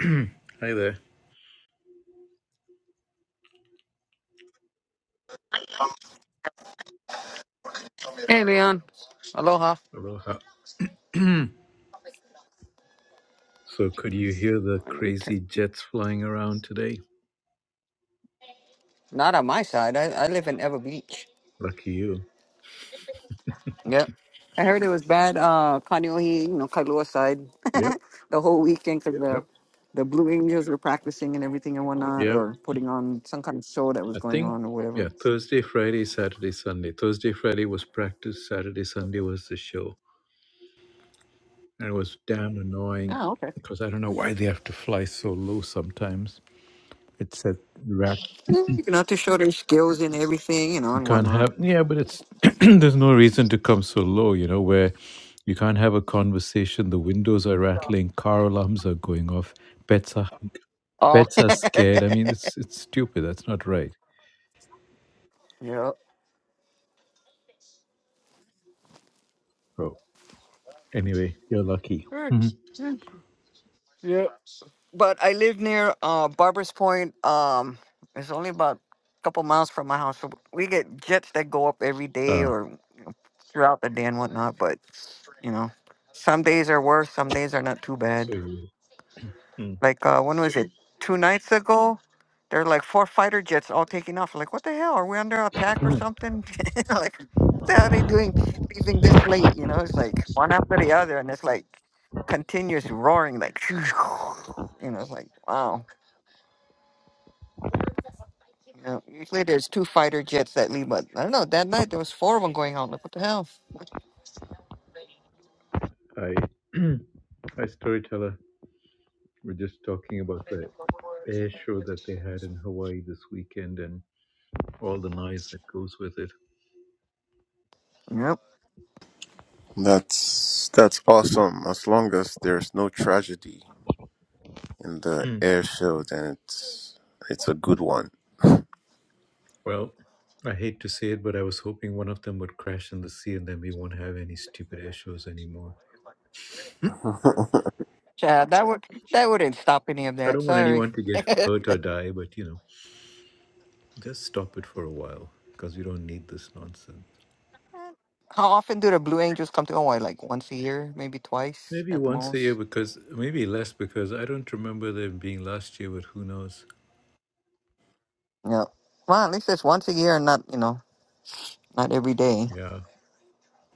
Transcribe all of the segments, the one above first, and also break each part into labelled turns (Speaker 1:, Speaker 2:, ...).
Speaker 1: Hi there.
Speaker 2: Hey, Leon. Aloha.
Speaker 1: Aloha. so, could you hear the crazy jets flying around today?
Speaker 2: Not on my side. I, I live in Ever Beach.
Speaker 1: Lucky you.
Speaker 2: Yep. I heard it was bad, uh, Kaneohe, you know, Kailua side,
Speaker 1: Yep,
Speaker 2: the whole weekend because the,
Speaker 1: yep,
Speaker 2: the Blue Angels were practicing and everything and whatnot,
Speaker 1: yep.
Speaker 2: or putting on some kind of show that was
Speaker 1: I
Speaker 2: going
Speaker 1: think,
Speaker 2: on or
Speaker 1: yeah,
Speaker 2: whatever.
Speaker 1: Thursday, Friday, Saturday, Sunday. Thursday, Friday was practice, Saturday, Sunday was the show. And it was damn annoying
Speaker 2: Oh, okay.
Speaker 1: because I don't know why they have to fly so low sometimes. It said rat
Speaker 2: Yeah, You know, to show their skills and everything, you know,
Speaker 1: You
Speaker 2: and
Speaker 1: can't
Speaker 2: whatnot.
Speaker 1: have yeah, but it's there's no reason to come so low, you know, where you can't have a conversation. The windows are rattling, car alarms are going off, pets are
Speaker 2: Oh.
Speaker 1: pets are scared. I mean, it's it's stupid. That's not right.
Speaker 2: yep.
Speaker 1: Oh, anyway, you're lucky. Mhm.
Speaker 2: Good. but I live near uh, Barbers Point. Um, it's only about a couple miles from my house. So we get jets that go up every day
Speaker 1: Ah,
Speaker 2: or throughout the day and whatnot. But you know, some days are worse. Some days are not too
Speaker 1: so
Speaker 2: bad.
Speaker 1: you, mm,
Speaker 2: Like uh, when was it? Two nights ago, there were like four fighter jets all taking off. Like, what the hell? Are we under attack or something? like, what the hell are they doing leaving this late? You know, it's like one after the other, and it's like continuous roaring. Like, you know, it's like wow. Yeah, usually there's two fighter jets that leave, but I don't know. That night there was four of them going on. Like, what the hell?
Speaker 1: I, I storyteller. We're just talking about the air show that they had in Hawaii this weekend and all the noise that goes with it.
Speaker 2: Yep.
Speaker 3: That's that's awesome. As long as there's no tragedy in the air show, then it's it's a good one.
Speaker 1: Well, I hate to say it, but I was hoping one of them would crash in the sea and then we won't have any stupid issues anymore.
Speaker 2: Chad, that would that wouldn't stop any of
Speaker 1: I
Speaker 2: that.
Speaker 1: don't want
Speaker 2: Sorry.
Speaker 1: anyone to get hurt or die, but you know, just stop it for a while because we don't need this nonsense.
Speaker 2: How often do the Blue Angels come to Hawaii? Like once a year, maybe twice
Speaker 1: Maybe
Speaker 2: at the
Speaker 1: once a year
Speaker 2: most.
Speaker 1: because maybe less because I don't remember them being last year, but who knows?
Speaker 2: Yeah. Well, at least it's once a year and not, you know, not every day.
Speaker 1: Yeah.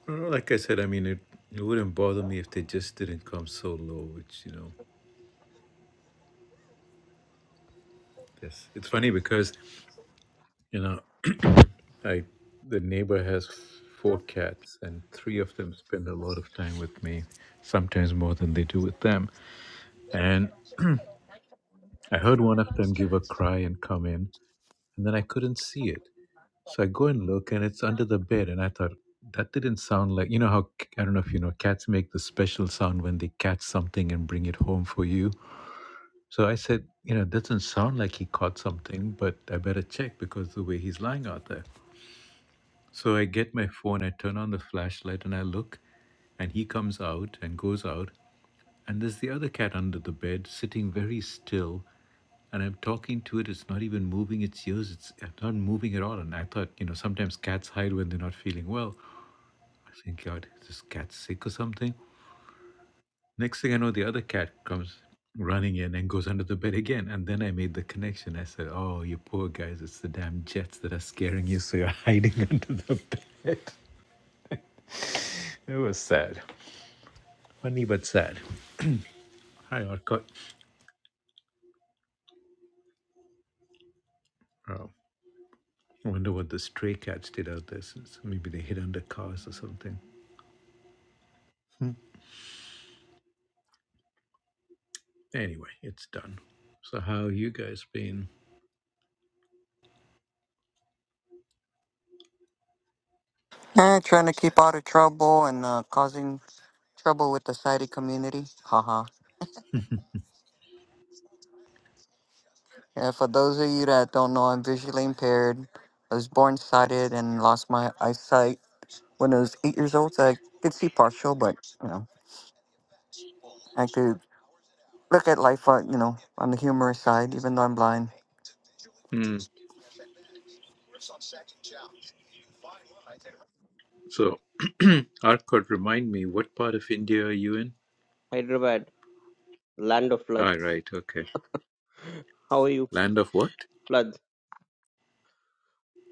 Speaker 1: Well, Like I said, I mean, it, it wouldn't bother me if they just didn't come so low, which, you know, yes. It's funny because, you know, I the neighbor has four cats, and three of them spend a lot of time with me, sometimes more than they do with them. And I heard one of them give a cry and come in, and then I couldn't see it. So I go and look, and it's under the bed. And I thought that didn't sound like you know how c- I don't know if you know cats make the special sound when they catch something and bring it home for you. So I said, you know, it doesn't sound like he caught something, but I better check because the way he's lying out there. So I get my phone, I turn on the flashlight, and I look, And he comes out and goes out, and there's the other cat under the bed sitting very still. And I'm talking to it, it's not even moving its ears, it's uh, not moving at all. And I thought, you know, sometimes cats hide when they're not feeling well. I think, God, is this cat sick or something? Next thing I know, the other cat comes running in and goes under the bed again. And then I made the connection. I said, Oh, you poor guys, it's the damn jets that are scaring you, so you're hiding under the bed. It was sad. Funny but sad. Hi, Arcot. Oh, I wonder what the stray cats did out there since maybe they hid under cars or something. Hmm. Anyway, it's done. So how you guys been?
Speaker 2: Eh, trying to keep out of trouble and uh, causing trouble with the sighted community. Haha. Yeah, for those of you that don't know, I'm visually impaired. I was born sighted and lost my eyesight when I was eight years old, so I could see partial, but you know, I could look at life, uh, you know, on the humorous side, even though I'm blind.
Speaker 1: Hmm. So Arcot, remind me, what part of India are you in?
Speaker 4: Hyderabad, land of floods.
Speaker 1: All right, okay.
Speaker 4: How are you?
Speaker 1: Land of what?
Speaker 4: Floods.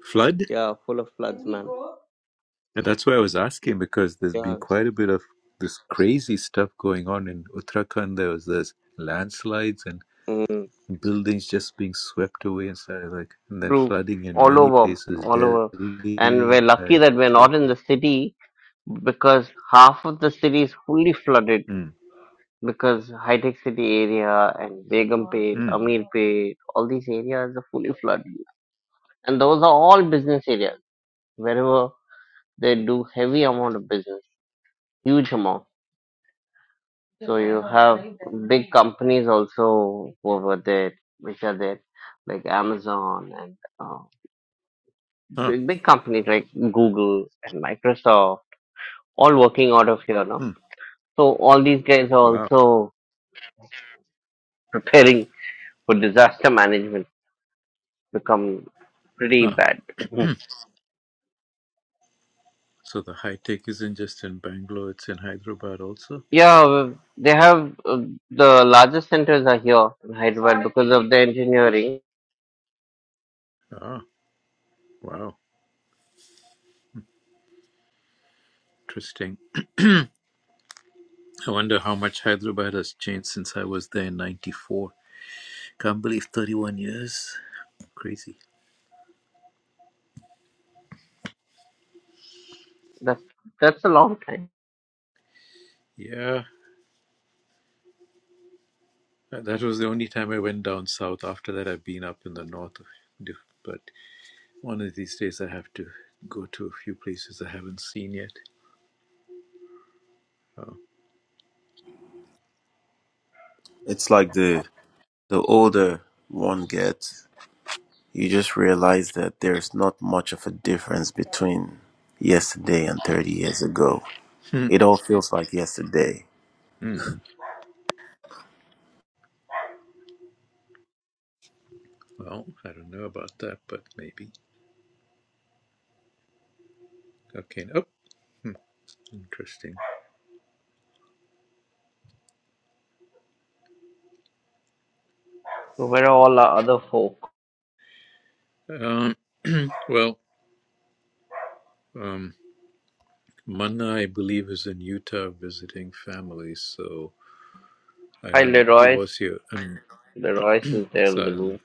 Speaker 1: Flood?
Speaker 4: Yeah, full of floods, man.
Speaker 1: And that's why I was asking because there's been
Speaker 4: Yeah.
Speaker 1: quite a bit of this crazy stuff going on in Uttarakhand. There was this landslides and
Speaker 4: Mm,
Speaker 1: buildings just being swept away and stuff like, and then
Speaker 4: true.
Speaker 1: flooding in
Speaker 4: All
Speaker 1: many
Speaker 4: over.
Speaker 1: places.
Speaker 4: All over. And
Speaker 1: Delhi
Speaker 4: we're lucky
Speaker 1: had
Speaker 4: that we're not in the city because half of the city is fully flooded
Speaker 1: Mm,
Speaker 4: because high tech city area and Begumpet,
Speaker 1: mm,
Speaker 4: Amirpet, all these areas are fully flooded. And those are all business areas. Wherever they do heavy amount of business, huge amount. So you have big companies also over there, which are there, like Amazon and uh,
Speaker 1: ah,
Speaker 4: big big companies like Google and Microsoft, all working out of here, no?
Speaker 1: mm,
Speaker 4: So all these guys are
Speaker 1: wow.
Speaker 4: also preparing for disaster management become pretty
Speaker 1: Ah,
Speaker 4: bad.
Speaker 1: so the high tech isn't just in Bangalore, it's in Hyderabad also.
Speaker 4: yeah, well, they have uh, the largest centers are here in Hyderabad because of the engineering.
Speaker 1: Ah, wow. Interesting. I wonder how much Hyderabad has changed since I was there in 94. Can't believe 31 years. Crazy.
Speaker 4: That's that's a long time.
Speaker 1: Yeah, that that was the only time I went down south. After that, I've been up in the north. of diff- But one of these days, I have to go to a few places I haven't seen yet. Oh.
Speaker 3: it's like the the older one gets, you just realize that there's not much of a difference between yesterday and thirty years ago.
Speaker 1: Hmm.
Speaker 3: It all feels like yesterday.
Speaker 1: Hmm. Well, I don't know about that, but maybe. Okay. Oh, interesting.
Speaker 4: So where are all our other folk?
Speaker 1: Um, well, um, Manna, I believe, is in Utah visiting family, so I
Speaker 4: Hi,
Speaker 1: don't. He
Speaker 4: Leroy.
Speaker 1: was here, um,
Speaker 4: The noise is there in
Speaker 1: so I
Speaker 4: the
Speaker 1: don't
Speaker 4: room.
Speaker 1: know.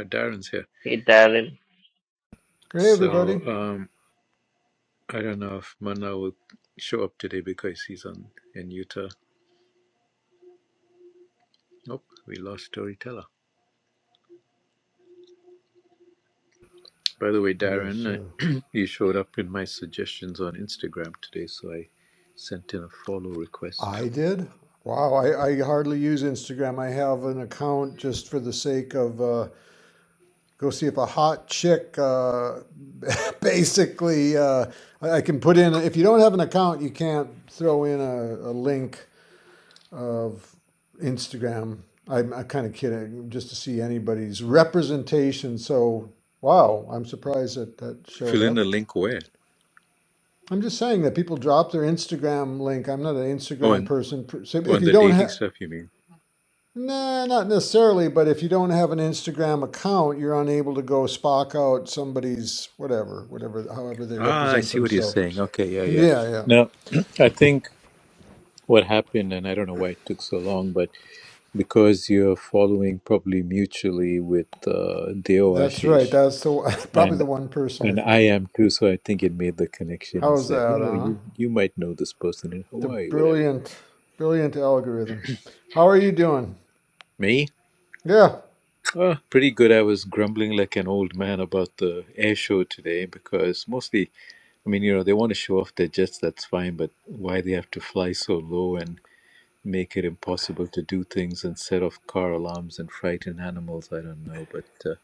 Speaker 1: Uh, Darren's here,
Speaker 4: Hey, Darren.
Speaker 5: Hey,
Speaker 1: so
Speaker 5: everybody.
Speaker 1: um, I don't know if Manna will show up today because he's on in Utah. Nope, we lost storyteller. By the way,
Speaker 5: Yes,
Speaker 1: Darren,
Speaker 5: uh,
Speaker 1: uh, you showed up in my suggestions on Instagram today, so I sent in a follow request.
Speaker 5: I did. Wow, I, I hardly use Instagram. I have an account just for the sake of uh, go see if a hot chick uh, basically uh, I I can put in. If you don't have an account, you can't throw in a, a link of Instagram. I'm, I'm kind of kidding, just to see anybody's representation. So, wow, I'm surprised that that showed
Speaker 1: Fill in
Speaker 5: up.
Speaker 1: the link where?
Speaker 5: I'm just saying that people drop their Instagram link. I'm not an
Speaker 1: Oh,
Speaker 5: Instagram
Speaker 1: and
Speaker 5: person. So if
Speaker 1: on
Speaker 5: you
Speaker 1: the
Speaker 5: don't
Speaker 1: dating
Speaker 5: have,
Speaker 1: stuff, you mean?
Speaker 5: nah, not necessarily, but if you don't have an Instagram account, you're unable to go spock out somebody's whatever, whatever, however they
Speaker 1: Ah, I
Speaker 5: represent
Speaker 1: see what you're
Speaker 5: themselves.
Speaker 1: saying. Okay, yeah, yeah.
Speaker 5: Yeah, yeah.
Speaker 1: Now, I think what happened, and I don't know why it took so long, but because you're following probably mutually with uh, Deo
Speaker 5: That's right.
Speaker 1: Ashish,
Speaker 5: That's the probably
Speaker 1: and
Speaker 5: the one person I
Speaker 1: and I
Speaker 5: follow.
Speaker 1: am too, so I think it made the connection and
Speaker 5: How's
Speaker 1: said, you
Speaker 5: that,
Speaker 1: know,
Speaker 5: huh?
Speaker 1: you you might know this person in
Speaker 5: The
Speaker 1: Hawaii, whatever.
Speaker 5: brilliant, brilliant algorithm. How are you doing?
Speaker 1: Me?
Speaker 5: Yeah.
Speaker 1: Oh, pretty good. I was grumbling like an old man about the air show today because mostly, I mean, you know, they want to show off their jets, that's fine, but why they have to fly so low and make it impossible to do things and set off car alarms and frighten animals. I don't know, but uh,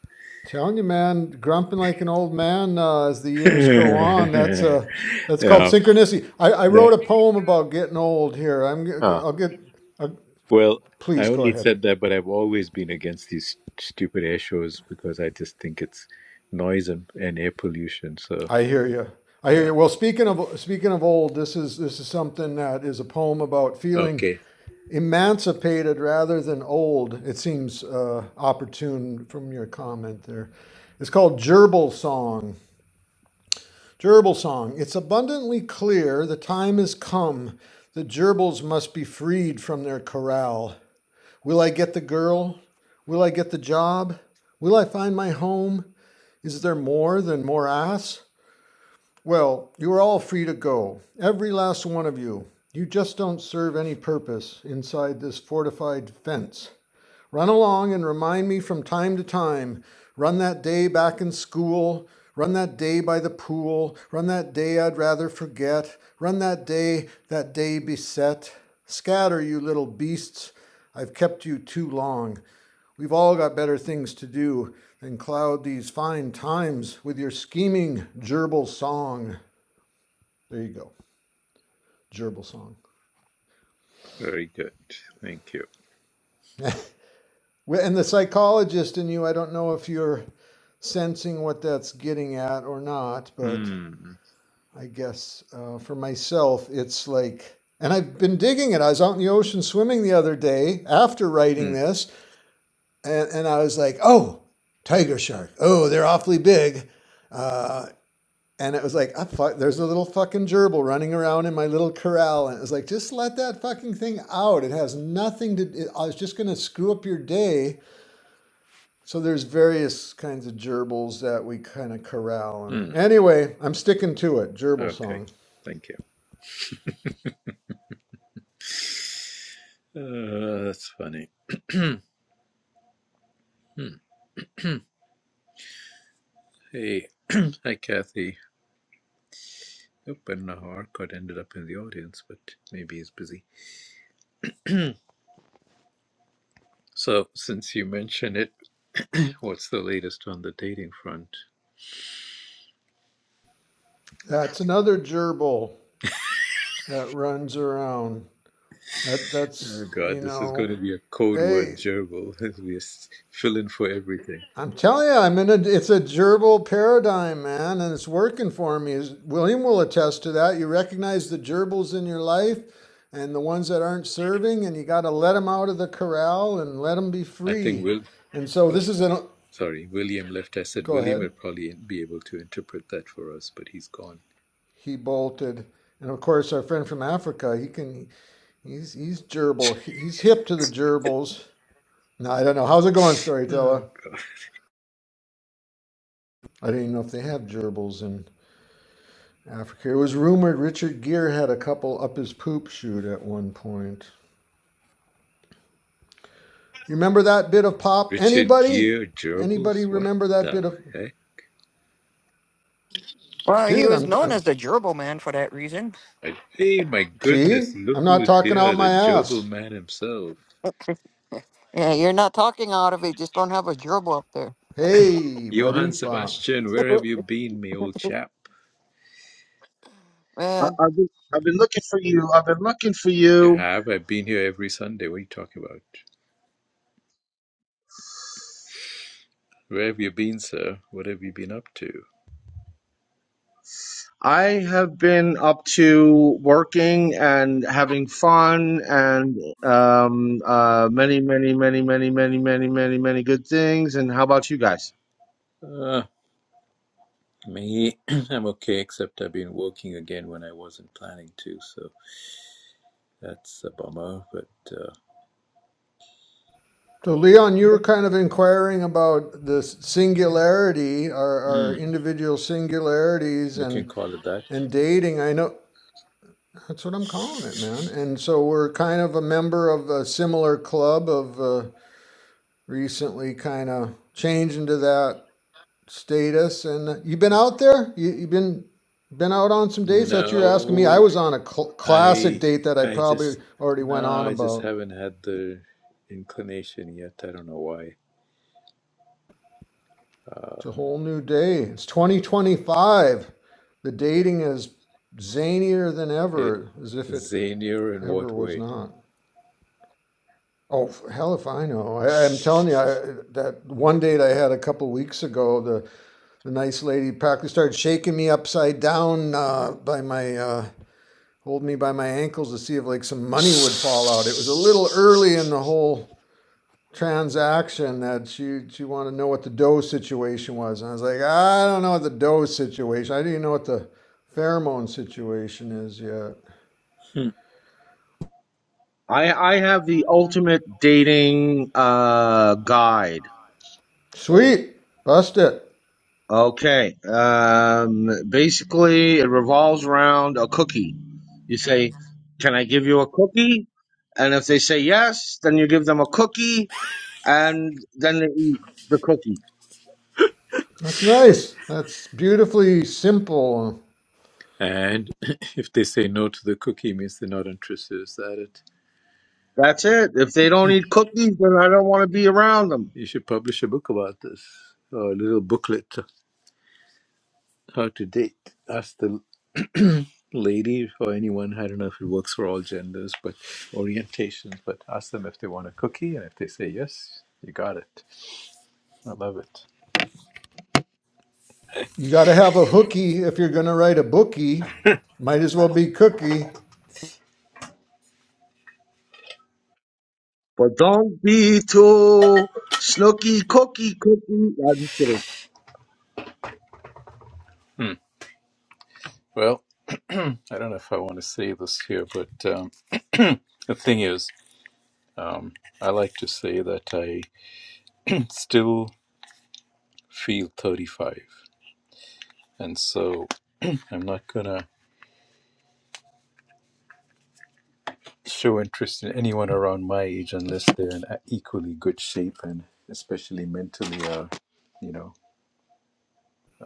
Speaker 5: Telling you, man, grumping like an old man uh, as the years go on. That's
Speaker 1: yeah,
Speaker 5: uh, that's called synchronicity. I, I
Speaker 1: no.
Speaker 5: wrote a poem about getting old. Here, I'm. g-
Speaker 1: Ah,
Speaker 5: I'll get. i
Speaker 1: well, I
Speaker 5: please go
Speaker 1: only
Speaker 5: ahead.
Speaker 1: said that, but I've always been against these stupid air shows because I just think it's noise and, and air pollution. So
Speaker 5: I hear you. I hear
Speaker 1: yeah.
Speaker 5: you. Well, speaking of speaking of old, this is this is something that is a poem about feeling
Speaker 1: Okay.
Speaker 5: emancipated rather than old. It seems uh, opportune from your comment there. It's called Gerbil Song. Gerbil song. It's abundantly clear the time has come. The gerbils must be freed from their corral. Will I get the girl? Will I get the job? Will I find my home? Is there more than more ass? Well, you are all free to go, every last one of you. You just don't serve any purpose inside this fortified fence. Run along and remind me from time to time. Run that day back in school. Run that day by the pool. Run that day I'd rather forget. Run that day, that day beset. Scatter, you little beasts. I've kept you too long. We've all got better things to do than cloud these fine times with your scheming gerbil song. There you go, gerbil song.
Speaker 1: Very good. Thank you.
Speaker 5: Well, And the psychologist in you, I don't know if you're sensing what that's getting at or not, but
Speaker 1: Mm,
Speaker 5: I guess uh, for myself, it's like, and I've been digging it. I was out in the ocean swimming the other day after writing
Speaker 1: mm,
Speaker 5: this, and, and I was like, oh, tiger shark. Oh, they're awfully big. And it was like, ah, fuck, there's a little fucking gerbil running around in my little corral. And it was like, just let that fucking thing out. It has nothing to, it, I was just going to screw up your day. So there's various kinds of gerbils that we kind of corral. And
Speaker 1: mm.
Speaker 5: anyway, I'm sticking to it. Gerbil
Speaker 1: Okay.
Speaker 5: song.
Speaker 1: Thank you. Uh, that's funny. hey, hi Kathy. Nope, I don't know how Arcot ended up in the audience, but maybe he's busy. so, since you mention it, what's the latest on the dating front?
Speaker 5: That's another gerbil. that runs around. That
Speaker 1: Oh
Speaker 5: that's
Speaker 1: God,
Speaker 5: you
Speaker 1: this is going to
Speaker 5: know,
Speaker 1: be a code word
Speaker 5: hey,
Speaker 1: gerbil. we s- fill in for everything.
Speaker 5: I'm telling you, I'm in a. It's a gerbil paradigm, man, and it's working for me. Is William will attest to that. You recognize the gerbils in your life, and the ones that aren't serving, and you got to let them out of the corral and let them be
Speaker 1: I think
Speaker 5: free.
Speaker 1: Will.
Speaker 5: And so
Speaker 1: Oh,
Speaker 5: this is an.
Speaker 1: sorry, William left. I said
Speaker 5: Go
Speaker 1: William
Speaker 5: ahead.
Speaker 1: would probably be able to interpret that for us, but he's gone.
Speaker 5: He bolted. And of course, our friend from Africa, he can, he's he's gerbil. He's hip to the gerbils. No, I don't know. How's it going,
Speaker 1: Oh
Speaker 5: storyteller?
Speaker 1: God,
Speaker 5: I didn't know if they have gerbils in Africa. It was rumored Richard Gere had a couple up his poop shoot at one point. You remember that bit of pop?
Speaker 1: Richard
Speaker 5: Anybody?
Speaker 1: Gere
Speaker 5: Anybody
Speaker 1: gerbils. What
Speaker 5: remember that
Speaker 1: the
Speaker 5: bit of
Speaker 1: heck?
Speaker 2: Well, he
Speaker 5: Dude,
Speaker 2: was
Speaker 5: I'm
Speaker 2: known
Speaker 5: I'm
Speaker 2: as the gerbil man for that reason.
Speaker 1: I, hey, my goodness!
Speaker 5: see?
Speaker 1: Look
Speaker 5: I'm not
Speaker 1: who's
Speaker 5: talking out
Speaker 1: here—the
Speaker 5: my
Speaker 1: gerbil
Speaker 5: ass.
Speaker 1: man himself.
Speaker 2: Yeah, you're not talking out of it; just don't have a gerbil up there.
Speaker 5: Hey,
Speaker 1: Johann
Speaker 5: badoompa.
Speaker 1: Sebastian, where have you been, me old chap?
Speaker 6: I,
Speaker 2: man.
Speaker 6: I've been, I've been looking for you. I've been looking for
Speaker 1: You
Speaker 6: you.
Speaker 1: have? I've been here every Sunday. What are you talking about? Where have you been, sir? What have you been up to?
Speaker 6: I have been up to working and having fun and um, uh, many, many, many, many, many, many, many, many good things. And how about you guys?
Speaker 1: Uh, me, I'm okay, except I've been working again when I wasn't planning to, so that's a bummer, but uh,
Speaker 5: So Leon, you were kind of inquiring about the singularity, our,
Speaker 1: hmm,
Speaker 5: our individual singularities
Speaker 1: you can
Speaker 5: and
Speaker 1: call it that.
Speaker 5: and dating. I know That's what I'm calling it, man. And so we're kind of a member of a similar club of uh, recently kind of changed into that status. And uh, you been out there? You you been been out on some dates that you're asking me?
Speaker 1: No,
Speaker 5: I was on a cl- classic
Speaker 1: I,
Speaker 5: date that I
Speaker 1: I
Speaker 5: probably
Speaker 1: just,
Speaker 5: already went
Speaker 1: no,
Speaker 5: on
Speaker 1: I just
Speaker 5: about.
Speaker 1: haven't had the inclination yet. I don't know why. Uh,
Speaker 5: It's a whole new day. It's 2025. The dating is zanier than
Speaker 1: it,
Speaker 5: ever, as if it
Speaker 1: zanier in
Speaker 5: ever
Speaker 1: what
Speaker 5: was
Speaker 1: way?
Speaker 5: not. Oh, hell if I know. I, I'm telling you, I, that one date I had a couple weeks ago, the, the nice lady practically started shaking me upside down uh, by my, uh, holding me by my ankles to see if like some money would fall out. It was a little early in the whole transaction that she, she wanted to know what the dough situation was. And I was like, I don't know what the dough situation, I didn't even know what the pheromone situation is yet.
Speaker 1: Hmm.
Speaker 6: I, I have the ultimate dating uh, guide.
Speaker 1: Oh,
Speaker 5: Sweet. Bust it.
Speaker 6: Okay. Um, basically, it revolves around a cookie. You say, Can I give you a cookie? And if they say yes, then you give them a cookie and then they eat the cookie.
Speaker 5: That's nice. That's beautifully simple.
Speaker 1: And if they say no to the cookie, means they're not interested. Is that it?
Speaker 6: That's it. If they don't eat cookies, then I don't want to be around them.
Speaker 1: You should publish a book about this, or a little booklet, how to date. Ask the lady or anyone. I don't know if it works for all genders, but orientations. But ask them if they want a cookie, and if they say yes, you got it. I love it.
Speaker 5: You got to have a hooky if you're going to write a bookie. Might as well be cookie.
Speaker 6: But don't be too snooky cookie cookie. No, I'm just kidding.
Speaker 1: Hmm. Well, I don't know if I want to say this here, but um, the thing is. Um, I like to say that I still feel 35, and so I'm not gonna show interest in anyone around my age unless they're in a- equally good shape and especially mentally, uh, you know,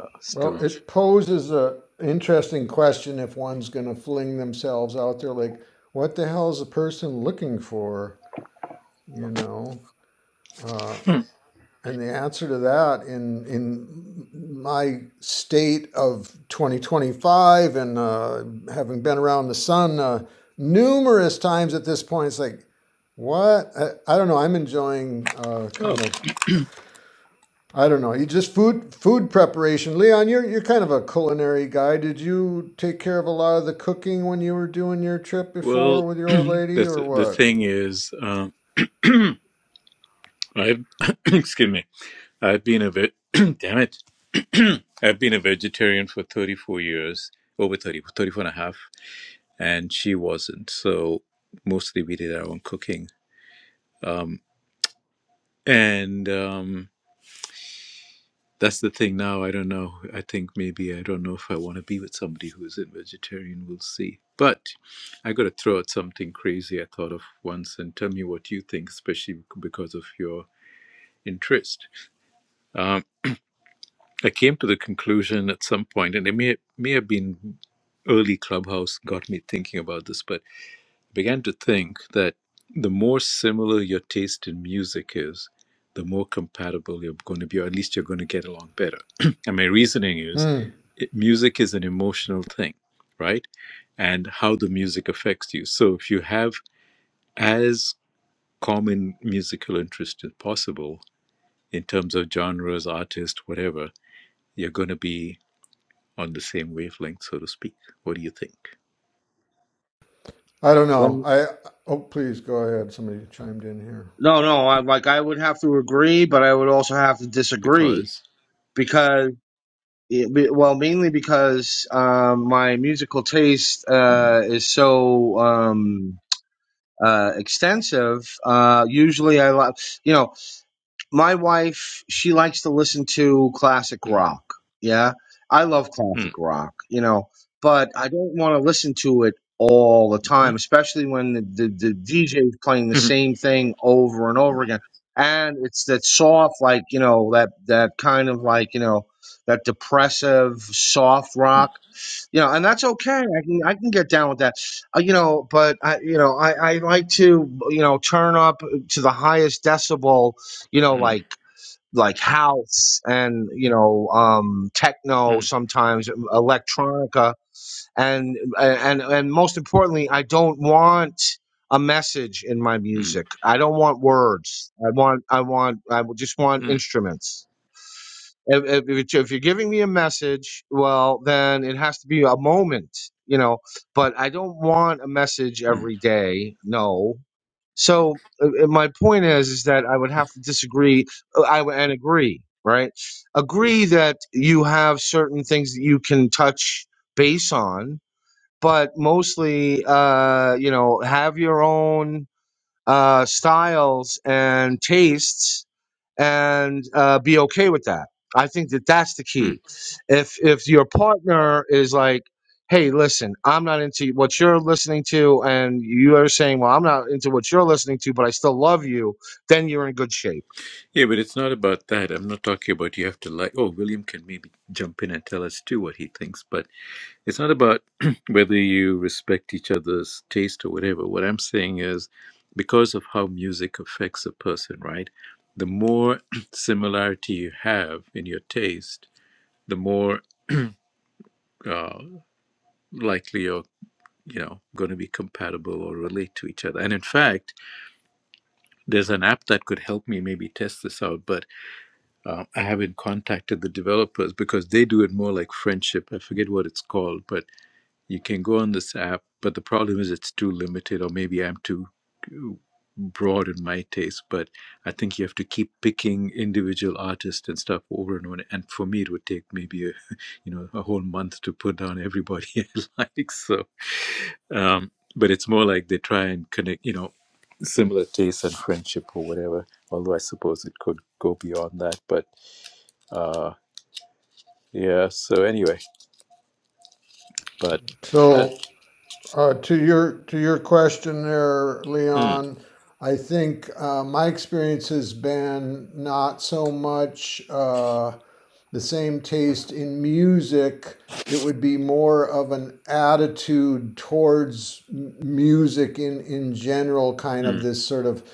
Speaker 1: uh,
Speaker 5: Well,
Speaker 1: still. ch-
Speaker 5: it poses a interesting question if one's going to fling themselves out there like, what the hell is a person looking for? You know, uh, and the answer to that in in my state of 2025 and uh, having been around the sun uh, numerous times at this point, it's like, what? I, I don't know. I'm enjoying uh,
Speaker 1: Oh
Speaker 5: kind of I don't know. You just food food preparation. Leon, you're you're kind of a culinary guy. Did you take care of a lot of the cooking when you were doing your trip before
Speaker 1: well,
Speaker 5: with your old
Speaker 1: the
Speaker 5: lady, or
Speaker 1: th- the
Speaker 5: what?
Speaker 1: thing is, um, I've excuse me, I've been a ve- damn it, I've been a vegetarian for thirty four years, over 30, 34 and a half. and she wasn't. So mostly we did our own cooking. Um, and um, that's the thing now. I don't know. I think maybe I don't know if I want to be with somebody who isn't vegetarian. We'll see. But I got to throw out something crazy I thought of once and tell me what you think, especially because of your interest. Um, I came to the conclusion at some point, and it may, may have been early Clubhouse got me thinking about this, but I began to think that the more similar your taste in music is, the more compatible you're going to be, or at least you're going to get along better. and my reasoning is
Speaker 5: Hmm.
Speaker 1: it, music is an emotional thing, right? And how the music affects you. So if you have as common musical interest as possible in terms of genres, artists, whatever, you're going to be on the same wavelength, so to speak. What do you think?
Speaker 5: I don't
Speaker 6: Like,
Speaker 5: know. I oh please go ahead. Somebody chimed in here.
Speaker 6: no, no. I, like I would have to agree, but I would also have to disagree
Speaker 1: Because.
Speaker 6: because. It, well, mainly because um, my musical taste
Speaker 1: Mm,
Speaker 6: uh, is so um, uh, extensive. Uh, usually, I love you know my wife she likes to listen to classic
Speaker 1: mm,
Speaker 6: rock yeah i love classic
Speaker 1: mm,
Speaker 6: rock you know but i don't want to listen to it all the time
Speaker 1: mhm.
Speaker 6: especially when the, the, the dj is playing the same thing over and over again and it's that soft like you know that that kind of like you know that depressive soft
Speaker 1: mm,
Speaker 6: rock you know, and that's okay. I can I can get down with that, uh, you know. But I, you know, I I like to you know turn up to the highest decibel, you know,
Speaker 1: mm,
Speaker 6: like like house and you know um techno sometimes electronica and and and most importantly i don't want a message in my
Speaker 1: Mm,
Speaker 6: music i don't want words i want i want i just want
Speaker 1: mm,
Speaker 6: instruments if, if, if it's- if you're giving me a message well then it has to be a moment you know but i don't want a message
Speaker 1: mm,
Speaker 6: every day no so uh, uh, my point is is that i would have to disagree uh, i would- and agree right agree that you have certain things that you can touch base on but mostly uh you know have your own uh styles and tastes and uh, be okay with that. I think that that's the
Speaker 1: mm.
Speaker 6: key. If if your partner is like, "Hey, listen, I'm not into what you're listening to," and you are saying, "Well, I'm not into what you're listening to, but I still love you," then you're in good shape.
Speaker 1: Yeah, but it's not about that. I'm not talking about you have to like. Oh, William can maybe jump in and tell us too what he thinks, but it's not about whether you respect each other's taste or whatever. What I'm saying is because of how music affects a person, right? The more similarity you have in your taste, the more uh, likely you're, you know, going to be compatible or relate to each other. And in fact, there's an app that could help me maybe test this out, but Uh, I haven't contacted the developers because they do it more like friendship. I forget what it's called, but you can go on this app. But the problem is it's too limited, or maybe I'm too too broad in my taste. But I think you have to keep picking individual artists and stuff over and over. And for me, it would take maybe a, you know a whole month to put down everybody I like. So, um, but it's more like they try and connect, you know, similar tastes and friendship or whatever. Although I suppose it could go beyond that, but. Uh, yeah. So anyway, but uh,
Speaker 5: So uh, to your to your question there,
Speaker 1: mm,
Speaker 5: Leon, I think uh, my experience has been not so much. Uh, the same taste in music. It would be more of an attitude towards music in, in general, kind
Speaker 1: mm,
Speaker 5: of this sort of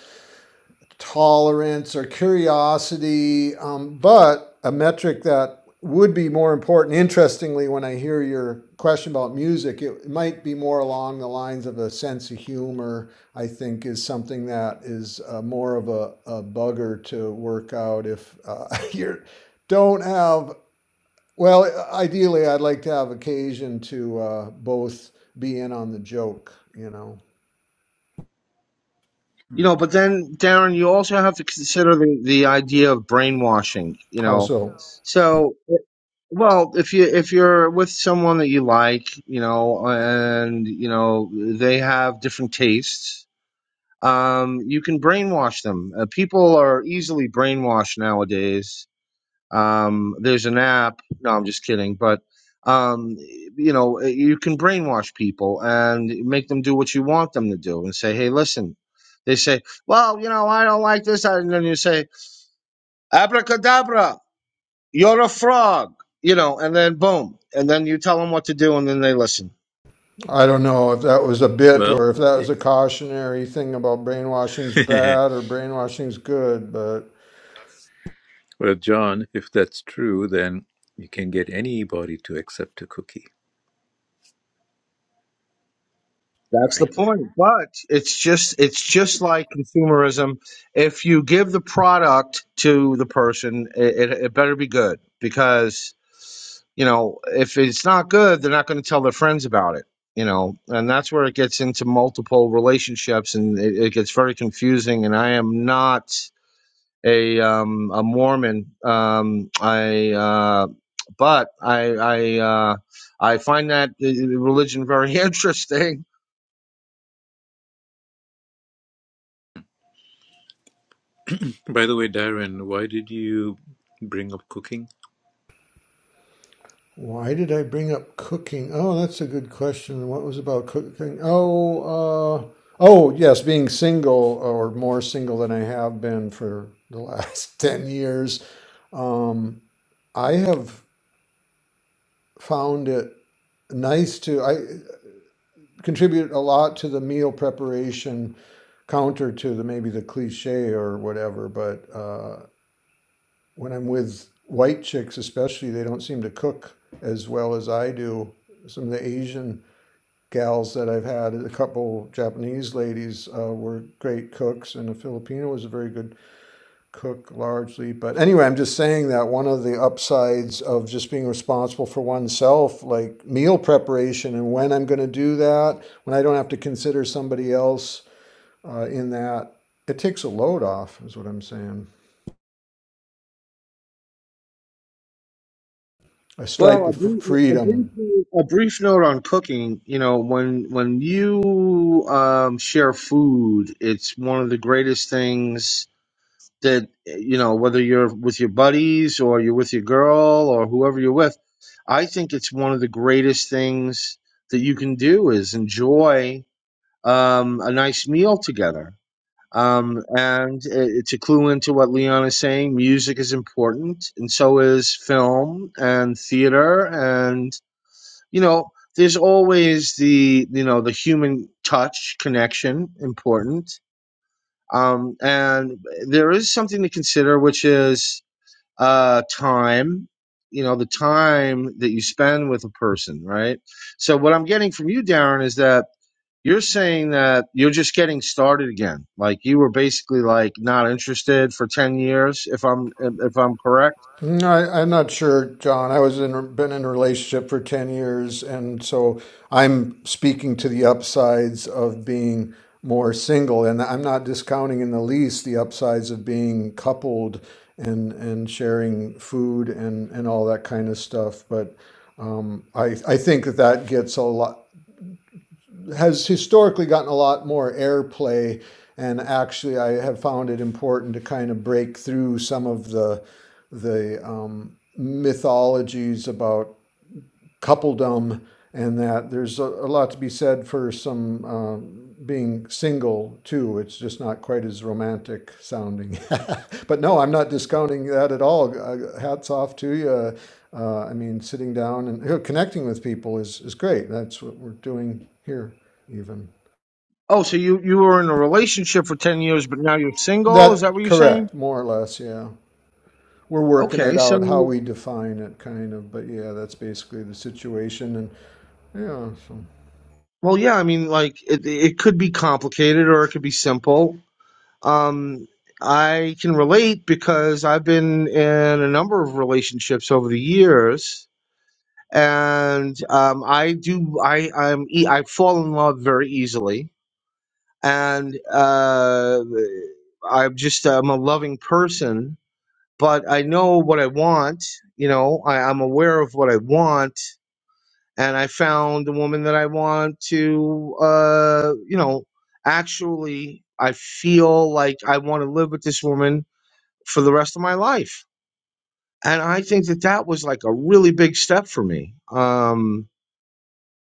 Speaker 5: tolerance or curiosity. Um, but a metric that would be more important, interestingly, when I hear your question about music, it might be more along the lines of a sense of humor, I think, is something that is uh, more of a, a bugger to work out if uh, you're don't have well, ideally, I'd like to have occasion to uh, both be in on the joke, you know.
Speaker 6: You
Speaker 1: mm.
Speaker 6: know, but then Darren, you also have to consider the, the idea of brainwashing. You
Speaker 5: How
Speaker 6: know,
Speaker 5: so?
Speaker 6: so well, if you if you're with someone that you like, you know, and you know they have different tastes, um, you can brainwash them. Uh, people are easily brainwashed nowadays. Um, there's an app. No, I'm just kidding. But um, you know, uh, you can brainwash people and make them do what you want them to do, and say, "Hey, listen." They say, "Well, you know, I don't like this," and then you say, "Abracadabra, you're a frog," you know, and then boom, and then you tell them what to do, and then they listen.
Speaker 5: I don't know if that was a bit
Speaker 1: well,
Speaker 5: or if that was a cautionary thing about brainwashing's bad or brainwashing's good, but
Speaker 1: well, John, if that's true, then you can get anybody to accept a cookie,
Speaker 6: That's the
Speaker 1: right?
Speaker 6: point. But it's just it's just like consumerism. If you give the product to the person, it, it, it better be good because you know if it's not good, they're not going to tell their friends about it. You know, and that's where it gets into multiple relationships, and it, it gets very confusing. And I am not a um, a Mormon. Um, I uh, but I I uh, I find that uh, religion very interesting
Speaker 1: By the way, Darren, why did you bring up cooking?
Speaker 5: why did I bring up cooking? Oh, that's a good question. What was about cooking? Oh, uh, oh, yes, being single or more single than I have been for the last 10 years. Um, I have found it. nice to I contribute a lot to the meal preparation, counter to the maybe the cliche or whatever. But uh, when I'm with white chicks, especially, they don't seem to cook as well as I do. Some of the Asian gals that I've had, a couple Japanese ladies uh, were great cooks, and a Filipino was a very good cook largely. But anyway, I'm just saying that one of the upsides of just being responsible for oneself, like meal preparation and when I'm going to do that, when I don't have to consider somebody else uh, in that, it takes a load off, is what I'm saying. A
Speaker 6: Well,
Speaker 5: stripe
Speaker 6: a
Speaker 5: of
Speaker 6: brief, a brief,
Speaker 5: freedom
Speaker 6: a brief note on cooking. You know, when when you um, share food, it's one of the greatest things that you know. Whether you're with your buddies or you're with your girl or whoever you're with, I think it's one of the greatest things that you can do is enjoy um, a nice meal together. Um, and uh, to clue into what Leon is saying, music is important, and so is film and theater. And, you know, there's always the, you know, the human touch connection important. Um, and there is something to consider, which is uh, time, you know, the time that you spend with a person, right? So, what I'm getting from you, Darren, is that you're saying that you're just getting started again. Like you were basically like not interested for 10 years if I'm if I'm correct.
Speaker 5: No, I, I'm not sure, John. I was in been in a relationship for ten years, and so I'm speaking to the upsides of being more single, and I'm not discounting in the least the upsides of being coupled and and sharing food and and all that kind of stuff. But I I think that that gets a lot has historically gotten a lot more airplay. And actually, I have found it important to kind of break through some of the the um, mythologies about coupledom and that there's a, a lot to be said for some um, being single too. It's just not quite as romantic sounding. but no, I'm not discounting that at all. Uh, hats off to you. Uh, I mean, sitting down and you know, connecting with people is, is great. That's what we're doing here, even.
Speaker 6: Oh, so you you were in a relationship for 10 years but now you're single? Is that
Speaker 5: That
Speaker 6: what you're saying?
Speaker 5: correct, more or less, yeah. We're working it
Speaker 6: Okay, so
Speaker 5: out how we define it, kind of. But yeah, that's basically the situation. And yeah, so.
Speaker 6: well yeah, I mean like it it could be complicated or it could be simple. Um I can relate because I've been in a number of relationships over the years and um I do I I'm e- I fall in love very easily and uh, I'm just I'm a loving person, but I know what I want. You know, I, I'm aware of what I want, and I found the woman that I want to. Uh, you know, actually, I feel like I want to live with this woman for the rest of my life, and I think that that was like a really big step for me. Um,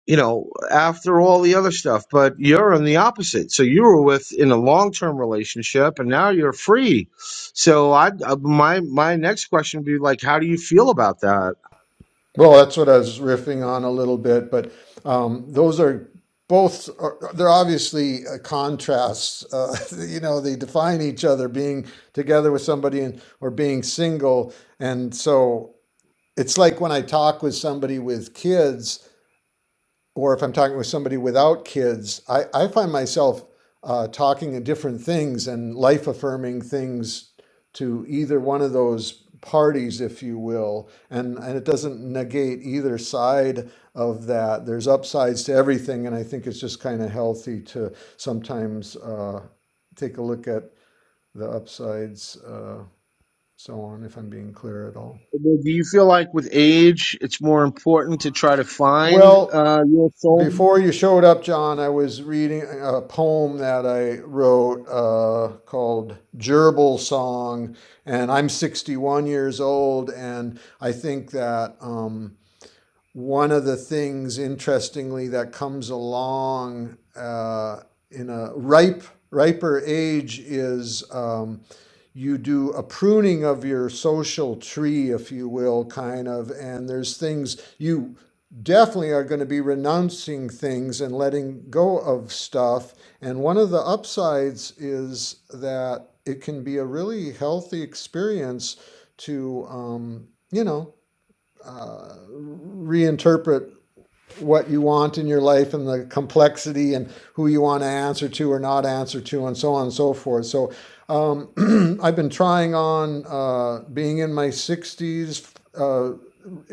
Speaker 6: you know, after all the other stuff. But you're on the opposite. So you were with in a long term relationship, and now you're free. So I, uh, my my next question would be like, how do you feel about that?
Speaker 5: Well, that's what I was riffing on a little bit, but um, those are both are, they're obviously uh, contrasts. Uh, you know, they define each other. Being together with somebody and or being single, and so it's like when I talk with somebody with kids or if I'm talking with somebody without kids, I, I find myself uh, talking in different things and life affirming things to either one of those parties, if you will. And, and it doesn't negate either side of that. There's upsides to everything. And I think it's just kind of healthy to sometimes uh, take a look at the upsides, uh, so on, if I'm being clear at all.
Speaker 6: Well, Do you feel like with age, it's more important to try to find
Speaker 5: Well,
Speaker 6: uh, your
Speaker 5: Before
Speaker 6: soulmate?
Speaker 5: you showed up, John, I was reading a poem that I wrote uh, called Gerbil Song. And I'm 61 years old. And I think that um, one of the things, interestingly, that comes along uh, in a ripe, riper age is um, you do a pruning of your social tree, if you will, kind of, and there's things you definitely are going to be renouncing things and letting go of stuff. And one of the upsides is that it can be a really healthy experience to, um, you know, reinterpret what you want in your life and the complexity and who you want to answer to or not answer to and so on and so forth. So um, I've been trying on uh, being in my 60s uh,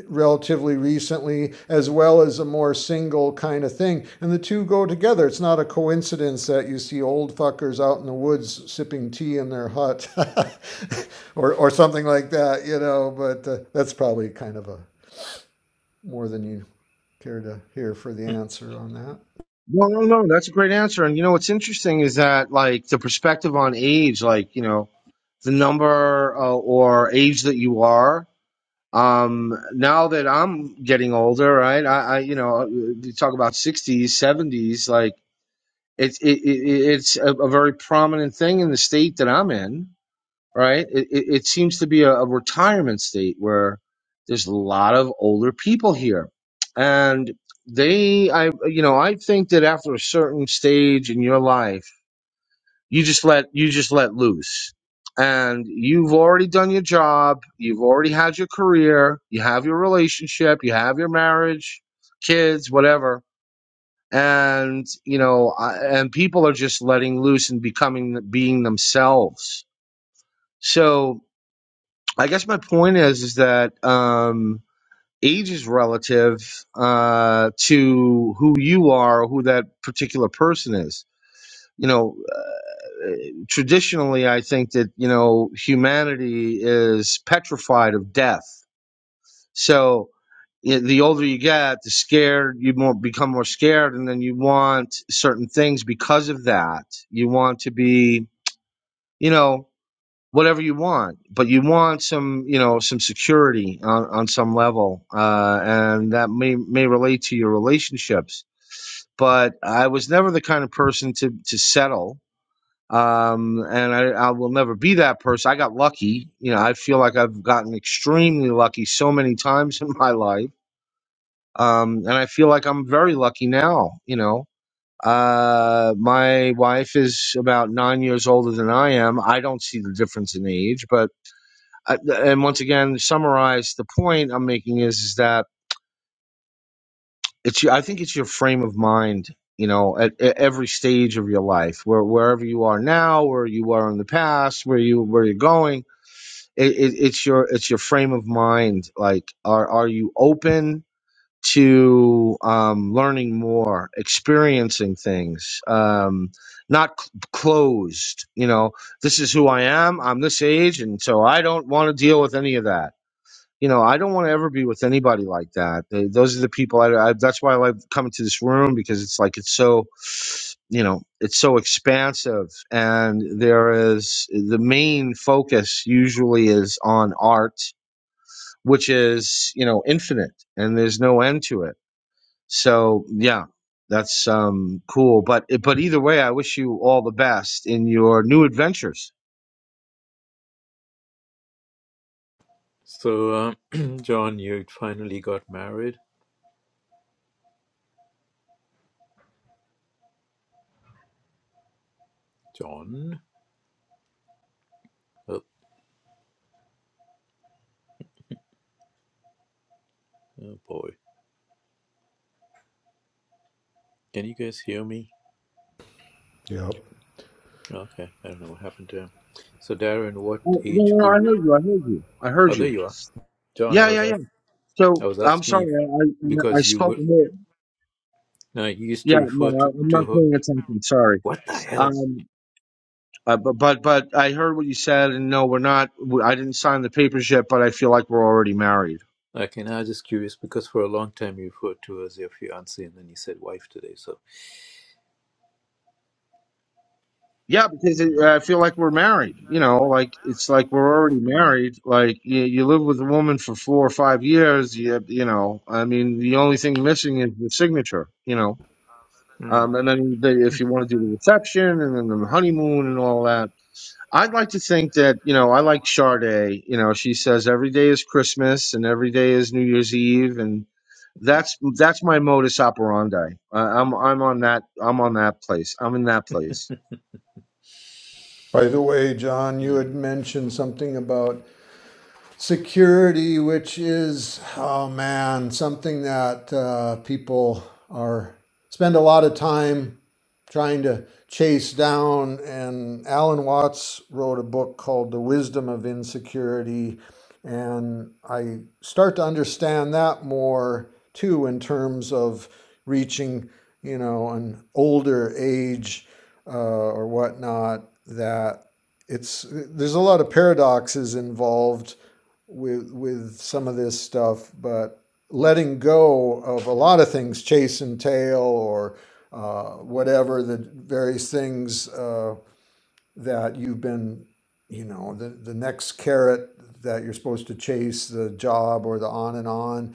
Speaker 5: relatively recently, as well as a more single kind of thing. And the two go together. It's not a coincidence that you see old fuckers out in the woods sipping tea in their hut or, or something like that, you know, but uh, that's probably kind of a more than you Care to hear for the
Speaker 1: Hmm.
Speaker 5: answer on that?
Speaker 6: No, no, no. That's a great answer. And you know, what's interesting is that like the perspective on age, like you know, the number uh, or age that you are um now that i'm getting older right i, I you know you talk about 60s 70s like it's it, it, it's a, a very prominent thing in the state that i'm in right it, it, it seems to be a, a retirement state where there's a lot of older people here and they i you know i think that after a certain stage in your life you just let you just let loose and you've already done your job you've already had your career you have your relationship you have your marriage kids whatever and you know I- and people are just letting loose and becoming being themselves so i guess my point is is that um age is relative uh to who you are or who that particular person is you know traditionally i think that you know humanity is petrified of death so i the older you get the scared you more become more scared and then you want certain things because of that you want to be you know whatever you want but you want some you know some security on, on some level uh, and that may may relate to your relationships but i was never the kind of person to to settle um, and I, I will never be that person. I got lucky, you know. I feel like I've gotten extremely lucky so many times in my life, um, and I feel like I'm very lucky now. You know, uh, my wife is about nine years older than I am. I don't see the difference in age, but I, and once again, summarize the point I'm making is is that it's. your- I think it's your frame of mind. You know, at, at every stage of your life, where wherever you are now, where you are in the past, where you where you're going it, it, it's your it's your frame of mind like are are you open to um learning more experiencing things um not c- closed you know this is who i am i'm this age and so i don't want to deal with any of that you know, I don't want to ever be with anybody like that. They, those are the people. I, I, that's why I like coming to this room because it's like it's so, you know, it's so expansive, and there is the main focus usually is on art, which is you know infinite, and there's no end to it. So yeah, that's um cool. But but either way, I wish you all the best in your new adventures.
Speaker 1: So, um, John, you finally got married. John? Oh, oh boy. Can you guys hear me?
Speaker 5: Yep.
Speaker 1: Okay, I don't know what happened to him. So, Darren, what
Speaker 6: Well,
Speaker 1: age
Speaker 6: no,
Speaker 1: group?
Speaker 6: no, no, I heard you. I heard you. I
Speaker 1: Oh,
Speaker 6: heard
Speaker 1: there
Speaker 6: you.
Speaker 1: you are. John,
Speaker 6: Yeah,
Speaker 1: I
Speaker 6: yeah,
Speaker 1: was
Speaker 6: yeah.
Speaker 1: ask- I
Speaker 6: So
Speaker 1: was
Speaker 6: I'm
Speaker 1: asking
Speaker 6: sorry,
Speaker 1: if
Speaker 6: I I, I
Speaker 1: because you
Speaker 6: spoke
Speaker 1: were
Speaker 6: more.
Speaker 1: Now, you used
Speaker 6: Yeah,
Speaker 1: to refer
Speaker 6: no, I,
Speaker 1: to,
Speaker 6: I'm
Speaker 1: to
Speaker 6: not
Speaker 1: her.
Speaker 6: paying attention. Sorry.
Speaker 1: What the hell?
Speaker 6: Um, uh, but but but I heard what you said, and no, we're not. We, I didn't sign the papers yet, but I feel like we're already married.
Speaker 1: Like, and I was just curious because for a long time you referred to her as your fiance and then you said wife today. So,
Speaker 6: Yeah, because it,
Speaker 1: mm,
Speaker 6: I feel like we're married. You know, like it's like we're already
Speaker 1: mm,
Speaker 6: married. Like you, you live with a woman for four or five years. You you know, I mean, the only thing missing is the signature. You know,
Speaker 1: mm,
Speaker 6: um, and then the, if you want to do the reception and then the honeymoon and all that. I'd like to think that, you know, I like Sade. You know, she says every day is Christmas and every day is New Year's Eve and that's that's my modus operandi. I, I'm I'm on that I'm on that place. I'm in that place.
Speaker 5: By the way, John, you
Speaker 1: mm.
Speaker 5: had mentioned something about security, which is, oh man, something that uh, people are spend a lot of time trying to chase down. And Alan Watts wrote a book called The Wisdom of Insecurity. And I start to understand that more too in terms of reaching, you know, an older age uh, or whatnot, that it's there's a lot of paradoxes involved with with some of this stuff, but letting go of a lot of things, chase and tail, or uh, whatever the various things uh, that you've been, you know, the the next carrot that you're supposed to chase, the job or the on and on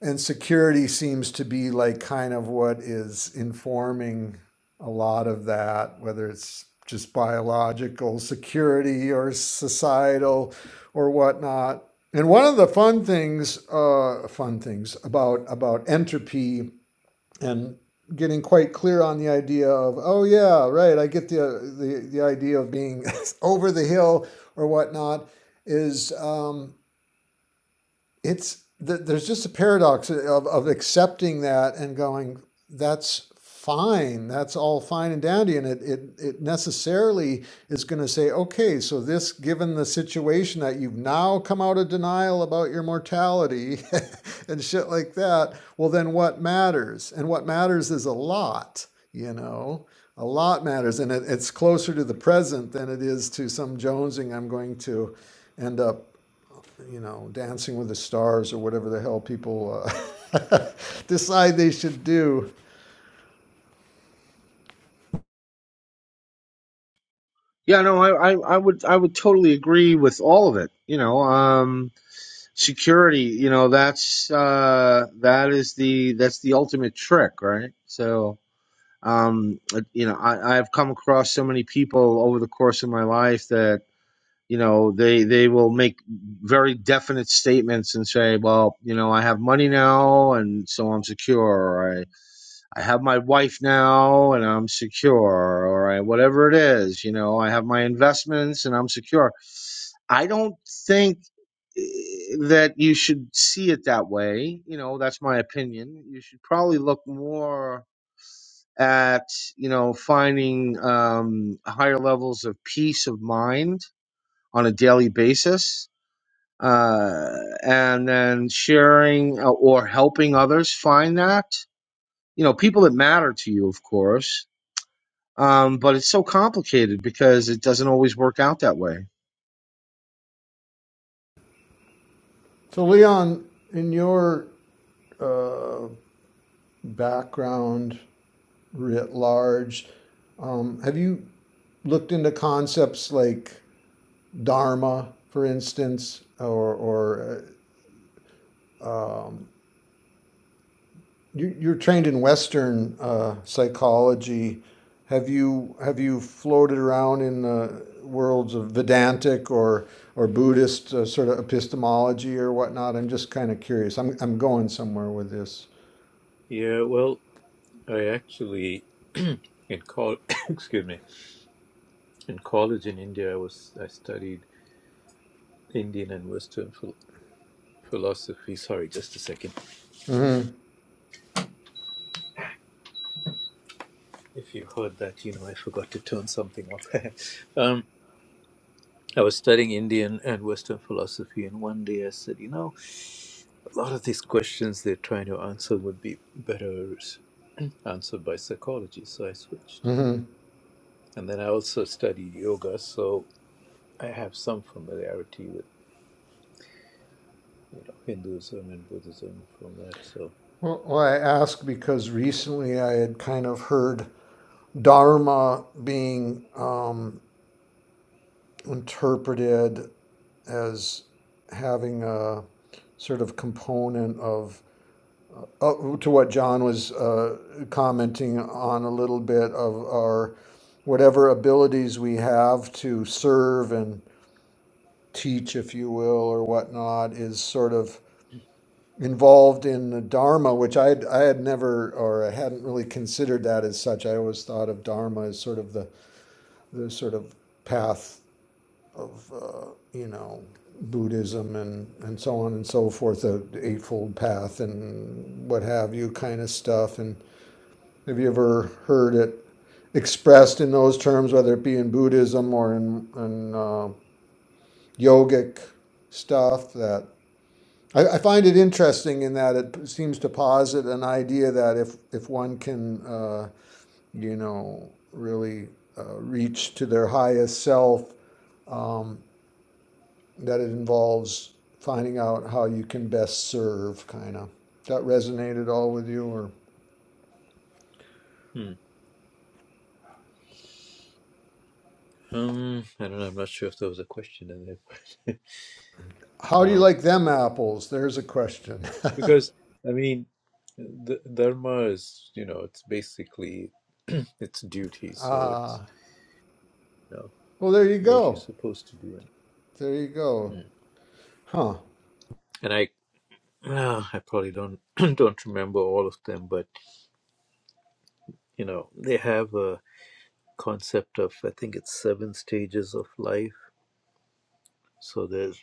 Speaker 5: and security seems to be like kind of what is informing a lot of that, whether it's just biological security or societal or whatnot. And one of the fun things, uh, fun things about about entropy and getting quite clear on the idea of, oh yeah, right, I get the uh, the, the idea of being over the hill or whatnot, is um, it's th- there's just a paradox of, of accepting that and going that's fine that's all fine and dandy and it it, it necessarily is going to say okay so this given the situation that you've now come out of denial about your mortality and shit like that well then what matters and what matters is a lot you know a lot matters and it, it's closer to the present than it is to some jonesing i'm going to end up you know, Dancing with the Stars or whatever the hell people uh, decide they should do.
Speaker 6: Yeah, no, I, I, I would I would totally agree with all of it. You know, um security, you know, that's uh that is the that's the ultimate trick, right? So um you know, I, I've come across so many people over the course of my life that you know they they will make very definite statements and say well you know i have money now and so i'm secure or i i have my wife now and i'm secure or I, whatever it is you know i have my investments and i'm secure i don't think eh, that you should see it that way you know that's my opinion you should probably look more at you know finding um, higher levels of peace of mind on a daily basis uh, and then sharing uh, or helping others find that. You know, people that matter to you, of course. Um, but it's so complicated because it doesn't always work out that way.
Speaker 5: So, Leon, in your background writ large, um, have you looked into concepts like Dharma, for instance, or, or uh, You, you're trained in Western uh, psychology. Have you have you floated around in the worlds of Vedantic or or Buddhist uh, sort of epistemology or whatnot? I'm just kind of curious. I'm I'm going somewhere with this.
Speaker 1: yeah, well, I actually, in college, excuse me, in college in India, I was, I studied Indian and Western phil- philosophy. Sorry, just a second.
Speaker 5: mm
Speaker 1: If you heard that, you know, I forgot to turn something off. um, I was studying Indian and Western philosophy, and one day I said, you know, A lot of these questions they're trying to answer would be better s- answered by psychology, so I switched.
Speaker 5: Well,
Speaker 1: And then I also studied yoga, so I have some familiarity with you know Hinduism and Buddhism from that. So
Speaker 5: well, I ask because recently I had kind of heard Dharma being um, interpreted as having a sort of component of uh, to what John was uh, commenting on a little bit of our whatever abilities we have to serve and teach, if you will, or whatnot, is sort of involved in the Dharma, which I I had never or I hadn't really considered that as such. I always thought of Dharma as sort of the the sort of path of uh, you know Buddhism and and so on and so forth, the Eightfold Path and what have you kind of stuff and Have you ever heard it expressed in those terms, whether it be in Buddhism or in, in uh, yogic stuff? That I, I find it interesting in that it seems to posit an idea that if if one can, uh, you know, really uh, reach to their highest self, um, that it involves finding out how you can best serve, kind of. That resonated all with you, or
Speaker 1: hmm. um, I don't know. I'm not sure if there was a question in there,
Speaker 5: how
Speaker 1: but,
Speaker 5: do you
Speaker 1: um,
Speaker 5: like them apples? There's a question.
Speaker 1: because I mean, the dharma is you know it's basically it's duty, so
Speaker 5: uh,
Speaker 1: it's you know
Speaker 5: Well, there you
Speaker 1: what you're
Speaker 5: go.
Speaker 1: supposed to do. And,
Speaker 5: There you go.
Speaker 1: Hmm.
Speaker 5: Huh.
Speaker 1: and I Uh, I probably don't don't remember all of them, but you know they have a concept of I think it's seven stages of life. So there's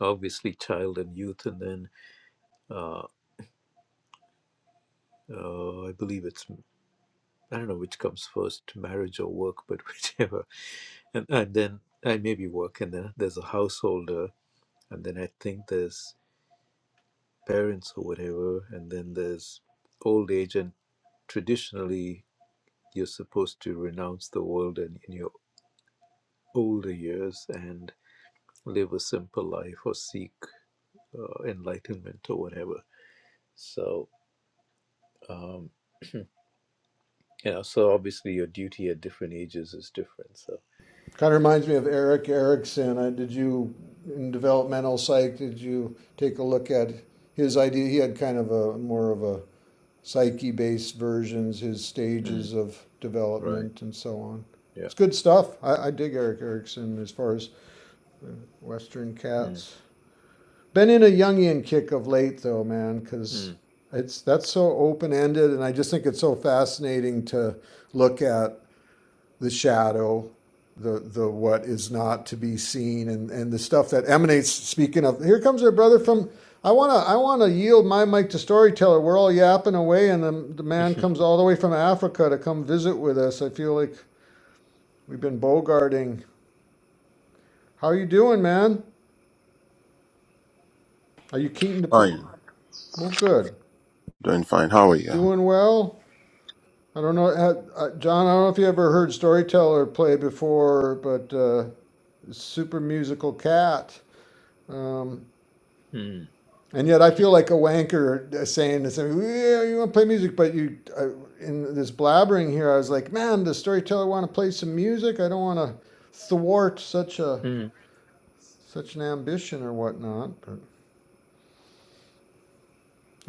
Speaker 1: obviously child and youth, and then uh, uh, I believe it's I don't know which comes first, marriage or work, but whichever. And and then I maybe work, and then there's a householder, and then I think there's parents or whatever, and then there's old age, and traditionally you're supposed to renounce the world and, in your older years and live a simple life or seek uh, enlightenment or whatever. So, um, you know, so obviously your duty at different ages is different. So,
Speaker 5: Kind of reminds me of Eric Erickson. Uh, Did you, in developmental psych, did you take a look at his idea? He had kind of a more of a psyche based versions, his
Speaker 1: mm,
Speaker 5: stages of
Speaker 1: right.
Speaker 5: development and so on. It's
Speaker 1: Yeah.
Speaker 5: good stuff. I, I dig Eric Erickson as far as uh, Western
Speaker 1: Mm,
Speaker 5: cats. Been in a Jungian kick of late, though, man, because
Speaker 1: mm,
Speaker 5: it's that's so open ended, and I just think it's so fascinating to look at the shadow, the the what is not to be seen, and and the stuff that emanates. Speaking of, here comes our brother from. I wanna I wanna yield my mic to storyteller. We're all yapping away, and the, the man comes all the way from Africa to come visit with us. I feel like we've been bogarting. How you doing, man? Are you keen to? play?
Speaker 3: Fine,
Speaker 5: well, good.
Speaker 3: doing fine. How are you?
Speaker 5: Doing well. I don't know, uh, uh, John. I don't know if you ever heard storyteller play before, but. Uh, super musical cat. Um,
Speaker 1: mm,
Speaker 5: And yet, I feel like a wanker uh, saying this. Yeah, you want to play music, but you uh, in this blabbering here. I was like, man, the storyteller want to play some music. I don't want to thwart such a
Speaker 1: mm,
Speaker 5: such an ambition or whatnot. But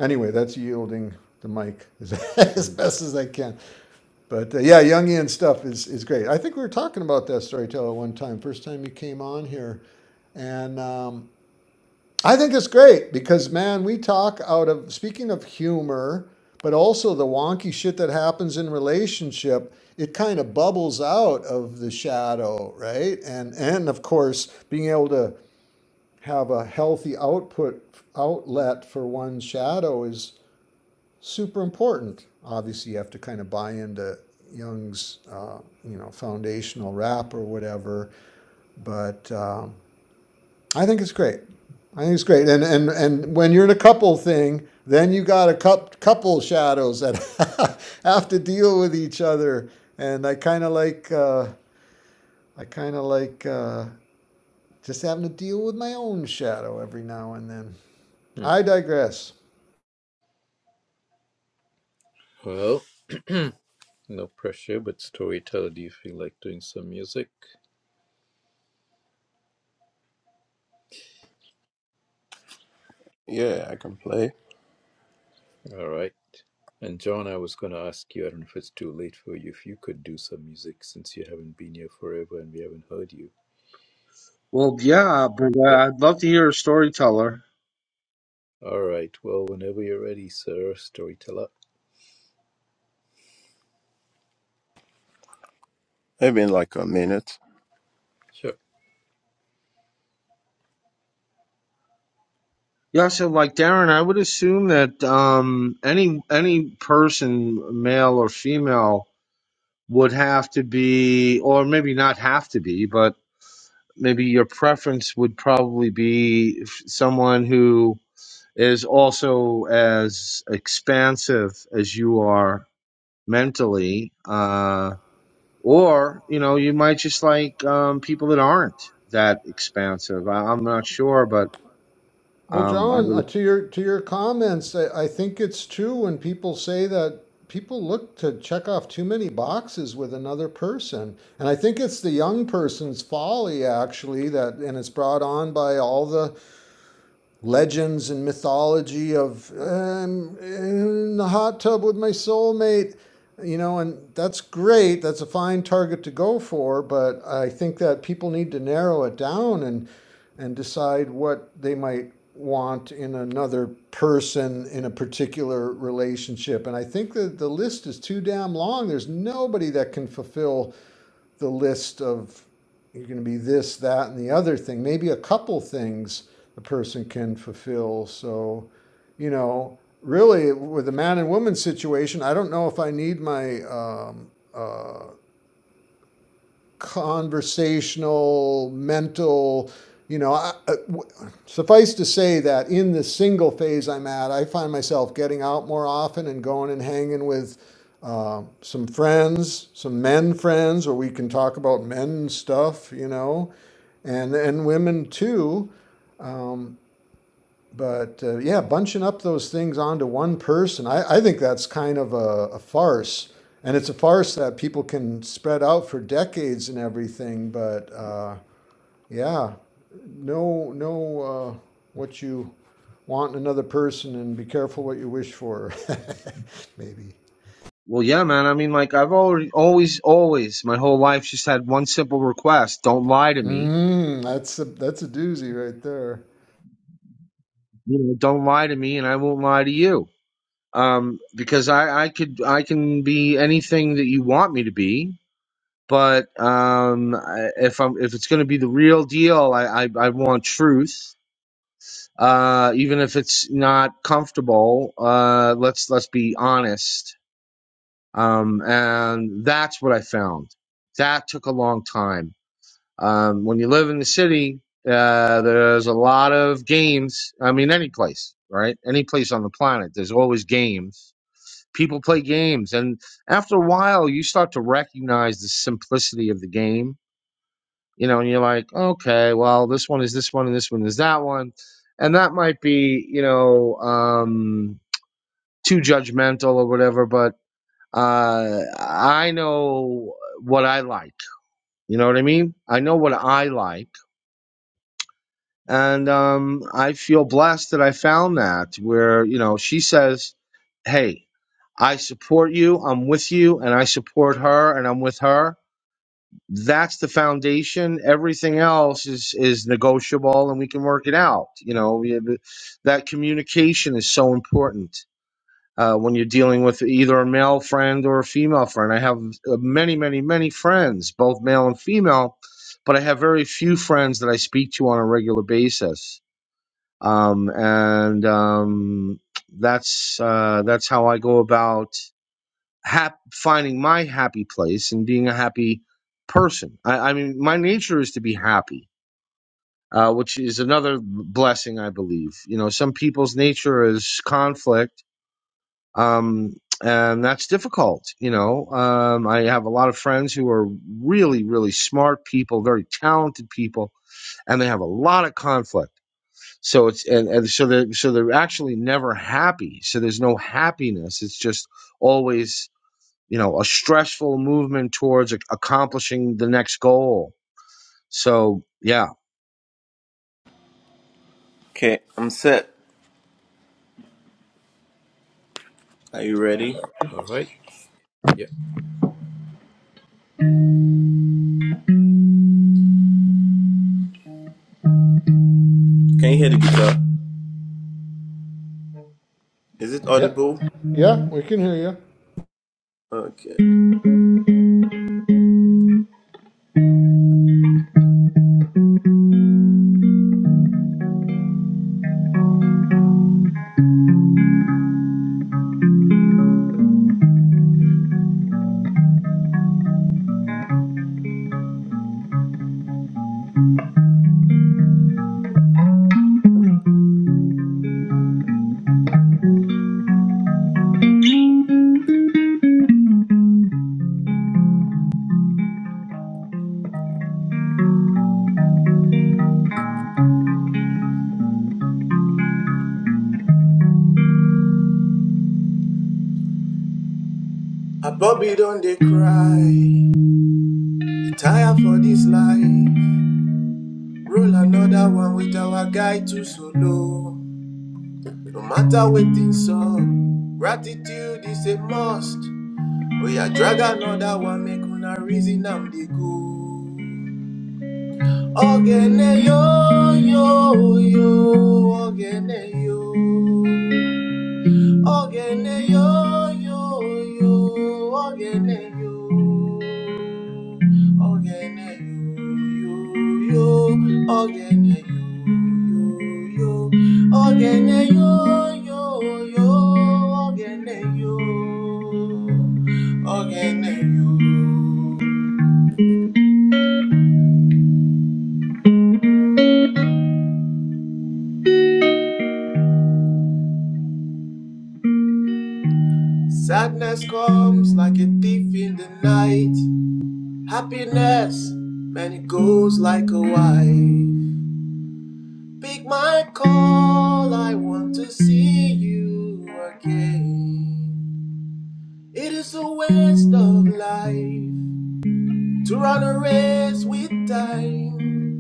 Speaker 5: anyway, that's yielding the mic as, as
Speaker 1: mm,
Speaker 5: best as I can. But uh, yeah, Jungian stuff is is great. I think we were talking about that storyteller one time, first time you came on here, and. Um, I think it's great because man, we talk out of speaking of humor, but also the wonky shit that happens in relationship. It kind of bubbles out of the shadow, right? And and of course, being able to have a healthy output outlet for one's shadow is super important. Obviously, you have to kind of buy into Jung's, uh, you know, foundational rap or whatever, but. Um, I think it's great. I think it's great. And and and when you're in a couple thing, then you got a couple shadows that have to deal with each other. And I kind of like uh, I kind of like uh, just having to deal with my own shadow every now and then.
Speaker 1: mm.
Speaker 5: I digress.
Speaker 1: Well, no pressure, but storyteller, do you feel like doing some music?
Speaker 3: Yeah, I can play.
Speaker 1: All right. And John, I was going to ask you, I don't know if it's too late for you, if you could do some music since you haven't been here forever and we haven't heard you.
Speaker 6: Well, yeah, but uh,
Speaker 1: but.
Speaker 6: I'd love to hear a storyteller.
Speaker 1: All right. Well, whenever you're ready, sir, storyteller.
Speaker 3: Maybe in like a minute.
Speaker 1: Sure.
Speaker 6: Yeah, so like Darren, I would assume that um, any any person, male or female, would have to be, or maybe not have to be, but maybe your preference would probably be f- someone who is also as expansive as you are mentally uh or you know you might just like um people that aren't that expansive I, i'm not sure but
Speaker 5: Well,
Speaker 6: um i
Speaker 5: John, uh,
Speaker 6: would-
Speaker 5: to your to your comments, I, I think it's true when people say that people look to check off too many boxes with another person, and I think it's the young person's folly actually that, and it's brought on by all the legends and mythology of um, in the hot tub with my soulmate you know and that's great that's a fine target to go for but i think that people need to narrow it down and and decide what they might want in another person in a particular relationship and i think that the list is too damn long there's nobody that can fulfill the list of you're going to be this, that, and the other thing. Maybe a couple things the person can fulfill. So, you know, really with the man and woman situation, I don't know if I need my um, uh, conversational, mental, you know, I, I- w- suffice to say that in the single phase I'm at, I find myself getting out more often and going and hanging with uh, some friends, some men friends, where we can talk about men stuff, you know, and and women too. Um, but uh, yeah, bunching up those things onto one person, I, I think that's kind of a, a farce. And it's a farce that people can spread out for decades and everything. But uh, yeah, know know uh, what you want in another person and be careful what you wish for. Maybe.
Speaker 6: well yeah man i mean like i've already always always my whole life just had one simple request don't lie to me
Speaker 5: Mm, that's a that's a doozy right there.
Speaker 6: you know don't lie to me and i won't lie to you um because i i could i can be anything that you want me to be but um, I- if I'm if it's going to be the real deal, I I, I want truth. Uh, even if it's not comfortable, uh, let's let's be honest. Um, and that's what I found. That took a long time. Um, when you live in the city, uh, there's a lot of games. I mean, any place, right? Any place on the planet, there's always games. People play games, and after a while, you start to recognize the simplicity of the game you know, and you're like, okay, well, this one is this one and this one is that one. And that might be, you know, um, too judgmental or whatever, but uh, I know what I like. You know what I mean? I know what I like. And um, I feel blessed that I found that where, you know, she says, hey, I support you, I'm with you, and I support her and I'm with her that's the foundation. Everything else is is negotiable, and we can work it out. You know, we have, that communication is so important uh, when you're dealing with either a male friend or a female friend. I have uh, many, many, many friends, both male and female, but I have very few friends that I speak to on a regular basis. Um, and um, that's uh, that's how I go about hap- finding my happy place and being a happy person. I, I mean, my nature is to be happy, uh, which is another blessing, I believe. You know, some people's nature is conflict, um, and that's difficult. You know, um, I have a lot of friends who are really, really smart people, very talented people, and they have a lot of conflict. So it's and, and so they so they're actually never happy. So there's no happiness. It's just always you know, a stressful movement towards ac- accomplishing the next goal. So, yeah,
Speaker 3: Okay, I'm set. Are you ready?
Speaker 1: All right. Yeah.
Speaker 3: Can you hear the guitar? Is it
Speaker 5: Yep.
Speaker 3: audible?
Speaker 5: Yeah, we can hear you.
Speaker 3: Okay. A Bobby don't they cry. He tired for this life. Roll another one with our guy too solo. No matter waiting some. Gratitude is a must. We are drag another one, make una reason I'm the go. Ogene yo yo yo, ogene yo. Ogene yo yo yo, ogene yo, ogene yo yo yo, ogene yo yo yo, ogene yo yo yo, ogene yo, ogene yo. Sadness comes like a thief in the night. Happiness, man, it goes like a wife. Pick my call, I want to see you again. It is a waste of life to run a race with time.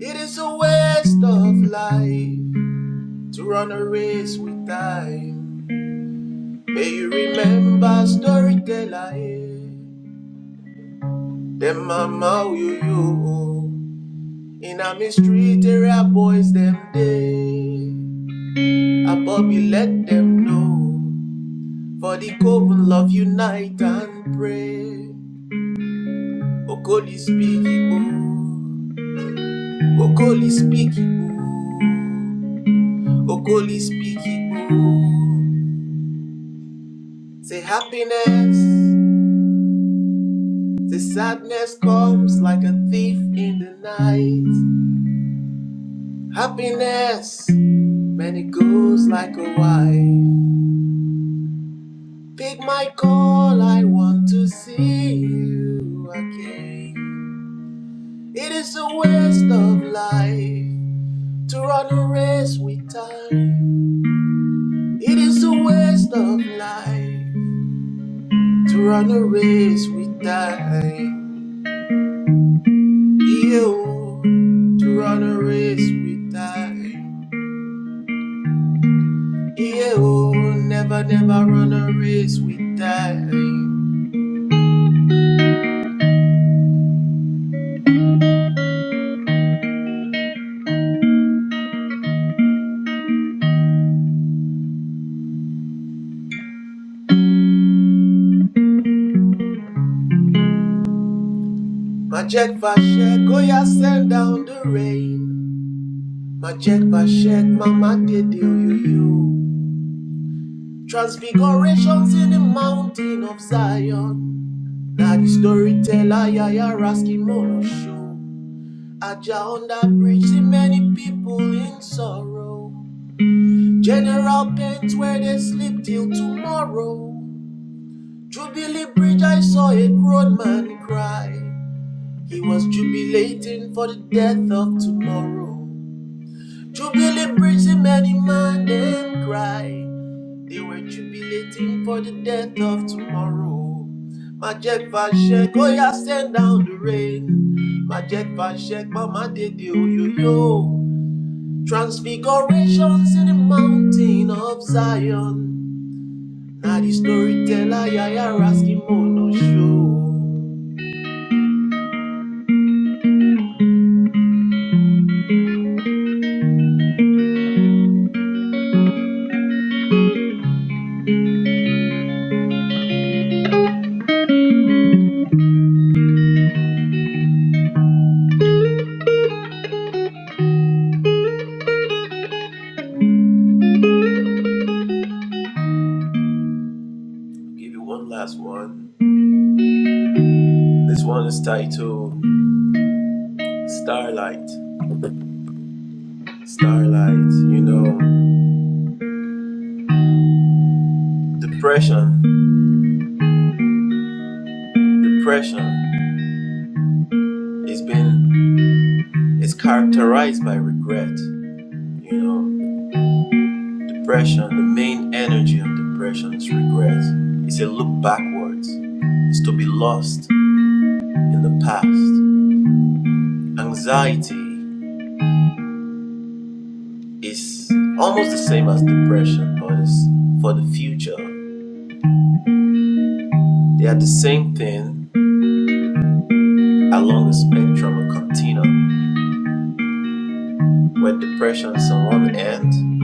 Speaker 3: It is a waste of life to run a race with time. May you remember storyteller, eh? Them mama will you you. In a mystery area boys them day. I Bobby let them know. For the coven love unite and pray. Okoli speak Igbo. Okoli speak Igbo. Okoli speak Igbo. Say happiness. Say sadness comes like a thief in the night. Happiness. Man, it goes like a wife. Pick my call, I want to see you again. It is a waste of life. To run a race with time, it is a waste of life. To run a race with time, yeah. oh. To run a race with time, yeah. oh. Never, never run a race with time. My Jack Vashek, oh yeah, send down the rain. My Jack Vashek, mama did you, you, you. Transfigurations in the mountain of Zion. Daddy storyteller, Yaya Raskin Molo Show. Aja on that bridge, see many people in sorrow. General pains where they sleep till tomorrow. Jubilee Bridge, I saw a grown man cry. He was jubilating for the death of tomorrow. Jubilee Bridge, see many man them cry. They were jubilating for the death of tomorrow. Majek Vashek, oh yeah, send down the rain. Majek Vashek, Mama did yo yo yo. Transfigurations in the mountain of Zion. Now the storyteller, yeah, yeah, Raskimono show. Give you one last one. This one is titled Starlight. Starlight, you know, depression, depression. It's been It's characterized by regret, you know, depression. The main energy of depression is regret. It's a look backwards. It's to be lost in the past. Anxiety is almost the same as depression, but it's for the future. They are the same thing along the spectrum or continuum. Where depression is on one end,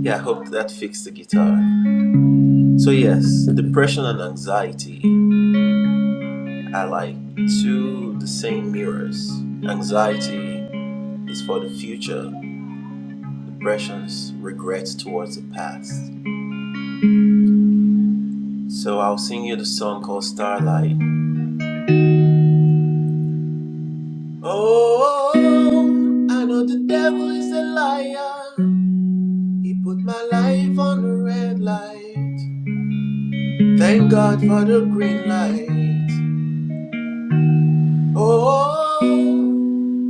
Speaker 3: yeah, I hope that fixed the guitar. So yes, depression and anxiety I like two the same mirrors. Anxiety is for the future, depressions, regrets towards the past. So I'll sing you the song called Starlight. Oh, I know the devil is a liar. He put my life on the red light. Thank God for the green light. Oh,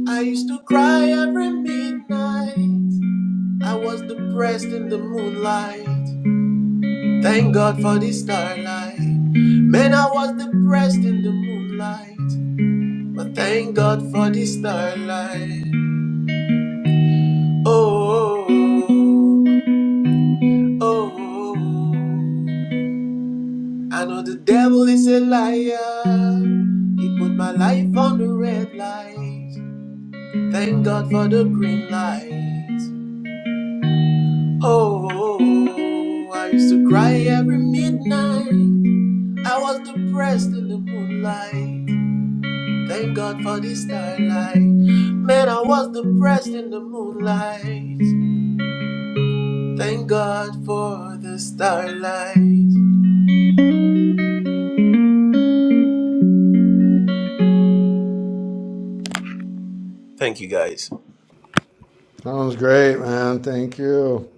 Speaker 3: I used to cry every midnight. I was depressed in the moonlight. Thank God for the starlight. Man, I was depressed in the moonlight. But thank God for the starlight. Oh, oh, oh. I know the devil is a liar. He put my life on the red light. Thank God for the green light. Oh, oh, oh. I used to cry every midnight. I was depressed in the moonlight. Thank God for this starlight. Man, I was depressed in the moonlight. Thank God for the starlight. Thank you guys.
Speaker 5: Sounds great, man. Thank you.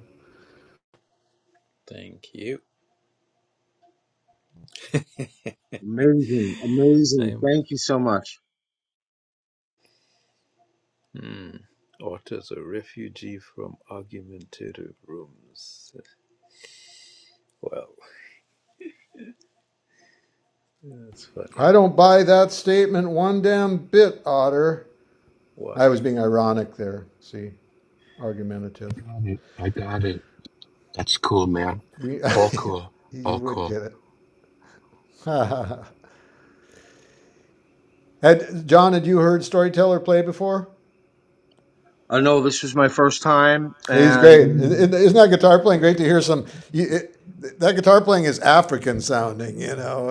Speaker 1: Thank you.
Speaker 6: amazing, amazing.
Speaker 1: I'm.
Speaker 6: Thank you so much.
Speaker 1: Hmm. Otter's a refugee from argumentative rooms. Well, that's funny.
Speaker 5: I don't buy that statement one damn bit, Otter.
Speaker 1: Why?
Speaker 5: I was being ironic there. See, argumentative.
Speaker 7: Got it. I got it. That's cool, man.
Speaker 5: We,
Speaker 7: All cool.
Speaker 5: you
Speaker 7: All
Speaker 5: would
Speaker 7: cool.
Speaker 5: get it. had John? Had you heard Storyteller play before?
Speaker 6: I know this was my first time,
Speaker 5: He's
Speaker 6: and
Speaker 5: great.
Speaker 6: um,
Speaker 5: Isn't that guitar playing great to hear some? You, it, that guitar playing is African sounding. You know,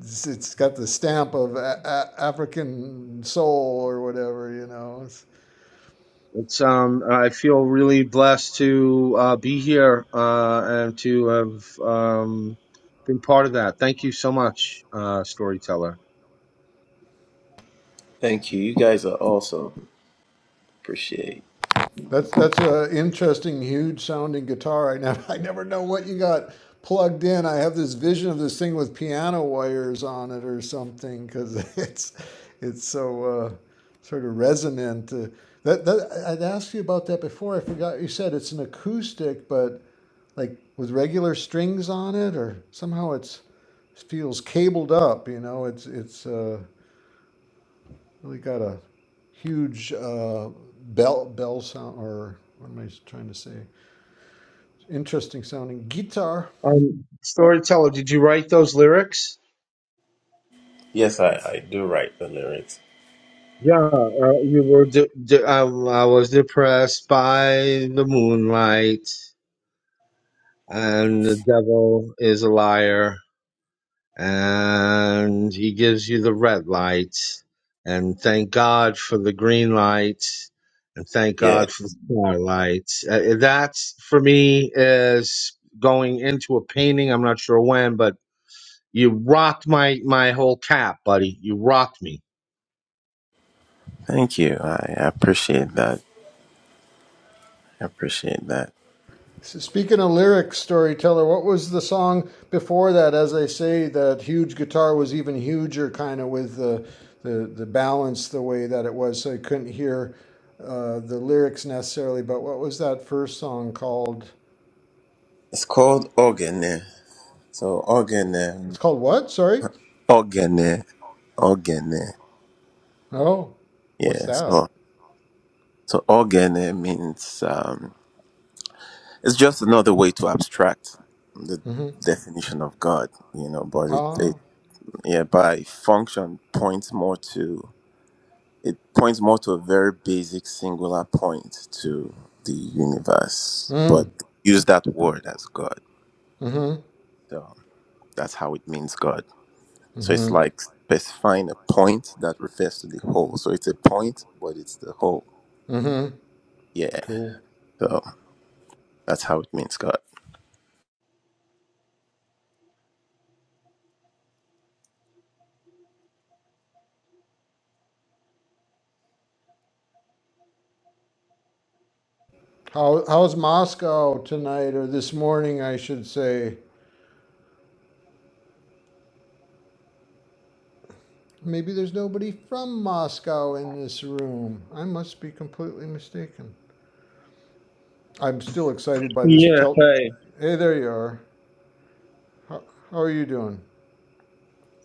Speaker 5: it's, it's got the stamp of a, a, African soul or whatever. You know, it's,
Speaker 6: it's um I feel really blessed to uh, be here uh, and to have um been part of that. Thank you so much, uh, storyteller.
Speaker 3: Thank you. You guys are awesome. Appreciate.
Speaker 5: That's that's a interesting, huge sounding guitar. I never I never know what you got plugged in. I have this vision of this thing with piano wires on it or something because it's it's so uh, sort of resonant. Uh, that, that I'd asked you about that before. I forgot you said it's an acoustic, but like with regular strings on it, or somehow it's it feels cabled up. You know, it's it's. Uh, we got a huge uh, bell bell sound, or what am I trying to say? Interesting sounding guitar.
Speaker 6: Um, storyteller, did you write those lyrics?
Speaker 3: Yes, I, I do write the lyrics.
Speaker 6: Yeah, uh, you were. De- de- um, I was depressed by the moonlight. and the devil is a liar and he gives you the red light and thank god for the green light and thank
Speaker 3: Yeah.
Speaker 6: god for the starlight uh, uh, that's for me is going into a painting i'm not sure when but you rocked my my whole cap buddy you rocked me
Speaker 3: Thank you. I appreciate that. I appreciate that.
Speaker 5: So speaking of lyric storyteller, what was the song before that? As I say, that huge guitar was even huger, kind of with the, the the balance the way that it was, so I couldn't hear uh, the lyrics necessarily. But what was that first song called?
Speaker 3: It's called Ogene. So Ogene. Ogene.
Speaker 5: It's called what? Sorry.
Speaker 3: Ogene.
Speaker 5: Oh, what's
Speaker 3: Yeah.
Speaker 5: that?
Speaker 3: So so Ogene means um It's just another way to abstract the
Speaker 5: Mhm.
Speaker 3: definition of God, you know, but it,
Speaker 5: Ah.
Speaker 3: it yeah, by function points more to it points more to a very basic singular point to the universe, but
Speaker 5: Mm.
Speaker 3: use that word as God.
Speaker 5: Mm-hmm.
Speaker 3: So that's how it means God. So it's
Speaker 5: Mm-hmm.
Speaker 3: like specifying a point that refers to the whole. So it's a point, but it's the whole.
Speaker 5: Mm-hmm.
Speaker 3: Yeah.
Speaker 5: Cool.
Speaker 3: So that's how it means God.
Speaker 5: How how's Moscow tonight or this morning I should say? Maybe there's nobody from Moscow in this room. I must be completely mistaken. I'm still excited by this
Speaker 8: Yeah,
Speaker 5: tell
Speaker 8: hi.
Speaker 5: Hey, there you are. How, how are you doing?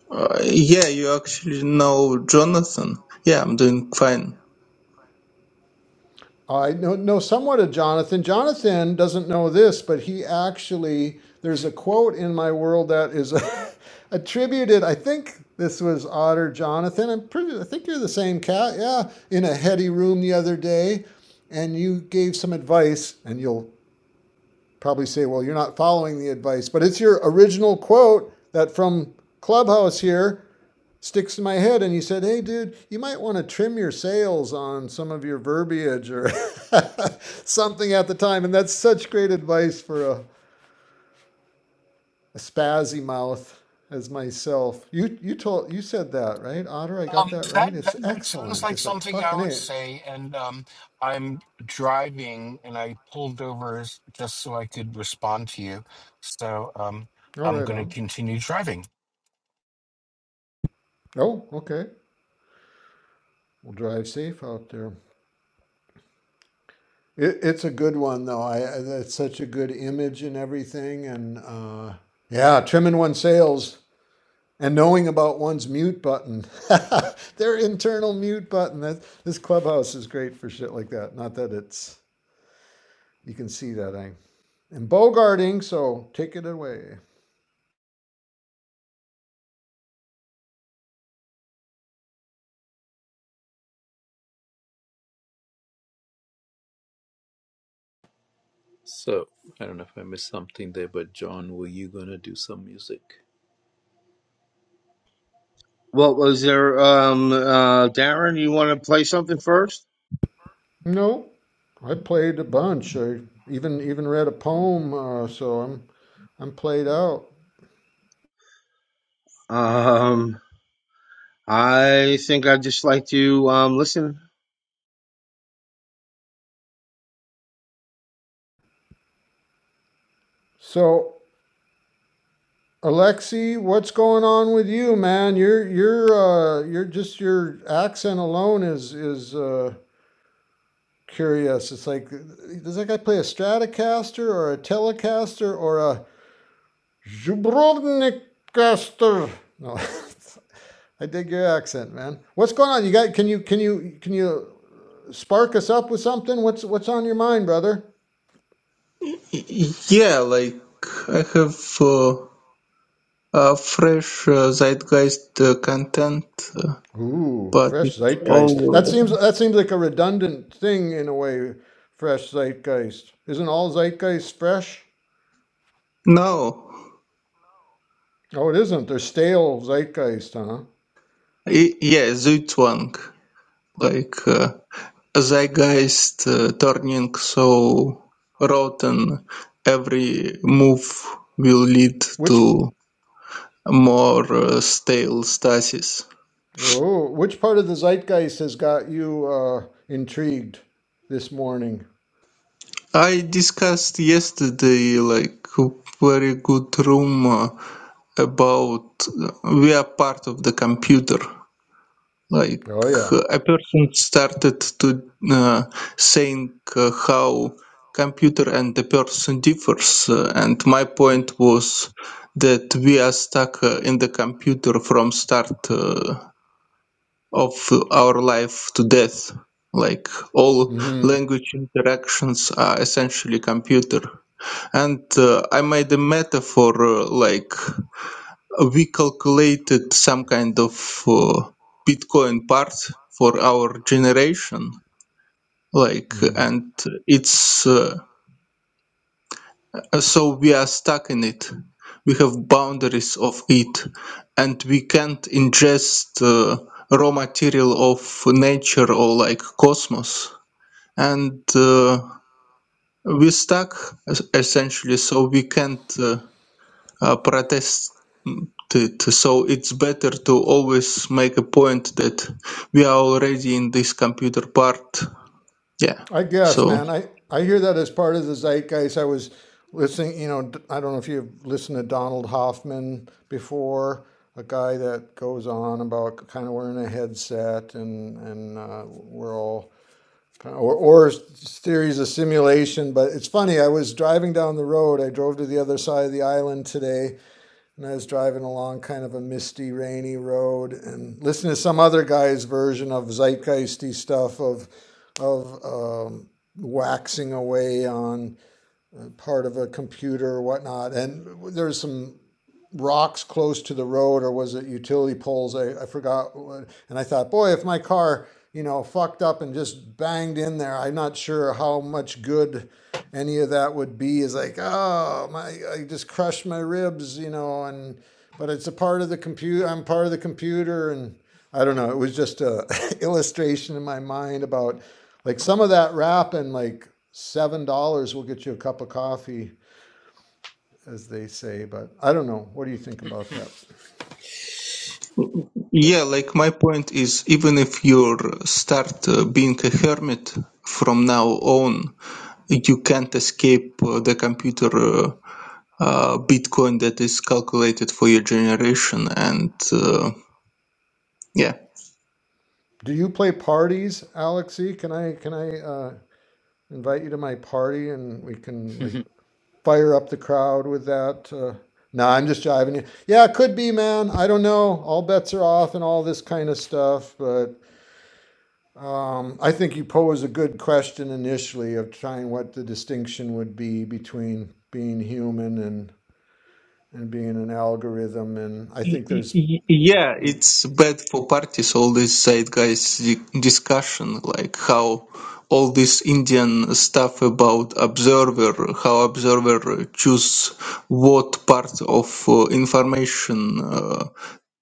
Speaker 8: Uh, yeah, you actually know Jonathan. Yeah, I'm doing fine.
Speaker 5: I know, know somewhat of Jonathan. Jonathan doesn't know this, but he actually, there's a quote in my world that is attributed, I think this was Otter Jonathan. I'm pretty, I think you're the same cat. Yeah. In a heady room the other day, and you gave some advice, and you'll probably say, well, you're not following the advice, but it's your original quote that from Clubhouse here sticks in my head. And he said, Hey, dude, you might want to trim your sails on some of your verbiage or something at the time. And that's such great advice for a, a spazzy mouth as myself. You you told you said that right, Otter? I got
Speaker 7: Um,
Speaker 5: that
Speaker 7: that,
Speaker 5: right.
Speaker 7: that
Speaker 5: It's
Speaker 7: that sounds
Speaker 5: excellent.
Speaker 7: like
Speaker 5: It's like
Speaker 7: something I
Speaker 5: fucking
Speaker 7: would
Speaker 5: it.
Speaker 7: say. And um, I'm driving, and I pulled over s- just so I could respond to you. So um,
Speaker 5: All
Speaker 7: I'm
Speaker 5: right,
Speaker 7: going to
Speaker 5: on.
Speaker 7: continue driving.
Speaker 5: Oh, okay. We'll drive safe out there. It, it's a good one though. I that's such a good image and everything. And uh, yeah, trimming one's sails. and knowing about one's mute button, their internal mute button. That this clubhouse is great for shit like that. Not that it's you can see that I am bogarting, so take it away.
Speaker 1: So, I don't know if I missed something there, but John, were you gonna do some music?
Speaker 6: what was there um uh darren you want to play something first
Speaker 5: No, I played a bunch. I even even read a poem, uh, so I'm I'm played out.
Speaker 6: um i think i'd just like to um listen
Speaker 5: So Alexi, what's going on with you, man? You're you're uh, you're just your accent alone is is uh, curious. It's like, does that guy play a Stratocaster or a Telecaster or a Zubrovnikcaster? No, I dig your accent, man. What's going on? You got? Can you can you can you spark us up with something? What's what's on your mind, brother?
Speaker 8: Y- y- Yeah, like I have uh, uh, fresh uh, Zeitgeist uh, content, uh,
Speaker 5: Ooh,
Speaker 8: but
Speaker 5: fresh
Speaker 8: it's
Speaker 5: zeitgeist. That
Speaker 8: all
Speaker 5: seems that seems like a redundant thing in a way. Fresh zeitgeist. Isn't all zeitgeist fresh?
Speaker 8: no.
Speaker 5: Oh, it isn't. They're stale zeitgeist, huh?
Speaker 8: Y- yeah, Zuitwang, like uh, Zeitgeist uh, turning so rotten. Every move will lead
Speaker 5: Which
Speaker 8: to more uh, stale stasis.
Speaker 5: Oh, which part of the zeitgeist has got you uh, intrigued this morning?
Speaker 8: I discussed yesterday like a very good rumor about we are part of the computer. Like
Speaker 5: Oh yeah.
Speaker 8: uh, a person started to uh, saying uh, how computer and the person differs, uh, and my point was that we are stuck uh, in the computer from start uh, of our life to death. Like all
Speaker 5: hmm
Speaker 8: language interactions are essentially computer and uh, I made a metaphor uh, like we calculated some kind of uh, Bitcoin part for our generation, like,
Speaker 5: hmm
Speaker 8: and it's uh, so we are stuck in it. We have boundaries of it, and we can't ingest uh, raw material of nature or like cosmos, and uh, we're stuck es- essentially. So we can't. Uh, uh, protest So it's better to always make a point that we are already in this computer part. Yeah.
Speaker 5: I guess,
Speaker 8: So
Speaker 5: man. I I hear that as part of the zeitgeist. I was listening. You know, d- I don't know if you've listened to Donald Hoffman before, a guy that goes on about kind of wearing a headset and and uh, we're all kind of, or or s- theories of simulation. But it's funny. I was driving down the road. I drove to the other side of the island today and I was driving along kind of a misty, rainy road and listening to some other guy's version of zeitgeisty stuff of of um, waxing away on part of a computer or whatnot. And there's some rocks close to the road or was it utility poles? I, I forgot. And I thought, boy, if my car, you know, fucked up and just banged in there, I'm not sure how much good any of that would be. Is like, oh, my, I just crushed my ribs, you know, and, but it's a part of the computer. I'm part of the computer. And I don't know. It was just a illustration in my mind about like some of that rap and like, $7 will get you a cup of coffee, as they say. But I don't know. What do you think about that?
Speaker 1: Okay.
Speaker 8: yeah, like my point is, even if you start uh, being a hermit from now on, you can't escape uh, the computer uh, uh, Bitcoin that is calculated for your generation. And uh, yeah,
Speaker 5: Do you play parties, Alexi? Can I can I uh, invite you to my party and we can like fire up the crowd with that? Uh, no, I'm just jiving you. Yeah, it could be, man. I don't know. All bets are off and all this kind of stuff. But um, I think you pose a good question initially of trying what the distinction would be between being human and and being an algorithm. And I
Speaker 8: Y-
Speaker 5: think
Speaker 8: y-
Speaker 5: there's
Speaker 8: y- Yeah, it's bad for parties, all this zeitgeist di- discussion, like how all this Indian stuff about observer, how observer choose what part of uh, information uh,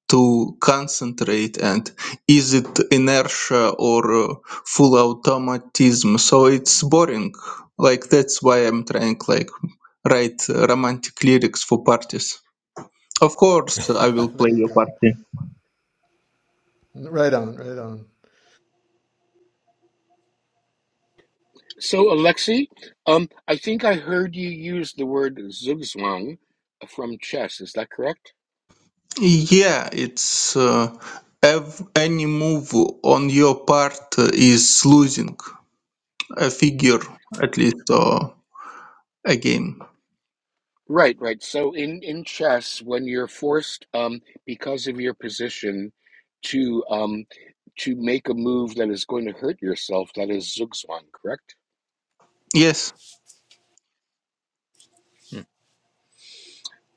Speaker 8: to concentrate and is it inertia or uh, full automatism. So it's boring. Like that's why I'm trying like write uh, romantic lyrics for parties. Of course, I will
Speaker 5: there
Speaker 8: play
Speaker 5: you
Speaker 8: your
Speaker 5: go.
Speaker 8: party.
Speaker 5: Right on, right on.
Speaker 7: So Alexi, um, I think I heard you use the word zugzwang from chess. Is that correct?
Speaker 8: Yeah, it's uh, ev- any move on your part is losing a figure at least or a game.
Speaker 7: Right, right. So in in chess, when you're forced, um, because of your position, to um, to make a move that is going to hurt yourself, that is zugzwang, correct?
Speaker 8: Yes.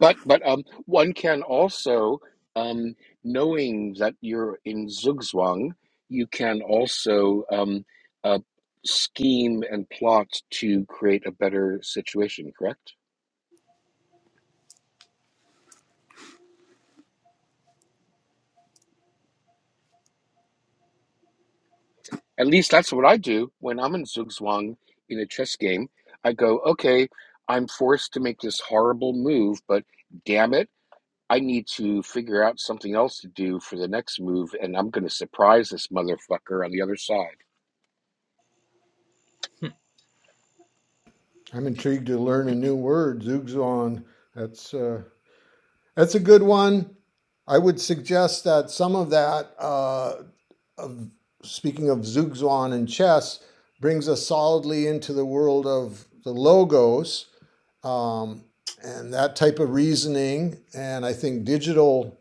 Speaker 7: But but um, one can also, um, knowing that you're in zugzwang, you can also um, uh, scheme and plot to create a better situation, correct? At least that's what I do when I'm in Zugzwang in a chess game. I go, okay, I'm forced to make this horrible move, but damn it, I need to figure out something else to do for the next move, and I'm going to surprise this motherfucker on the other side.
Speaker 1: and,
Speaker 5: I'm intrigued to learn a new word, zugzwang. That's uh, that's a good one. I would suggest that some of that, uh, of, speaking of zugzwang and chess, brings us solidly into the world of the logos um, and that type of reasoning. And I think digital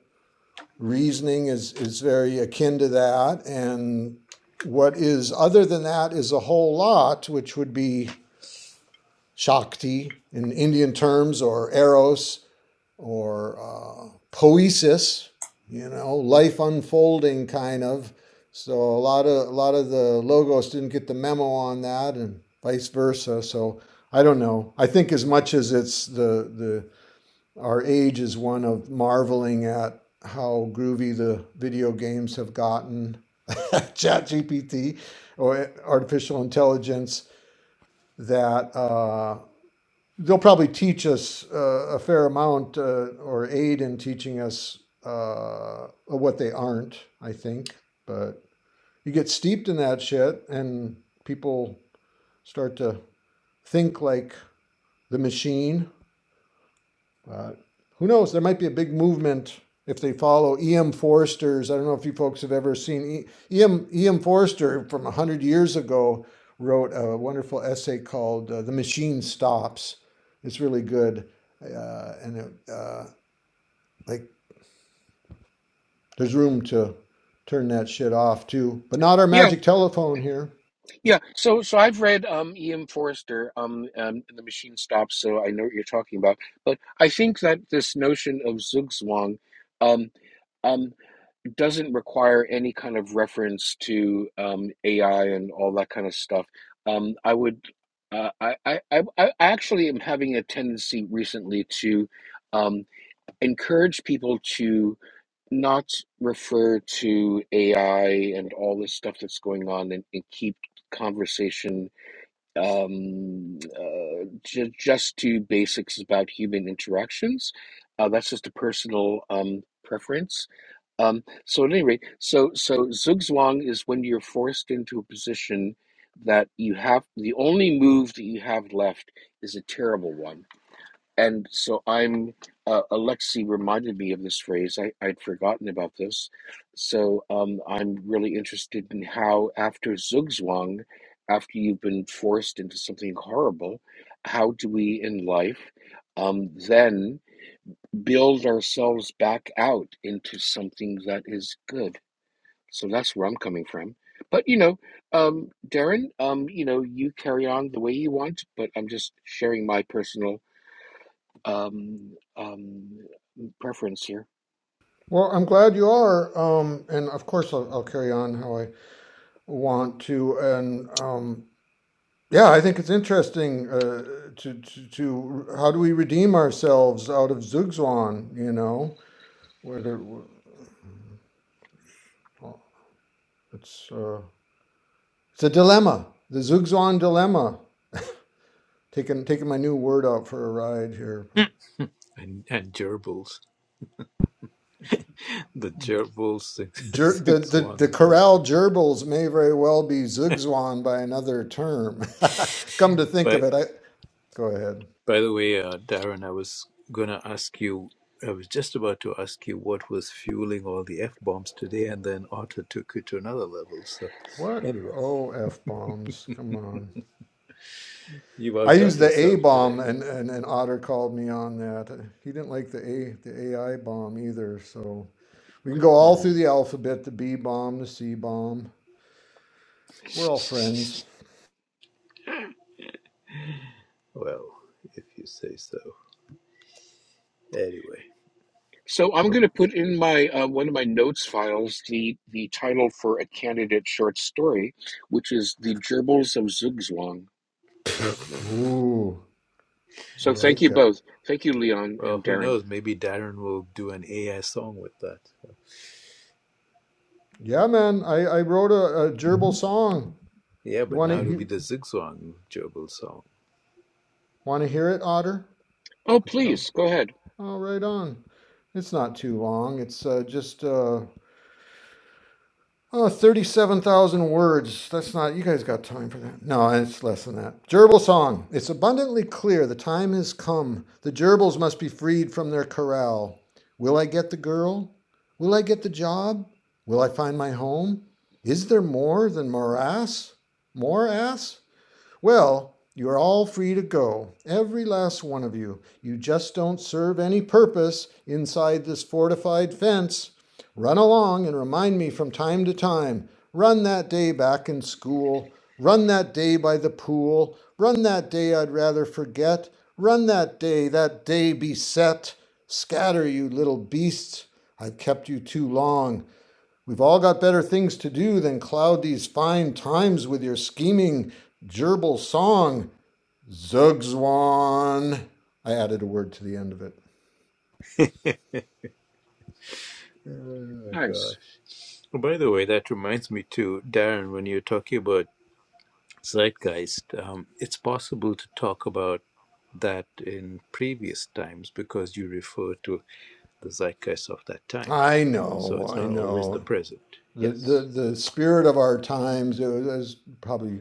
Speaker 5: reasoning is is very akin to that. And what is other than that is a whole lot, which would be Shakti in Indian terms, or Eros, or uh, poesis, you know, life unfolding kind of. So a lot of a lot of the logos didn't get the memo on that, and vice versa. So I don't know. I think as much as it's the the our age is one of marveling at how groovy the video games have gotten, ChatGPT or artificial intelligence that uh, they'll probably teach us uh, a fair amount uh, or aid in teaching us uh, what they aren't, I think. But you get steeped in that shit and people start to think like the machine uh, who knows? There might be a big movement if they follow E.M. Forster's. I don't know if you folks have ever seen E- E.M. E.M. Forster from 100 years ago wrote a wonderful essay called uh, The Machine Stops. It's really good. Uh, and it, uh, like there's room to turn that shit off too, but not our
Speaker 7: Yeah,
Speaker 5: magic telephone here.
Speaker 7: yeah. So, so I've read um, E. M. Forrester, um, um, The Machine Stops, so I know what you're talking about. But I think that this notion of Zugzwang, um, um, doesn't require any kind of reference to um, AI and all that kind of stuff. Um, I would, uh, I, I, I actually am having a tendency recently to um, encourage people to not refer to AI and all this stuff that's going on and, and keep conversation um, uh, ju- just to basics about human interactions. Uh, that's just a personal um, preference. Um, so at any rate, so so zugzwang is when you're forced into a position that you have the only move that you have left is a terrible one and so I'm, uh, Alexi reminded me of this phrase. I, I'd forgotten about this. So um, I'm really interested in how, after Zugzwang, after you've been forced into something horrible, how do we in life um, then build ourselves back out into something that is good? So that's where I'm coming from. But you know, um, Darren, um, you know, you carry on the way you want, but I'm just sharing my personal um, um, preference here.
Speaker 5: Well, I'm glad you are. Um, and of course, I'll, I'll carry on how I want to. And um, Yeah, I think it's interesting uh, to, to to how do we redeem ourselves out of Zugzwan? You know, whether well, it's uh, it's a dilemma, the Zugzwan dilemma. Taking taking my new word out for a ride here.
Speaker 1: and gerbils. The gerbils six,
Speaker 5: Ger, the,
Speaker 1: six
Speaker 5: the the
Speaker 1: one.
Speaker 5: corral
Speaker 1: Telegram.
Speaker 5: gerbils may very well be Zugzwan by another term. Come to think
Speaker 1: But
Speaker 5: of it, I go ahead.
Speaker 1: By the way, uh, Darren, I was gonna ask you. I was just about to ask you what was fueling all the f bombs today, and then Otter took it to another level. So,
Speaker 5: What?
Speaker 1: anyway,
Speaker 5: Oh, f bombs! Come on.
Speaker 1: you've
Speaker 5: I
Speaker 1: outdone
Speaker 5: used the A
Speaker 1: yourself
Speaker 5: bomb,
Speaker 1: today.
Speaker 5: and, and, and Otter called me on that. He didn't like the A the AI bomb either. So we can go all through
Speaker 1: Hmm.
Speaker 5: the alphabet: the B bomb, the C bomb. We're all friends.
Speaker 1: Well, if you say so. Anyway,
Speaker 7: So I'm going
Speaker 1: so-
Speaker 7: to put in my uh, one of my notes files the the title for a candidate short story, which is "The Gerbils of Zugzwang."
Speaker 5: Ooh, I
Speaker 7: So thank you
Speaker 5: like it.
Speaker 7: both. Thank you, Leon
Speaker 1: well,
Speaker 7: and
Speaker 1: who
Speaker 7: Darren.
Speaker 1: knows? Maybe Darren will do an AI song with that.
Speaker 5: Yeah, man. I, I wrote a, a gerbil song.
Speaker 1: Yeah,
Speaker 5: You
Speaker 1: but
Speaker 5: want
Speaker 1: now
Speaker 5: to
Speaker 1: it'll be
Speaker 5: you
Speaker 1: the Zigzwang Jobel song.
Speaker 5: want to hear it, Otter?
Speaker 7: Oh,
Speaker 5: I'll tell.
Speaker 7: please go ahead.
Speaker 5: Oh, right on. It's not too long. It's uh, just uh, Oh, 37,000 words. That's not, you guys got time for that. No, it's less than that. Gerbil song. It's abundantly clear the time has come. The gerbils must be freed from their corral. Will I get the girl? Will I get the job? Will I find my home? Is there more than morass? More ass? Well, you're all free to go, every last one of you. You just don't serve any purpose inside this fortified fence. Run along and remind me from time to time. Run that day back in school. Run that day by the pool. Run that day I'd rather forget. Run that day, that day beset. Scatter, you little beasts. I've kept you too long. We've all got better things to do than cloud these fine times with your scheming gerbil song, Zugzwan. I added a word to the end of it.
Speaker 1: Oh my
Speaker 7: Nice.
Speaker 1: gosh. By the way, that reminds me too, Darren, when you're talking about zeitgeist, um, it's possible to talk about that in previous times because you refer to the zeitgeist of that time.
Speaker 5: I
Speaker 1: So
Speaker 5: know,
Speaker 1: it's
Speaker 5: I
Speaker 1: not always the
Speaker 5: know.
Speaker 1: present.
Speaker 5: The, the,
Speaker 1: Yes.
Speaker 5: the spirit of our times, it was, probably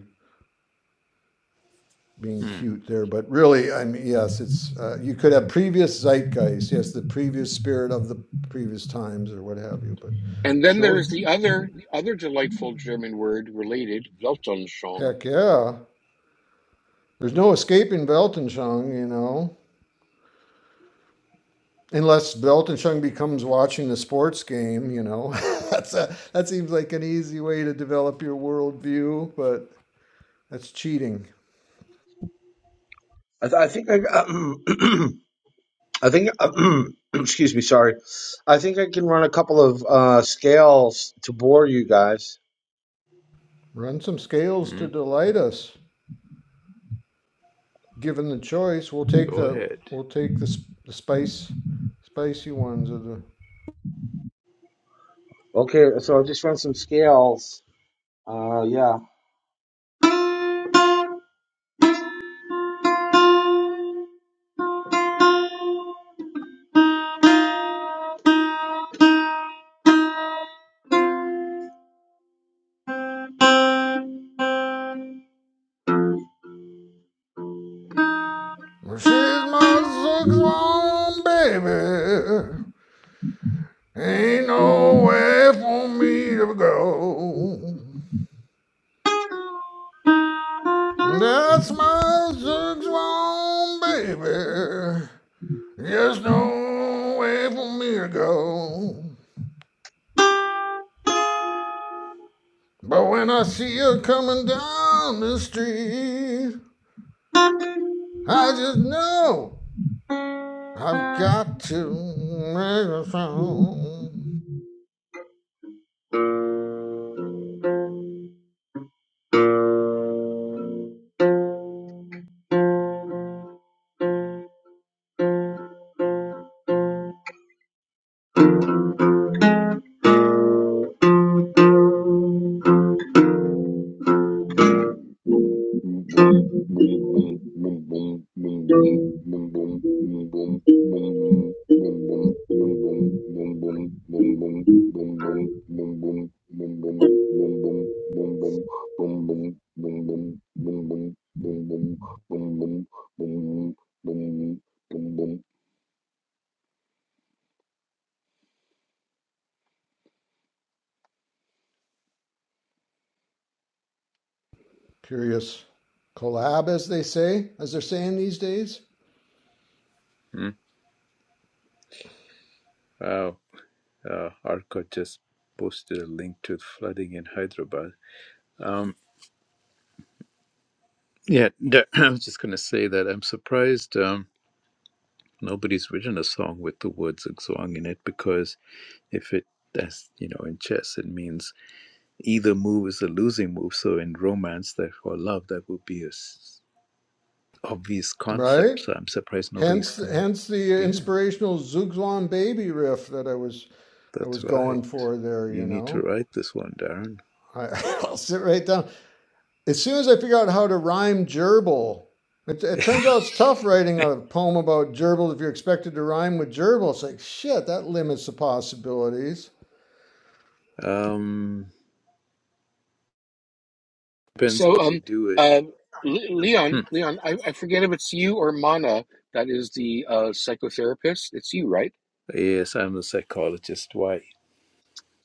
Speaker 5: being
Speaker 1: Hmm.
Speaker 5: cute there, but really, I mean, yes, it's, uh, you could have previous zeitgeist, yes, the previous spirit of the previous times or what have you, but
Speaker 7: And then
Speaker 5: sure.
Speaker 7: there's the other the other delightful German word related, Weltanschauung.
Speaker 5: Heck yeah. There's no escaping Weltanschauung, you know. Unless Belton Chung becomes watching the sports game, you know, that's a, that seems like an easy way to develop your worldview, but that's cheating.
Speaker 6: I, th- I think I, I think excuse me, sorry. I think I can run a couple of uh, scales to bore you guys.
Speaker 5: Run some scales
Speaker 1: Hmm.
Speaker 5: to delight us. Given the choice, we'll take
Speaker 1: Go
Speaker 5: the
Speaker 1: ahead.
Speaker 5: we'll take the, the spice spicy ones of the.
Speaker 6: Okay, so I will just run some scales. Uh, yeah.
Speaker 5: She's my six long baby. Ain't no way for me to go. That's my six long baby. There's no way for me to go. But when I see her coming down the street, I just know I've got to make a sound. Curious collab, as they say, as they're saying these days,
Speaker 1: Hmm. Wow. Uh, Arcot just posted a link to flooding in Hyderabad. Um, yeah, d- I was just going to say that I'm surprised um, nobody's written a song with the word zigzwang in it because if it, that's, you know, in chess, it means Either move is a losing move. So in romance, therefore love, that would be a s- obvious
Speaker 5: right?
Speaker 1: concept. So I'm surprised nobody's.
Speaker 5: Hence,
Speaker 1: Come.
Speaker 5: hence the
Speaker 1: Yeah,
Speaker 5: inspirational Zugzwang baby riff that I was I
Speaker 1: that's
Speaker 5: was
Speaker 1: right.
Speaker 5: going for there.
Speaker 1: You
Speaker 5: You
Speaker 1: need to
Speaker 5: know,
Speaker 1: write this one, Darren.
Speaker 5: I, I'll sit right down. as soon as I figure out how to rhyme gerbil, it, it turns out it's tough writing a poem about gerbils if you're expected to rhyme with gerbil. It's like, shit, that limits the possibilities.
Speaker 1: Um, depends how you do it. Hmm. Yes, I'm a psychologist. Why?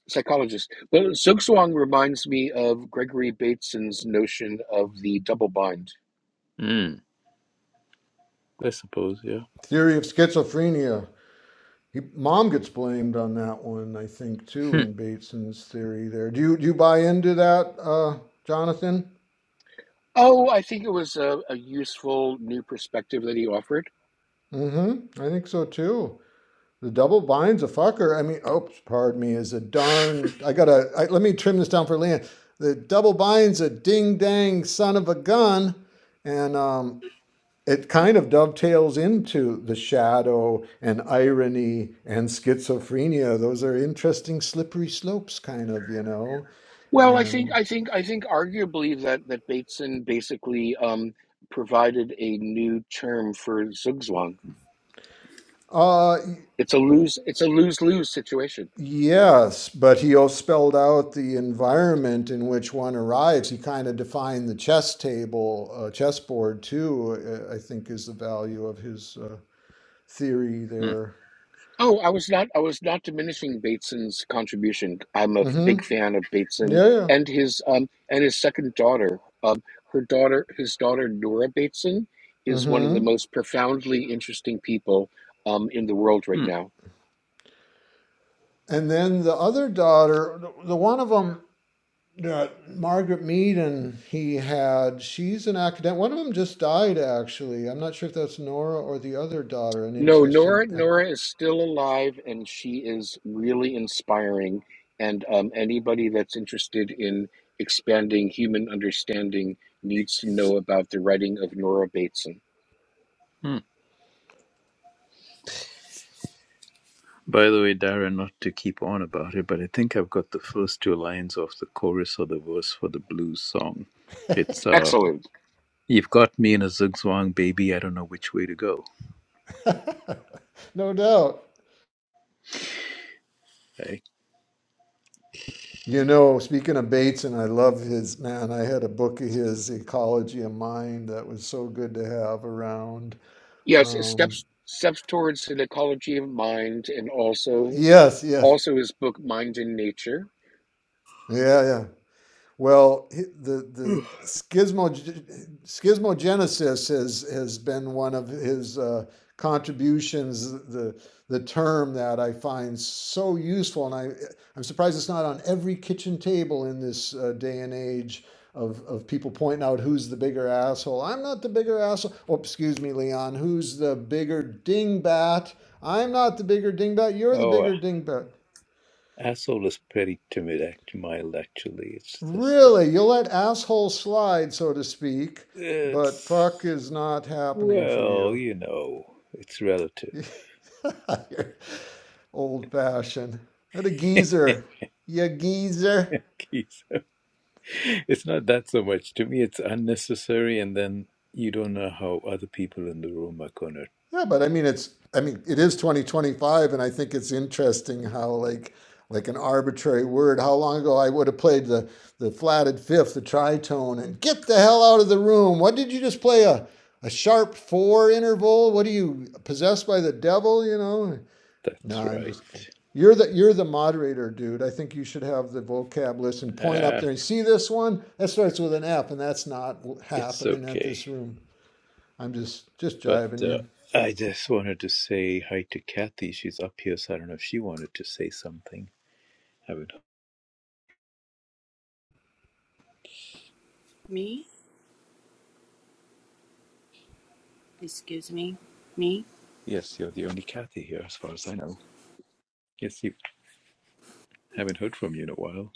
Speaker 7: psychologist. Well, Silkswong reminds me of Gregory Bateson's notion of the double bind.
Speaker 1: Hmm. I suppose, yeah.
Speaker 5: Theory of schizophrenia. He, Mom gets blamed on that one, I think, too,
Speaker 1: Hmm.
Speaker 5: in Bateson's theory there. Do you, do you buy into that, uh, Jonathan?
Speaker 7: Oh, I think it was a, a useful new perspective that he offered.
Speaker 5: Mm hmm. I think so, too. The double bind's a fucker. I mean, oops, pardon me, is a darn. I gotta. I, let me trim this down for Leanne. The double bind's a ding dang son of a gun, and um, it kind of dovetails into the shadow and irony and schizophrenia. Those are interesting slippery slopes, kind of, you know.
Speaker 7: Well, I think
Speaker 5: And
Speaker 7: I think I think arguably that that Bateson basically um, provided a new term for Zugzwang.
Speaker 5: uh,
Speaker 7: It's a lose it's a lose lose situation.
Speaker 5: Yes, but he also spelled out the environment in which one arrives. He kind of defined the chess table, uh, chessboard too. uh, I think is the value of his uh, theory
Speaker 1: Hmm.
Speaker 5: there.
Speaker 7: Oh, I was not I was not diminishing Bateson's contribution. I'm a
Speaker 5: Mm-hmm.
Speaker 7: big fan of Bateson
Speaker 5: Yeah, yeah.
Speaker 7: and his um and his second daughter. Um her daughter his daughter Nora Bateson is one of the
Speaker 5: Mm-hmm.
Speaker 7: most profoundly interesting people um in the world right
Speaker 1: Hmm.
Speaker 7: now.
Speaker 5: And then the other daughter, the, the one of them that Margaret Mead and he had, she's an academic. One of them just died actually. I'm not sure if that's Nora or the other daughter. An
Speaker 7: No, Nora
Speaker 5: interesting, ac-
Speaker 7: Nora is still alive and she is really inspiring and um anybody that's interested in expanding human understanding needs to know about the writing of Nora Bateson.
Speaker 1: Hmm. By the way, Darren, not to keep on about it, but I think I've got the first two lines of the chorus or the verse for the blues song. It's uh,
Speaker 7: Excellent.
Speaker 1: You've got me in a zigzag, baby. I don't know which way to go.
Speaker 5: no doubt.
Speaker 1: Right?
Speaker 5: You know, speaking of Bates, and I love his man, I had a book of his, Ecology of Mind, that was so good to have around.
Speaker 7: Yes, it
Speaker 5: Um,
Speaker 7: steps steps towards an ecology of mind and also
Speaker 5: yes, yes.
Speaker 7: also his book Mind in Nature.
Speaker 5: Yeah, yeah. Well, the the schismo, schismogenesis has has been one of his uh, contributions. The the term that I find so useful, and I I'm surprised it's not on every kitchen table in this uh, day and age of of people pointing out who's the bigger asshole. I'm not the bigger asshole. Oh, excuse me, Leon. Who's the bigger dingbat? I'm not the bigger dingbat. You're the
Speaker 1: Oh, uh,
Speaker 5: bigger dingbat.
Speaker 1: asshole is pretty timid, act mild, actually. It's just the.
Speaker 5: Really, you'll let asshole slide, so to speak, but
Speaker 1: It's.
Speaker 5: fuck is not happening for
Speaker 1: Well,
Speaker 5: you.
Speaker 1: you know, it's relative.
Speaker 5: You're old fashioned. What a geezer. You geezer.
Speaker 1: Keith. It's not that so much. To me, it's unnecessary, and then you don't know how other people in the room are gonna.
Speaker 5: Yeah, but I mean it's I mean it is 2025 and I think it's interesting how like like an arbitrary word, how long ago I would have played the the flatted fifth, the tritone, and get the hell out of the room. What did you just play? A a sharp four interval? What are you possessed by the devil, you know? No,
Speaker 1: That's
Speaker 5: I'm
Speaker 1: right.
Speaker 5: just kidding. You're the you're the moderator, dude. I think you should have the vocab list and point up
Speaker 1: Uh,
Speaker 5: there and see this one that starts with an F, and that's not
Speaker 1: it's
Speaker 5: happening at
Speaker 1: okay.
Speaker 5: this room. I'm just just
Speaker 1: But
Speaker 5: jiving
Speaker 1: uh,
Speaker 5: you.
Speaker 1: I just wanted to say hi to Kathy. She's up here, so I don't know if she wanted to say something. Haven't.
Speaker 9: Me? Excuse me. Me?
Speaker 1: Yes, you're the only Kathy here, as far as I know. Yes, you haven't heard from you in a while.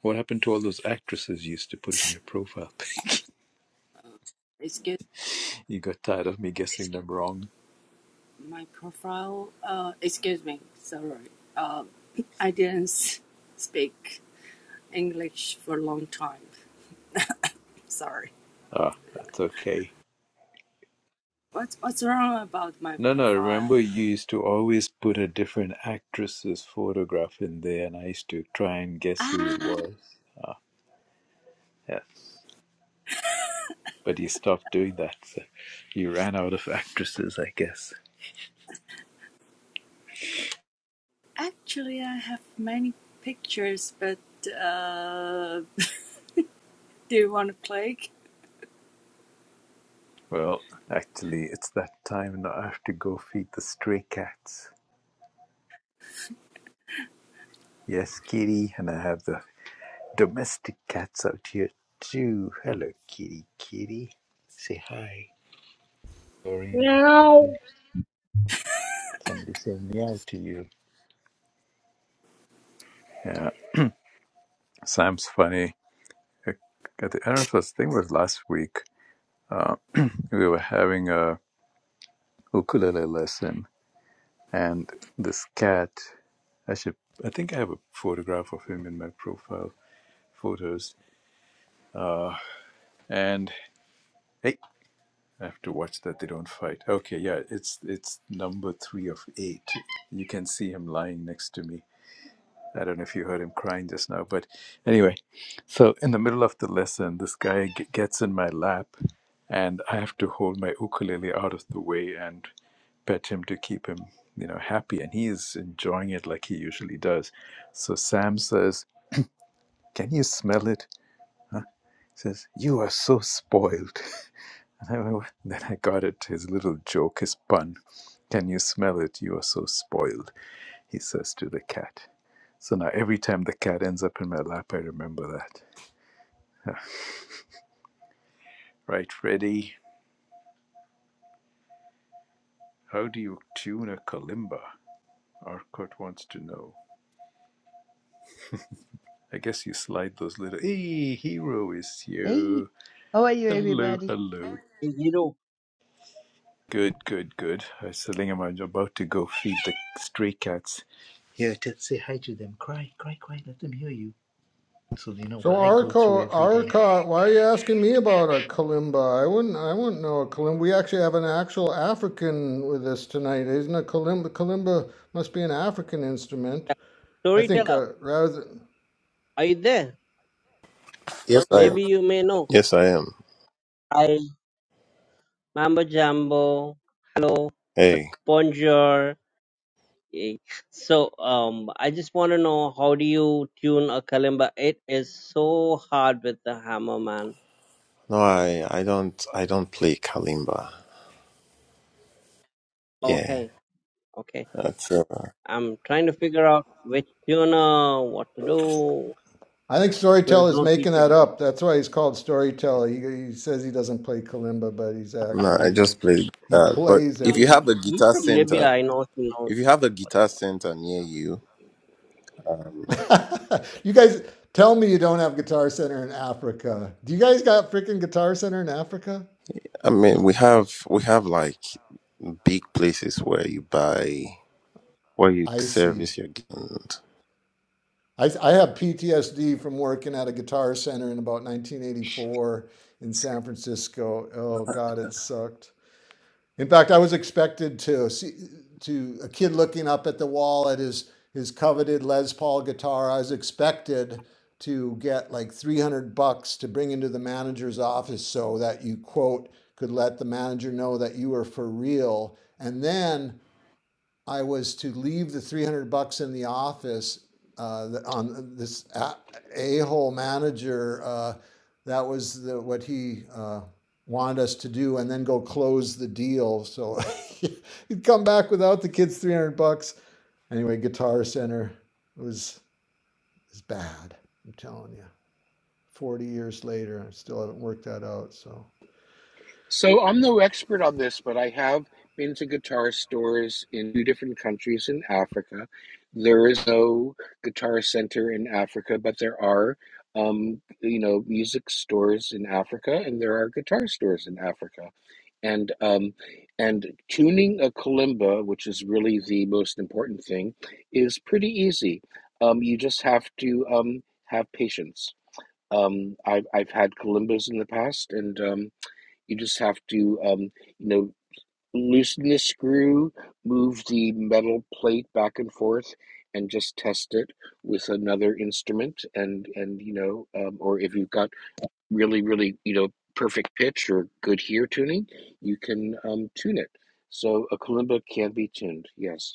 Speaker 1: What happened to all those actresses you used to put in your profile?
Speaker 9: Excuse
Speaker 1: You got tired of me guessing them wrong.
Speaker 9: my profile. Uh, excuse me. Sorry. Uh, I didn't s- speak English for a long time. Sorry.
Speaker 1: Ah, that's okay.
Speaker 9: What's what's wrong about my
Speaker 1: No, no,
Speaker 9: profile?
Speaker 1: remember you used to always put a different actress's photograph in there, and I used to try and guess who it
Speaker 9: Ah,
Speaker 1: was. Yes. but he stopped doing that. So he ran out of actresses, I guess.
Speaker 9: actually, I have many pictures, but uh, do you want to click?
Speaker 1: Well, actually, it's that time and I have to go feed the stray cats. Yes, kitty, and I have the domestic cats out here too. Hello, kitty, kitty. Say hi. Sorry,
Speaker 6: Meow.
Speaker 1: somebody saying meow to you. Yeah, Sam's funny. I the think- I this thing was last week. Uh, we were having a ukulele lesson and this cat i should i think i have a photograph of him in my profile photos uh and hey i have to watch that they don't fight okay yeah it's it's number three of eight you can see him lying next to me I don't know if you heard him crying just now, but anyway, so in the middle of the lesson, this guy g- gets in my lap, and I have to hold my ukulele out of the way and pet him to keep him, you know, happy. And he is enjoying it like he usually does. So Sam says, "Can you smell it?" He says, "You are so spoiled." And I went, "What?" then I got it. His little joke, his pun. Can you smell it? You are so spoiled, he says to the cat. So now every time the cat ends up in my lap, I remember that. Right, Freddy, how do you tune a kalimba? Arcot wants to know. I guess you slide those little. Hey, hero is
Speaker 10: Hey,
Speaker 1: you.
Speaker 10: how are you,
Speaker 1: Hello,
Speaker 10: everybody?
Speaker 1: hello.
Speaker 4: Hey, hero,
Speaker 1: Good, good, good. I was telling him I'm about to go feed the stray cats. Yeah, to hide to them. Cry, cry, cry. Let them hear you. So they know
Speaker 5: So
Speaker 1: what I go through
Speaker 5: Arco
Speaker 1: every day.
Speaker 5: Arcot, why are you asking me about a kalimba? I wouldn't I wouldn't know a kalimba. We actually have an actual African with us tonight, isn't a kalimba? Kalimba must be an African instrument. I think
Speaker 4: storyteller,
Speaker 5: uh, rather.
Speaker 4: are you there?
Speaker 3: Yes, I am.
Speaker 4: Maybe you may know.
Speaker 3: Yes, I am.
Speaker 4: Hi, Mambo Jambo. Hello,
Speaker 3: Hey.
Speaker 4: Bonjour. Hey, So, um, I just want to know how do you tune a kalimba? It is so hard with the hammer, man.
Speaker 3: No, I, I don't I don't play kalimba. Yeah,
Speaker 4: Okay, okay.
Speaker 3: that's uh,
Speaker 4: I'm trying to figure out which tuner, what to do.
Speaker 5: I think
Speaker 4: There's
Speaker 5: Storyteller's
Speaker 4: no
Speaker 5: making
Speaker 4: teacher
Speaker 5: that
Speaker 4: to play.
Speaker 5: up. That's why he's called Storyteller. He, he says he doesn't play kalimba, but he's
Speaker 3: no. I
Speaker 5: actually
Speaker 3: just
Speaker 5: like
Speaker 3: play
Speaker 5: he
Speaker 3: that. But
Speaker 5: plays
Speaker 3: if
Speaker 5: it.
Speaker 3: you
Speaker 4: Uh,
Speaker 3: have a
Speaker 4: He's
Speaker 3: guitar
Speaker 4: from Libya,
Speaker 3: center,
Speaker 4: I know he knows.
Speaker 3: if you have a guitar center near you, um,
Speaker 5: you guys tell me you don't have Guitar Center in Africa. Do you guys got freaking Guitar Center in Africa?
Speaker 3: I mean, we have we have like big places where you buy where you
Speaker 5: I see.
Speaker 3: service your gu- and
Speaker 5: I, I have PTSD from working at a Guitar Center in about 1984 in San Francisco. Oh God, it sucked. In fact, I was expected to see to a kid looking up at the wall at his his coveted Les Paul guitar. I was expected to get like 300 bucks to bring into the manager's office so that you quote could let the manager know that you were for real. And then I was to leave the 300 bucks in the office uh, on this a hole manager. Uh, that was the, what he uh, wanted us to do, and then go close the deal. So he'd come back without the kids 300 bucks. Anyway, Guitar Center was, was bad. I'm telling you. 40 years later, I still haven't worked that out. So,
Speaker 7: So I'm no expert on this, but I have been to guitar stores in two different countries in Africa. There is no guitar center in Africa, but there are um, you know, music stores in Africa and there are guitar stores in Africa. and um, and tuning a kalimba, which is really the most important thing, is pretty easy. Um, you just have to um, have patience. Um, I've I've had kalimbas in the past, and um, you just have to um, you know loosen the screw, move the metal plate back and forth, and just test it with another instrument, and and you know, um, or if you've got really, really, you know, perfect pitch or good hear tuning, you can um, tune it. So a kalimba can be tuned. Yes.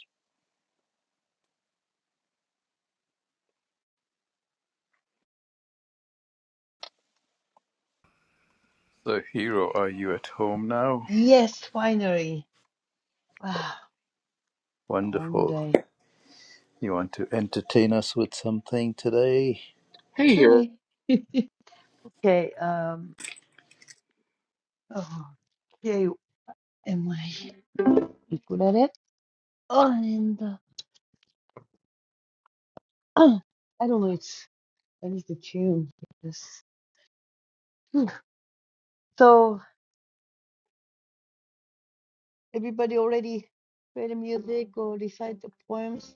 Speaker 1: So, hero, are you at home now?
Speaker 10: Yes, finally. Wow, long
Speaker 1: Wonderful.
Speaker 10: day.
Speaker 1: You want to entertain us with something today?
Speaker 7: Hey, here.
Speaker 10: Hi. Okay, um, oh, okay, am I good at it? Oh, and uh, I don't know, it's, I need to tune this. Hmm. So, everybody already play the music or recite the poems?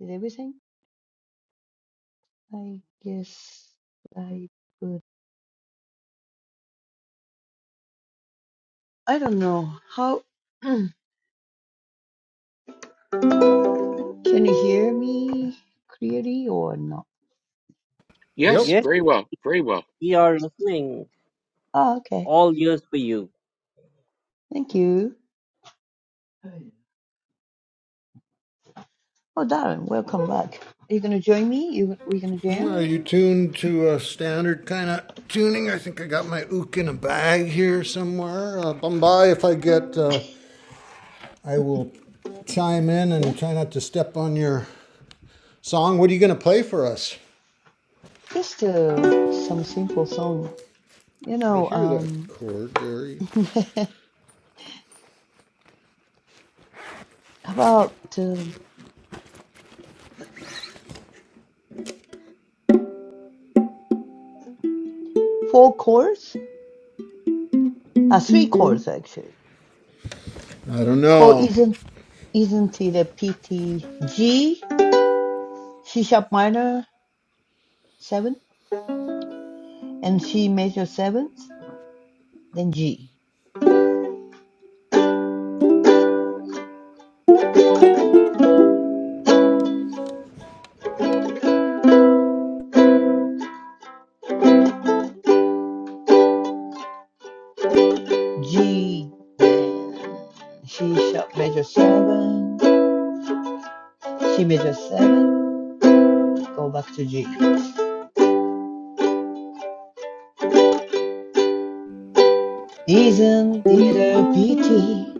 Speaker 10: Did everything? I guess I could. I don't know how. Can you hear me clearly or not?
Speaker 5: yep.
Speaker 7: Yes,
Speaker 4: Yes,
Speaker 7: very well, very well.
Speaker 4: we are listening.
Speaker 10: Oh, okay.
Speaker 4: all years for you.
Speaker 10: Thank you. Oh, Darren, welcome back. Are you gonna join me? You we gonna
Speaker 5: Well, Are you
Speaker 10: jam?
Speaker 5: tuned to a standard kind of tuning? I think I got my ook in a bag here somewhere. Uh, bum by if I get, uh, I will chime in
Speaker 10: Yeah.
Speaker 5: and try not to step on your song. What are you going to play for us?
Speaker 10: Just uh, some simple song. You
Speaker 5: I
Speaker 10: know,
Speaker 5: hear that
Speaker 10: um,
Speaker 5: chord there.
Speaker 10: about um four chords, uh, three chords actually.
Speaker 5: I don't
Speaker 10: Chord
Speaker 5: know.
Speaker 10: isn't isn't it a PT G, C sharp minor seven, and C major seventh, then G. G then C sharp major seven, C major seven, go back to G. Isn't it a pity?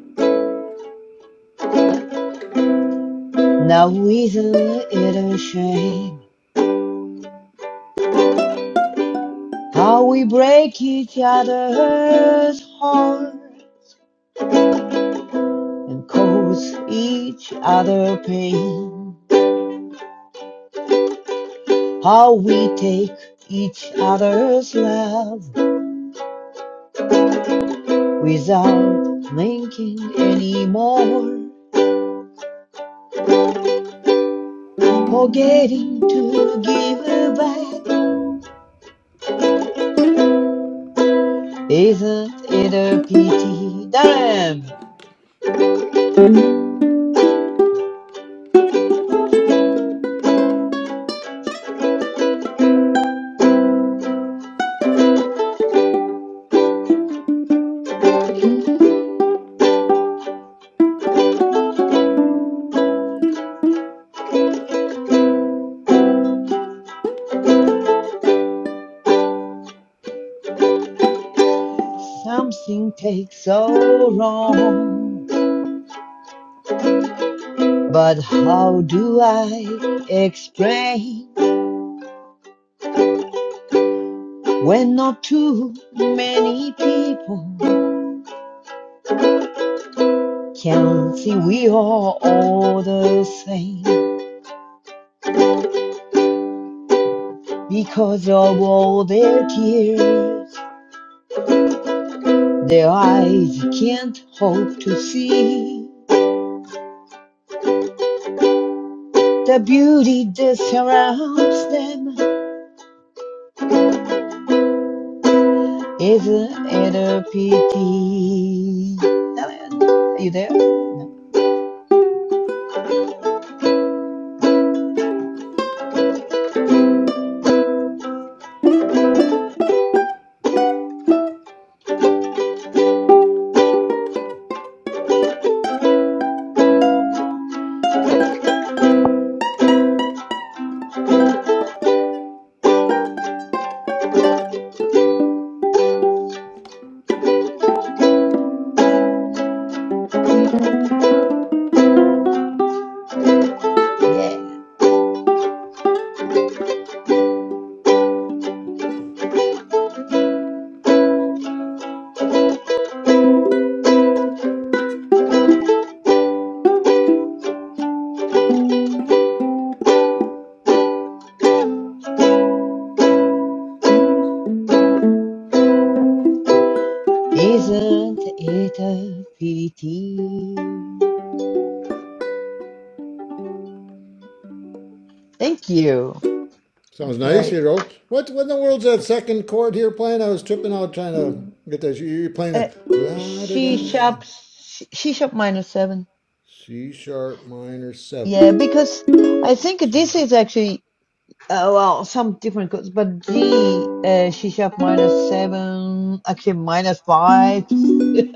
Speaker 10: Now isn't it a shame? How we break each other's heart and cause each other pain. How we take each other's love without thinking anymore. Forgetting to give back isn't it a pity? Damn, something takes so long. But how do I explain when not too many people can see we are all the same? Because of all their tears, their eyes can't hope to see. The beauty that surrounds them is an inner pity. Diane, Are you there? No. Yeah. Isn't it a pity? Thank you.
Speaker 5: Sounds
Speaker 10: That's
Speaker 5: nice,
Speaker 10: great.
Speaker 5: you know. What, what in the world's that second chord here playing? I was tripping out trying to get that. You're playing a
Speaker 10: Uh,
Speaker 5: la da
Speaker 10: she
Speaker 5: da
Speaker 10: shops. She shop minus seven.
Speaker 5: C sharp minor
Speaker 10: Yeah,
Speaker 5: seven.
Speaker 10: because I think
Speaker 5: C.
Speaker 10: this is actually Uh, well, some different chords, but G, uh, C sharp minus seven, actually minus five,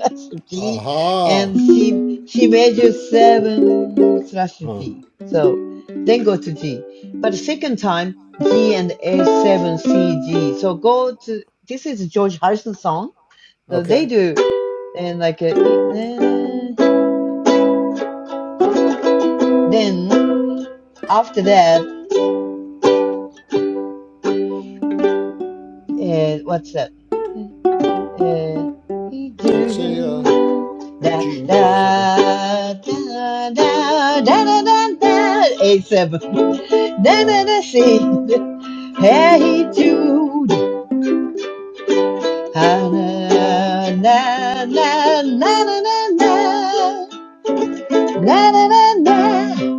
Speaker 10: G,
Speaker 5: Aha.
Speaker 10: and she she major seven slash
Speaker 5: Huh.
Speaker 10: G. So then go to G. But the second time, G and A seven C G. So go to this is George Harrison song. So they
Speaker 5: Okay.
Speaker 10: do and like a, then after that, uh, what's that? Yeah, he
Speaker 5: It's a
Speaker 10: do.
Speaker 5: uh,
Speaker 10: Da
Speaker 5: G
Speaker 10: da
Speaker 5: major seventh.
Speaker 10: da da da da da da. Eight seven. Da
Speaker 5: Uh,
Speaker 10: da da see. Hey he do. Ha na na na na na na na na na na na.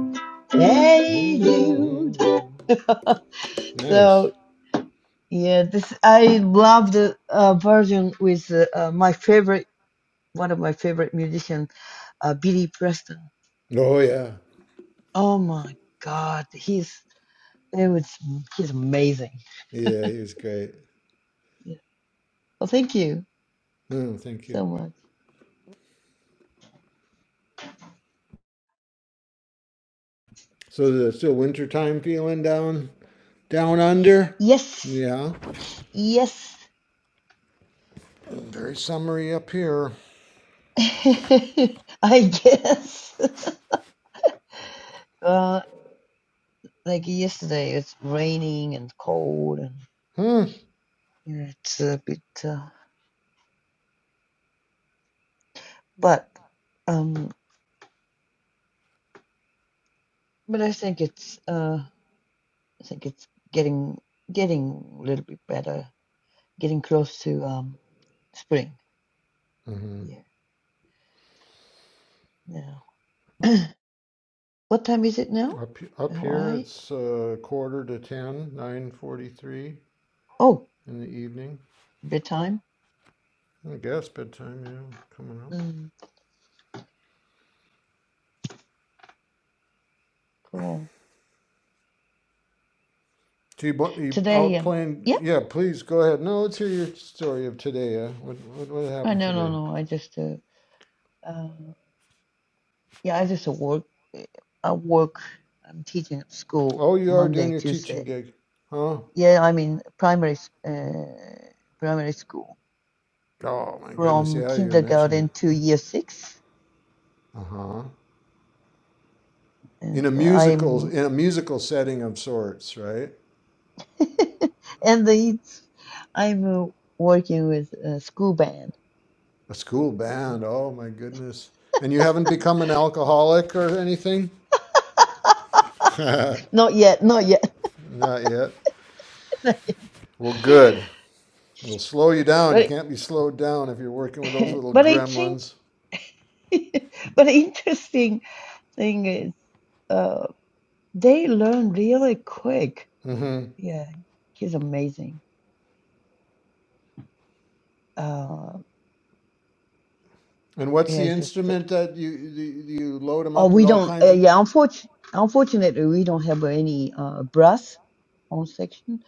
Speaker 10: Hey dude.
Speaker 5: mm, nice.
Speaker 10: So yeah, this I love the uh, version with uh, uh, my favorite, one of my favorite musicians, uh, Billy Preston.
Speaker 5: Oh yeah,
Speaker 10: Oh my God, he's it was he's amazing.
Speaker 5: yeah. He was great.
Speaker 10: Yeah. Well, thank you
Speaker 5: Oh, thank you.
Speaker 10: so much.
Speaker 5: So the still wintertime feeling down, down under.
Speaker 10: Yes,
Speaker 5: Yeah.
Speaker 10: yes,
Speaker 5: Very summery up here.
Speaker 10: I guess. well, like yesterday, it's raining and cold, and yeah, it's a bit. Uh, but um, but I think it's uh, I think it's getting getting a little bit better, getting close to um spring. Yeah, now. what time is it now?
Speaker 5: Up up here,
Speaker 10: Hawaii?
Speaker 5: it's uh, quarter to ten, nine forty-three
Speaker 10: Oh,
Speaker 5: in the evening.
Speaker 10: bedtime?
Speaker 5: I guess bedtime. Yeah, coming up.
Speaker 10: Mm, cool.
Speaker 5: Do you, bu- you
Speaker 10: Today, um,
Speaker 5: outplan?
Speaker 10: yeah,
Speaker 5: Yeah, please go ahead. No, let's hear your story of today. Uh, what, what what
Speaker 10: uh,
Speaker 5: happened
Speaker 10: no, no,
Speaker 5: today?
Speaker 10: no. I just, uh, uh, yeah, I just uh, work. uh, I work. I'm teaching at school
Speaker 5: Oh, you are doing
Speaker 10: Monday,
Speaker 5: your teaching
Speaker 10: Tuesday.
Speaker 5: gig, huh?
Speaker 10: Yeah, I mean primary, s- uh, primary school
Speaker 5: Oh my goodness,
Speaker 10: from
Speaker 5: yeah, you're mentioning it.
Speaker 10: kindergarten to year six,
Speaker 5: Uh huh. In a
Speaker 10: and uh,
Speaker 5: musical,
Speaker 10: I'm,
Speaker 5: in a musical setting of sorts, right?
Speaker 10: and it's, I'm uh, working with a school band.
Speaker 5: A
Speaker 10: So,
Speaker 5: school
Speaker 10: so,
Speaker 5: band. Oh my goodness. And you haven't become an alcoholic or anything? Not
Speaker 10: not yet, not yet.
Speaker 5: yet.
Speaker 10: but
Speaker 5: Well, good. It'll slow you down. You can't be slowed down if you're working with those little
Speaker 10: but I think.
Speaker 5: gremlins.
Speaker 10: but interesting thing is, uh, they learn really quick.
Speaker 5: Mm-hmm.
Speaker 10: Yeah, he's amazing. Uh,
Speaker 5: And what's
Speaker 10: yeah,
Speaker 5: the
Speaker 10: it's just,
Speaker 5: instrument that you you, you load them
Speaker 10: oh,
Speaker 5: up with
Speaker 10: we
Speaker 5: all
Speaker 10: don't, uh,
Speaker 5: kinds of?
Speaker 10: yeah, unfortunately, unfortunately, we don't have any uh, brass on section.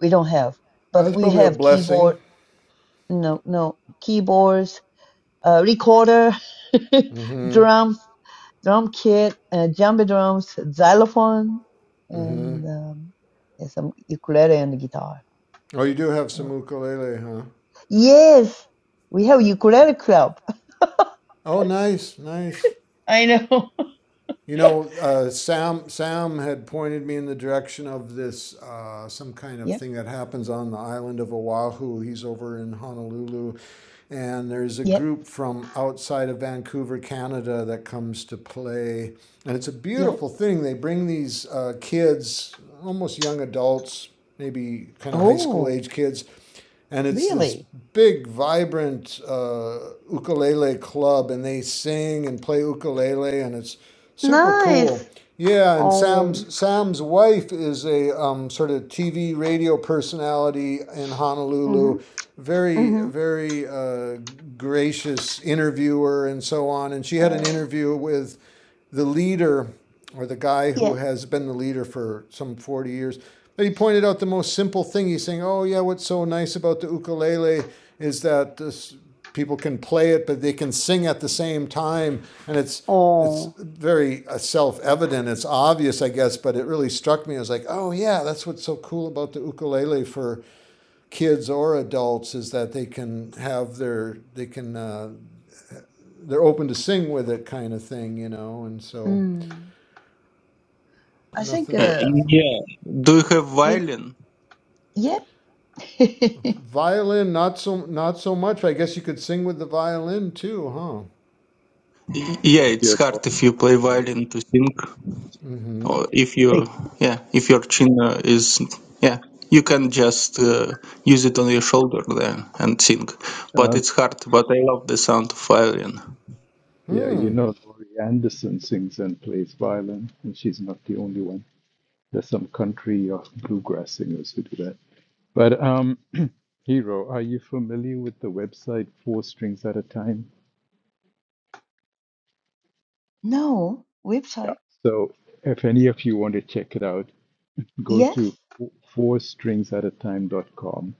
Speaker 10: We don't have,
Speaker 5: Oh,
Speaker 10: but
Speaker 5: that's
Speaker 10: we
Speaker 5: probably a
Speaker 10: have
Speaker 5: blessing.
Speaker 10: keyboard, no, no, keyboards, uh, recorder,
Speaker 5: Mm-hmm.
Speaker 10: drums, drum kit, uh, djembe drums, xylophone,
Speaker 5: Mm-hmm.
Speaker 10: and um, yeah, some ukulele and guitar
Speaker 5: Oh, you do have some
Speaker 10: Oh.
Speaker 5: ukulele, huh?
Speaker 10: Yes, we have ukulele club.
Speaker 5: Oh, nice, nice.
Speaker 10: I know.
Speaker 5: You know, uh, Sam Sam had pointed me in the direction of this uh, some kind of
Speaker 10: Yep,
Speaker 5: thing that happens on the island of Oahu. He's over in Honolulu, and there's a
Speaker 10: yep,
Speaker 5: group from outside of Vancouver, Canada, that comes to play, and it's a
Speaker 10: yep.
Speaker 5: beautiful thing. They bring these uh, kids, almost young adults, maybe kind of high school
Speaker 10: Oh,
Speaker 5: age kids, and it's this
Speaker 10: really?
Speaker 5: big, vibrant uh, ukulele club, and they sing and play ukulele, and it's super
Speaker 10: Nice.
Speaker 5: cool. Yeah, and
Speaker 10: Oh.
Speaker 5: Sam's Sam's wife is a um, sort of TV radio personality in
Speaker 10: Mm-hmm.
Speaker 5: Honolulu, very
Speaker 10: Mm-hmm.
Speaker 5: very uh, gracious interviewer and so on. And she had
Speaker 10: Oh.
Speaker 5: an interview with the leader or the guy who
Speaker 10: Yeah.
Speaker 5: has been the leader for some 40 years but he pointed out the most simple thing he's saying oh yeah what's so nice about the ukulele is that this, people can play it but they can sing at the same time and it's it's
Speaker 10: Oh.
Speaker 5: very uh, self-evident it's obvious i guess but it really struck me i was like oh yeah that's what's so cool about the ukulele for kids or adults is that they can have their they can uh, they're open to sing with it kind of thing you know and so
Speaker 10: Mm. I think
Speaker 5: Nothing,
Speaker 8: Uh,
Speaker 10: uh
Speaker 5: nothing.
Speaker 8: yeah. Do you have
Speaker 10: it
Speaker 8: violin?
Speaker 10: yep.
Speaker 5: Violin, not so, not so much. I guess you could sing with the violin too, huh?
Speaker 8: Y- Yeah,
Speaker 1: If
Speaker 8: it's
Speaker 1: you're Laurie
Speaker 8: hard if you play
Speaker 1: Anderson,
Speaker 8: violin to sing.
Speaker 5: Mm-hmm.
Speaker 8: or if you
Speaker 1: hey,
Speaker 8: yeah, if your chin uh, is yeah, you can just uh, use it on your shoulder then and sing. But
Speaker 1: uh,
Speaker 8: it's hard. But I love the sound of violin.
Speaker 1: yeah, you
Speaker 5: Hmm.
Speaker 1: know Laurie Anderson sings and plays violin, and she's not the only one. There's some country or bluegrass singers who do that. But um, Hero, are you familiar with the website Four Strings at a Time?
Speaker 10: no.
Speaker 1: Yeah.
Speaker 10: Website.
Speaker 1: So if any of you want to check it out, go to
Speaker 10: Yes.
Speaker 1: fourstringsatatime.com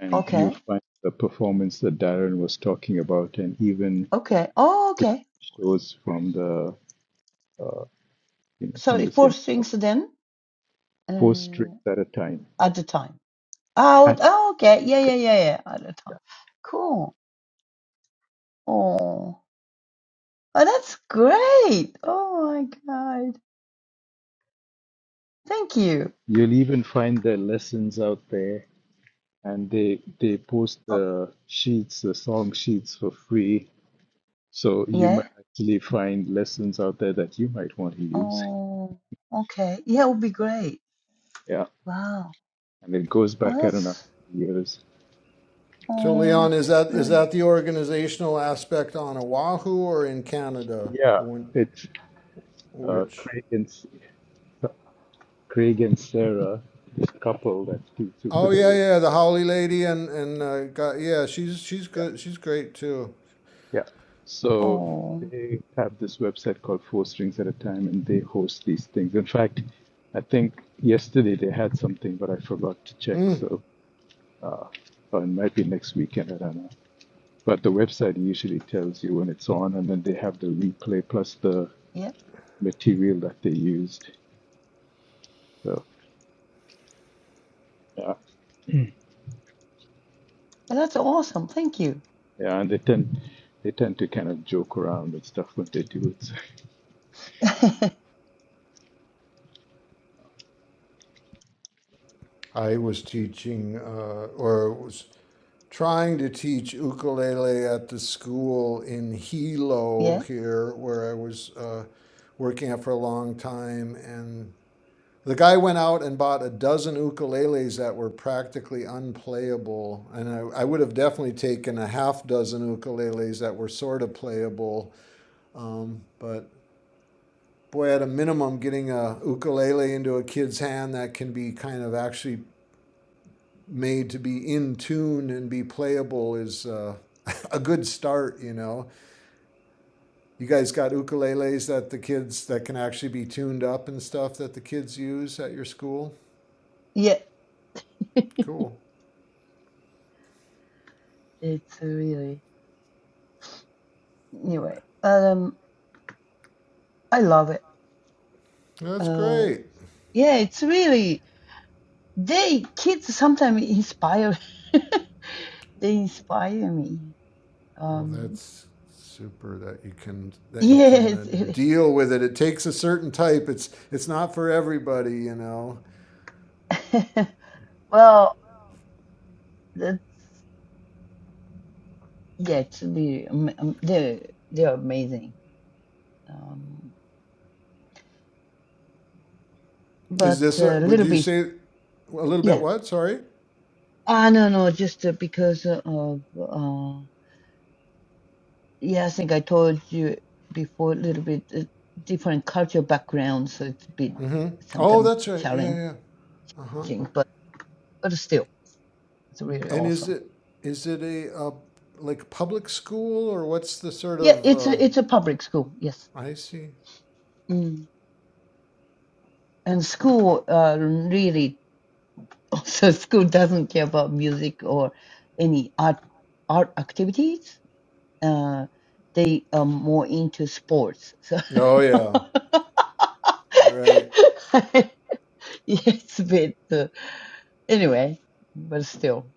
Speaker 1: and you'll
Speaker 10: Okay.
Speaker 1: find the performance that Darren was talking about, and even
Speaker 10: Okay. Oh okay. Four
Speaker 1: shows from
Speaker 10: strings.
Speaker 1: the uh, you know, from
Speaker 10: Sorry,
Speaker 1: the
Speaker 10: four
Speaker 1: same club,
Speaker 10: strings then?
Speaker 1: four strings
Speaker 10: Uh
Speaker 1: at a time.
Speaker 10: at the time. Oh,
Speaker 1: At
Speaker 10: oh okay. Yeah, yeah, yeah, yeah. At the time. Cool. Oh, oh, that's great. Oh my God. Thank you.
Speaker 1: you'll even find their lessons out there, and they they post
Speaker 10: Oh,
Speaker 1: the sheets, the song sheets for free. So you
Speaker 10: yeah.
Speaker 1: might actually find lessons out there that you might want to use.
Speaker 10: Oh, okay. Yeah, it would be great.
Speaker 1: Yeah,
Speaker 10: Wow.
Speaker 1: and it goes
Speaker 10: Oh,
Speaker 1: back I don't know
Speaker 10: that's,
Speaker 1: how many years.
Speaker 5: So,
Speaker 10: oh,
Speaker 5: Leon, is
Speaker 10: that's
Speaker 5: that is
Speaker 10: very nice.
Speaker 5: that the organizational aspect on Oahu or in Canada?
Speaker 1: Yeah,
Speaker 5: The one,
Speaker 1: it's uh,
Speaker 5: which?
Speaker 1: Craig and Craig and Sarah, this couple that speaks
Speaker 5: Oh yeah,
Speaker 1: ukulele.
Speaker 5: yeah. The Holly Lady and and uh, got, yeah, she's she's good. She's great too.
Speaker 1: Yeah. So
Speaker 10: Oh,
Speaker 1: they have this website called Four Strings at a Time, and they host these things. In fact, I think yesterday they had something, but I forgot to check.
Speaker 5: Hmm.
Speaker 1: So or it might be next weekend. I don't know. But the website usually tells you when it's on, and then they have the replay plus the
Speaker 10: yeah.
Speaker 1: material that they used. So yeah,
Speaker 10: Well, That's awesome. Thank you.
Speaker 1: yeah, and they tend they tend to kind of joke around with stuff when they do it.
Speaker 5: I was teaching, uh, or was trying to teach ukulele at the school in Hilo
Speaker 10: Yeah.
Speaker 5: here, where I was uh, working at for a long time. And the guy went out and bought a dozen ukuleles that were practically unplayable. And I, I would have definitely taken a half dozen ukuleles that were sort of playable. Um, but boy, at a minimum, getting a ukulele into a kid's hand that can be kind of actually made to be in tune and be playable is uh, a good start, you know. You guys got ukuleles that the kids that can actually be tuned up and stuff that the kids use at your school.
Speaker 10: Yeah.
Speaker 5: Cool.
Speaker 10: It's really, anyway, um, I love it.
Speaker 5: Well, That's
Speaker 10: Uh,
Speaker 5: great.
Speaker 10: yeah, it's really, they kids sometimes inspire, they inspire me.
Speaker 5: Well,
Speaker 10: Um.
Speaker 5: that's super that you can that you can uh,
Speaker 10: Yes. it-
Speaker 5: deal with it. It takes a certain type. It's it's not for everybody, you know.
Speaker 10: Well, that's yeah, actually, um, um, they they're amazing. Um,
Speaker 5: Is
Speaker 10: but
Speaker 5: this
Speaker 10: a
Speaker 5: a, would
Speaker 10: little
Speaker 5: you
Speaker 10: bit,
Speaker 5: say a little bit
Speaker 10: yeah.
Speaker 5: what? Sorry.
Speaker 10: I don't know, just uh, because of uh, yeah, I think I told you before a little bit uh, different cultural background, so it's a bit
Speaker 5: Mhm. Oh,
Speaker 10: sometimes
Speaker 5: that's right. Yeah,
Speaker 10: challenging,
Speaker 5: yeah. Uh-huh.
Speaker 10: but but still, it's really
Speaker 5: And is
Speaker 10: awesome.
Speaker 5: it is it a uh, like public school or what's the sort
Speaker 10: Yeah,
Speaker 5: of
Speaker 10: it's a
Speaker 5: uh,
Speaker 10: it's a public school, yes.
Speaker 5: I see?
Speaker 10: Mm. And school uh, really. so school doesn't care about music or any art art activities uh, they are more into sports so
Speaker 5: Oh yeah, right.
Speaker 10: yes but uh, anyway but still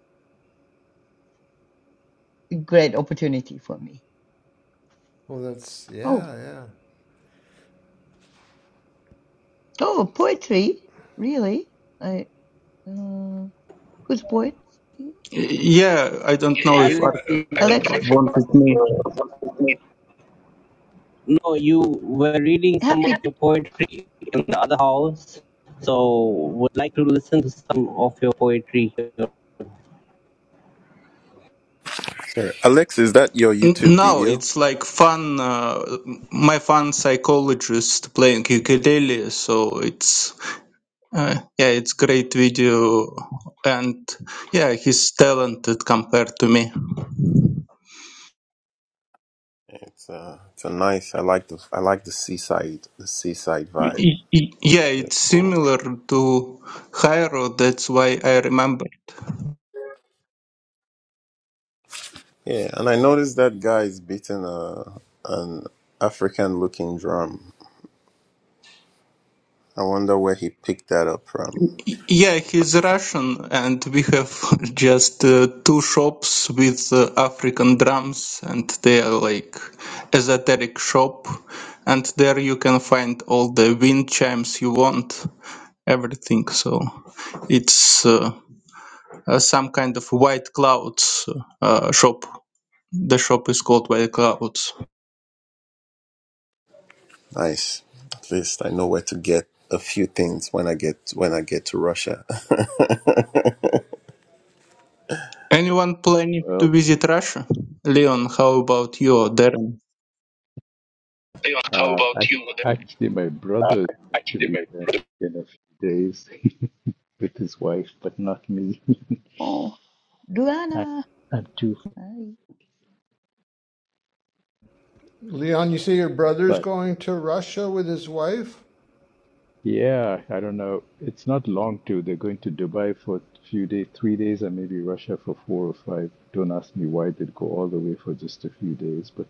Speaker 10: a great opportunity for me
Speaker 5: Well, that's
Speaker 10: oh
Speaker 5: yeah, yeah.
Speaker 10: oh poetry really i uh, who's poet
Speaker 8: Yeah, I don't know if
Speaker 4: Alex,
Speaker 8: Arthur uh,
Speaker 10: alexei
Speaker 8: wanted me.
Speaker 4: no, you were reading some of
Speaker 10: happy
Speaker 4: your poetry in the other house, so would like to listen to some of your poetry here.
Speaker 3: but your
Speaker 8: N- No,
Speaker 3: video.
Speaker 8: it's like fun. Uh, my fun psychologist playing ukulele, so it's uh, yeah, it's great video, and yeah, he's talented compared to me.
Speaker 3: It's uh, it's a nice. I like the I like the seaside the seaside
Speaker 8: Y-
Speaker 3: vibe.
Speaker 8: y- y- Yeah,
Speaker 3: Really
Speaker 8: it's
Speaker 3: cool.
Speaker 8: similar to Jairo. That's why I remember.
Speaker 3: Yeah, and I noticed that guy is beating a an African looking drum. I wonder where he picked that up from.
Speaker 8: Yeah, he's Russian, and we have just uh, two shops with uh, African drums, and they are like esoteric shop, and there you can find all the wind chimes you want, everything. So it's uh, uh, some kind of White Clouds uh, shop. The shop is called White Clouds.
Speaker 3: Nice. At least I know where to get a few things when I get when I get to Russia.
Speaker 8: Anyone planning to
Speaker 1: Well.
Speaker 8: visit Russia? Leon, how about you, or Darren?
Speaker 4: How
Speaker 1: Uh, I,
Speaker 4: about you?
Speaker 1: actually, my brother is going to be there in a few days with his wife, but not me.
Speaker 10: oh
Speaker 1: I,
Speaker 10: Luana.
Speaker 1: I'm too.
Speaker 10: I,
Speaker 5: Leon, you say your brother's
Speaker 1: But
Speaker 5: going to Russia with his wife.
Speaker 1: yeah, I don't know. It's not long too. They're going to Dubai for a few days, three days, and maybe Russia for four or five. Don't ask me why they'd go all the way for just a few days, but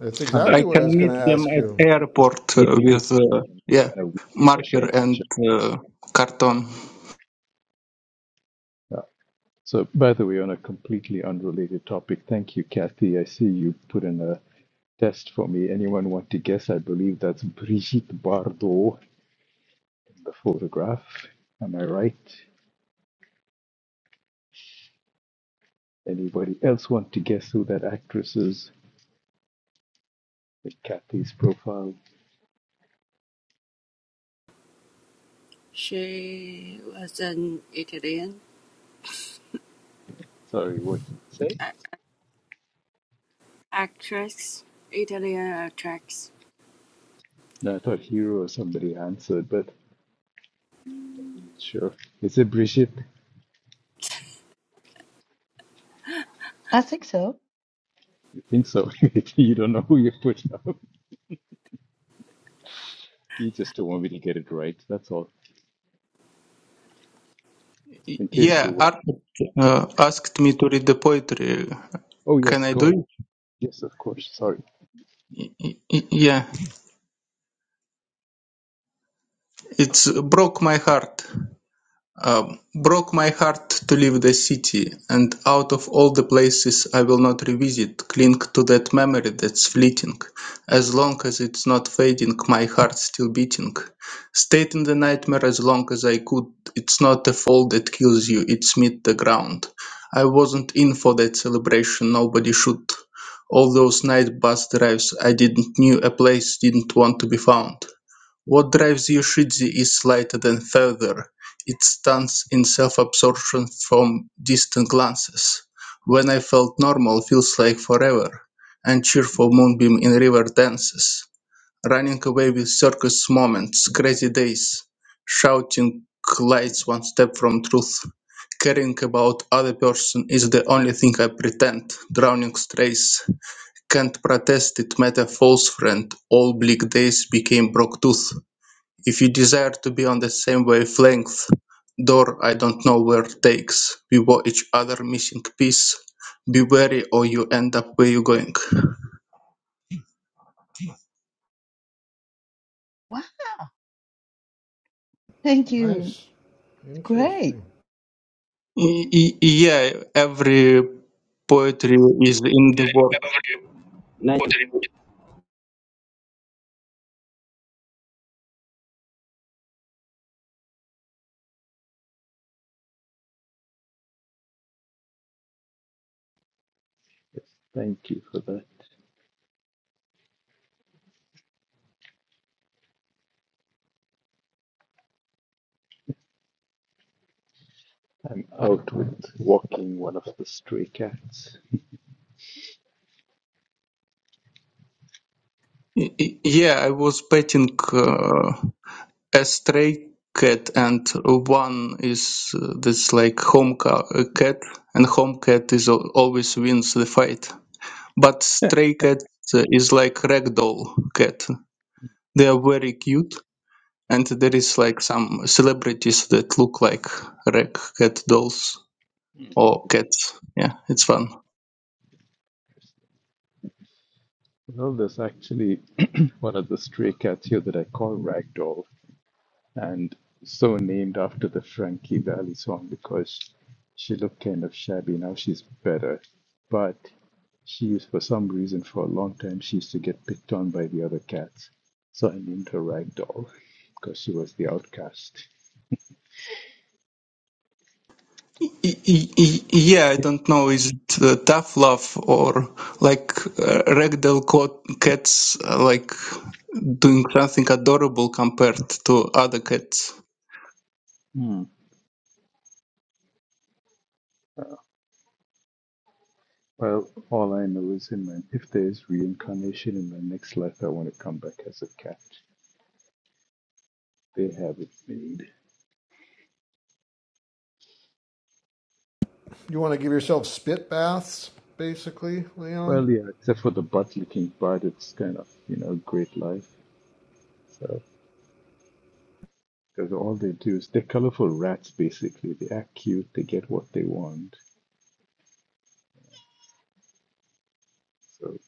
Speaker 5: That's
Speaker 1: unless
Speaker 8: I
Speaker 5: exactly what
Speaker 8: can
Speaker 5: I was
Speaker 8: meet
Speaker 5: going to
Speaker 8: them
Speaker 5: ask
Speaker 8: at
Speaker 5: you.
Speaker 1: it's
Speaker 8: airport
Speaker 1: three
Speaker 8: uh,
Speaker 1: days in
Speaker 8: with
Speaker 1: Dubai
Speaker 8: uh, yeah
Speaker 1: and a week in
Speaker 8: marker
Speaker 1: Russia.
Speaker 8: and uh, carton.
Speaker 1: Uh, So, by the way, on a completely unrelated topic, thank you, Kathy. I see you put in a test for me. Anyone want to guess? I believe that's Brigitte Bardot in the photograph. Am I right? Anybody else want to guess who that actress is in Kathy's profile?
Speaker 9: She was an Italian
Speaker 1: Sorry, what did you say?
Speaker 9: a- actress. Italian actress.
Speaker 1: No, I thought Hero or somebody answered, but sure. Is it Brigitte?
Speaker 10: I think so
Speaker 1: You think so? you don't know who you put up. You just don't want me to get it right. That's all.
Speaker 8: Y-
Speaker 1: In case
Speaker 8: Yeah,
Speaker 1: you want.
Speaker 8: Art uh, asked me to read the poetry.
Speaker 1: Oh,
Speaker 8: Can
Speaker 1: yes,
Speaker 8: I do
Speaker 1: go ahead.
Speaker 8: it?
Speaker 1: Yes, of course. Sorry.
Speaker 8: Y- y- Yeah, it's broke my heart. Um, broke my heart to leave the city, and out of all the places I will not revisit, cling to that memory that's fleeting. As long as it's not fading, my heart's still beating. Stayed in the nightmare as long as I could. It's not a fall that kills you, it's meet the ground. I wasn't in for that celebration, nobody should. All those night bus drives, I didn't knew a place didn't want to be found. What drives Yoshitsu is slighter than further, it stands in self-absorption from distant glances. When I felt normal feels like forever, and cheerful moonbeam in river dances, running away with circus moments, crazy days, shouting lights one step from truth. Caring about other person is the only thing I pretend. Drowning strays. Can't protest it matter false friend. All bleak days became broke tooth. If you desire to be on the same wavelength, door I don't know where takes, beware each other missing piece, be wary or you end up where you going.
Speaker 10: wow thank you
Speaker 5: Nice,
Speaker 10: Great.
Speaker 5: interesting.
Speaker 8: Y- y- yeah, every poetry is in the work.
Speaker 4: Nice.
Speaker 1: Yes, thank you for that. I'm out with walking one of the stray cats.
Speaker 8: Y- y- yeah, I was painting uh, a stray cat and one is uh, this like home ca- uh, cat and home cat is al- always wins the fight. But
Speaker 1: Yeah.
Speaker 8: stray cat uh, is like ragdoll cat. They are very cute, and there is like some celebrities that look like rag cat dolls or cats. Yeah, it's fun.
Speaker 1: Well, there's actually one of the stray cats here that I call Ragdoll, and so named after the Frankie Valli song because she looked kind of shabby. Now she's better, but she used, for some reason, for a long time, she used to get picked on by the other cats. So I named her Ragdoll because she was the outcast.
Speaker 8: Y- y- y- Yeah, I don't know. Is it uh, tough love or like uh, ragdoll co- cats uh, like doing something adorable compared to other cats?
Speaker 1: Yeah. Well, all I know is in my, if there's reincarnation in my next life, I want to come back as a cat. They have it made.
Speaker 5: You want to give yourself spit baths, basically, Leon.
Speaker 1: Well, yeah, except for the butt licking part, it's kind of, you know, great life. So, because all they do is they're colorful rats, basically. They act cute, they get what they want. So,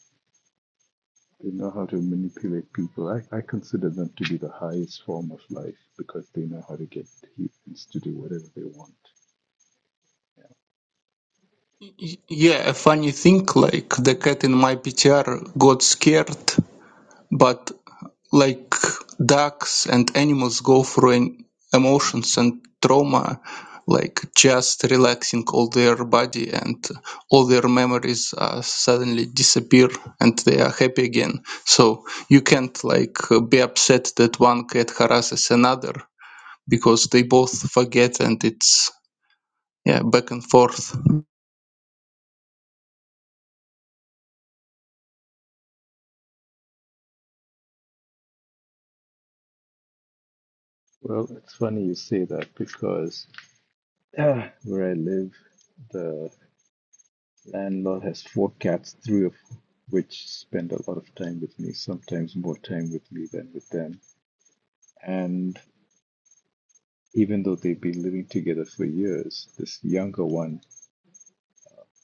Speaker 1: they know how to manipulate people. I, I consider them to be the highest form of life because they know how to get humans to do whatever they want.
Speaker 8: y- Yeah, a funny thing like the cat in my PTR got scared But like ducks and animals go through an emotions and trauma, like just relaxing all their body and all their memories uh, suddenly disappear and they are happy again. So you can't like uh, be upset that one cat harasses another because they both forget and it's yeah back and forth.
Speaker 1: Well, it's funny you say that because Ah, where I live, the landlord has four cats, three of which spend a lot of time with me, sometimes more time with me than with them. And even though they've been living together for years, this younger one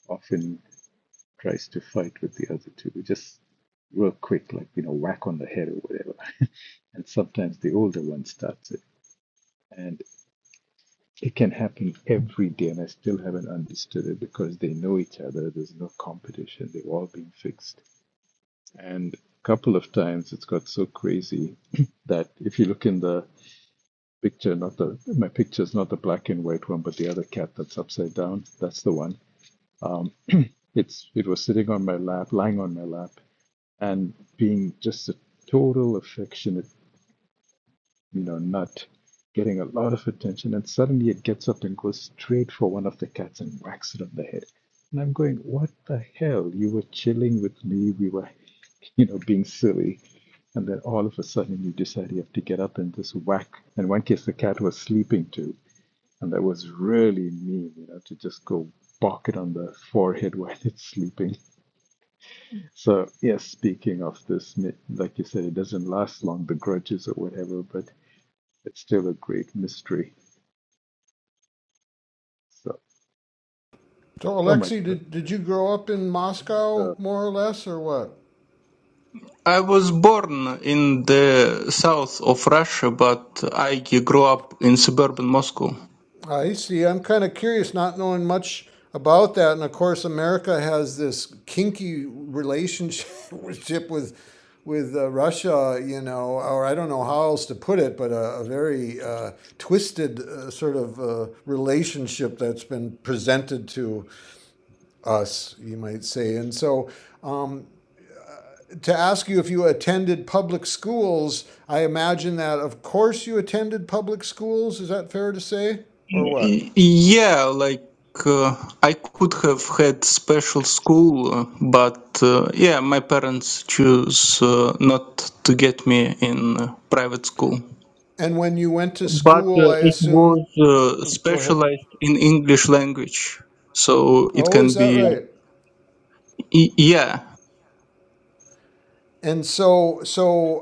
Speaker 1: often tries to fight with the other two, just real quick, like, you know, whack on the head or whatever. and sometimes the older one starts it. And it can happen every day, and I still haven't understood it because they know each other. There's no competition. They've all been fixed And a couple of times it's got so crazy that if you look in the picture, not the my picture's not the black and white one, but the other cat that's upside down, that's the one. It's it was sitting on my lap, lying on my lap, and being just a total affectionate you know, not getting a lot of attention, and suddenly it gets up and goes straight for one of the cats and whacks it on the head. And I'm going, what the hell? You were chilling with me. We were, you know, being silly. And then all of a sudden you decide you have to get up and just whack. In one case, the cat was sleeping too. And that was really mean, you know, to just go bark it on the forehead while it's sleeping. So, yes, speaking of this, like you said, it doesn't last long, the grudges or whatever, but it's still a great mystery. So,
Speaker 5: So,
Speaker 1: oh my
Speaker 5: Alexei,
Speaker 1: goodness.
Speaker 5: did did you grow up in Moscow
Speaker 1: Uh,
Speaker 5: more or less, or what?
Speaker 8: I was born in the south of Russia, but I grew up in suburban Moscow.
Speaker 5: I see. I'm kind of curious, not knowing much about that. And of course, America has this kinky relationship with with uh, Russia, you know, or I don't know how else to put it, but a, a very uh, twisted uh, sort of uh, relationship that's been presented to us, you might say. And so, um, to ask you if you attended public schools, I imagine that, of course, you attended public schools. Is that fair to say, or what?
Speaker 8: Y- Yeah, like uh, I could have had special school, uh, but uh, yeah, my parents choose uh, not to get me in uh, private school.
Speaker 5: And when you went to
Speaker 8: But uh,
Speaker 5: school, I
Speaker 8: it
Speaker 5: assume.
Speaker 8: was
Speaker 5: uh,
Speaker 8: uh,
Speaker 5: uh, Go ahead.
Speaker 8: specialized in English language, so it
Speaker 5: Oh, is
Speaker 8: can
Speaker 5: that
Speaker 8: be
Speaker 5: right?
Speaker 8: y- yeah.
Speaker 5: And so, so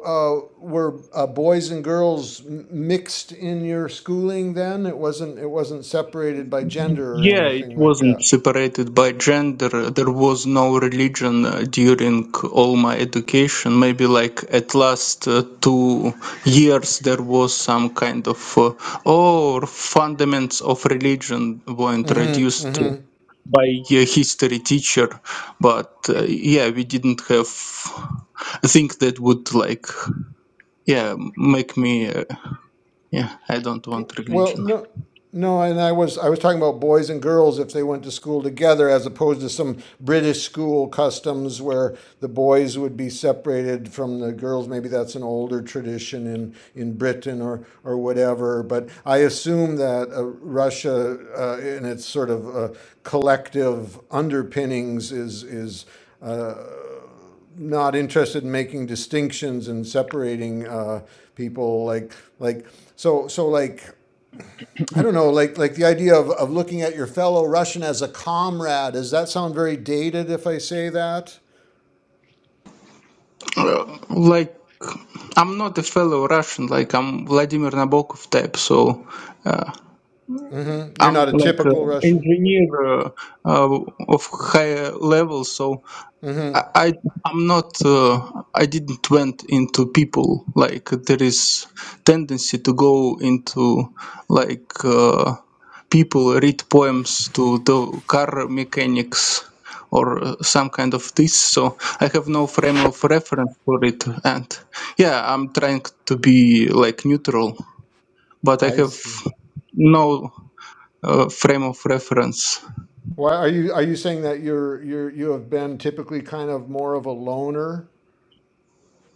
Speaker 5: uh, were uh, boys and girls mixed in your schooling? Then it wasn't. It wasn't separated by gender or
Speaker 8: Yeah, it
Speaker 5: anything like
Speaker 8: wasn't
Speaker 5: that.
Speaker 8: separated by gender. There was no religion uh, during all my education. Maybe like at last uh, two years there was some kind of uh, or fundaments of religion were
Speaker 5: Mm-hmm.
Speaker 8: introduced
Speaker 5: Mm-hmm.
Speaker 8: by a history teacher, but uh, yeah, we didn't have a thing that would like yeah make me uh, yeah I don't want
Speaker 5: Well,
Speaker 8: religion.
Speaker 5: no, no, and I was I was talking about boys and girls if they went to school together, as opposed to some British school customs where the boys would be separated from the girls. Maybe that's an older tradition in in Britain or or whatever. But I assume that uh, Russia, uh, in its sort of uh, collective underpinnings, is is not interested in making distinctions and separating uh, people like like so so like I don't know, like like the idea of, of looking at your fellow Russian as a comrade. Does that sound very dated if I say that?
Speaker 8: Uh, like I'm not a fellow Russian, like I'm Vladimir Nabokov type, so uh,
Speaker 5: hmm You're
Speaker 8: I'm
Speaker 5: not a
Speaker 8: like
Speaker 5: typical
Speaker 8: an
Speaker 5: Russian.
Speaker 8: engineer uh, uh, of higher level, so I,
Speaker 5: Mm-hmm.
Speaker 8: I I'm not uh, I didn't went into people like there is tendency to go into like uh, people read poems to the car mechanics or uh, some kind of this so I have no frame of reference for it and yeah I'm trying to be like neutral but I
Speaker 5: I
Speaker 8: have
Speaker 5: see.
Speaker 8: no uh, frame of reference
Speaker 5: Why are you are you saying that you're you're you have been typically kind of more of a loner?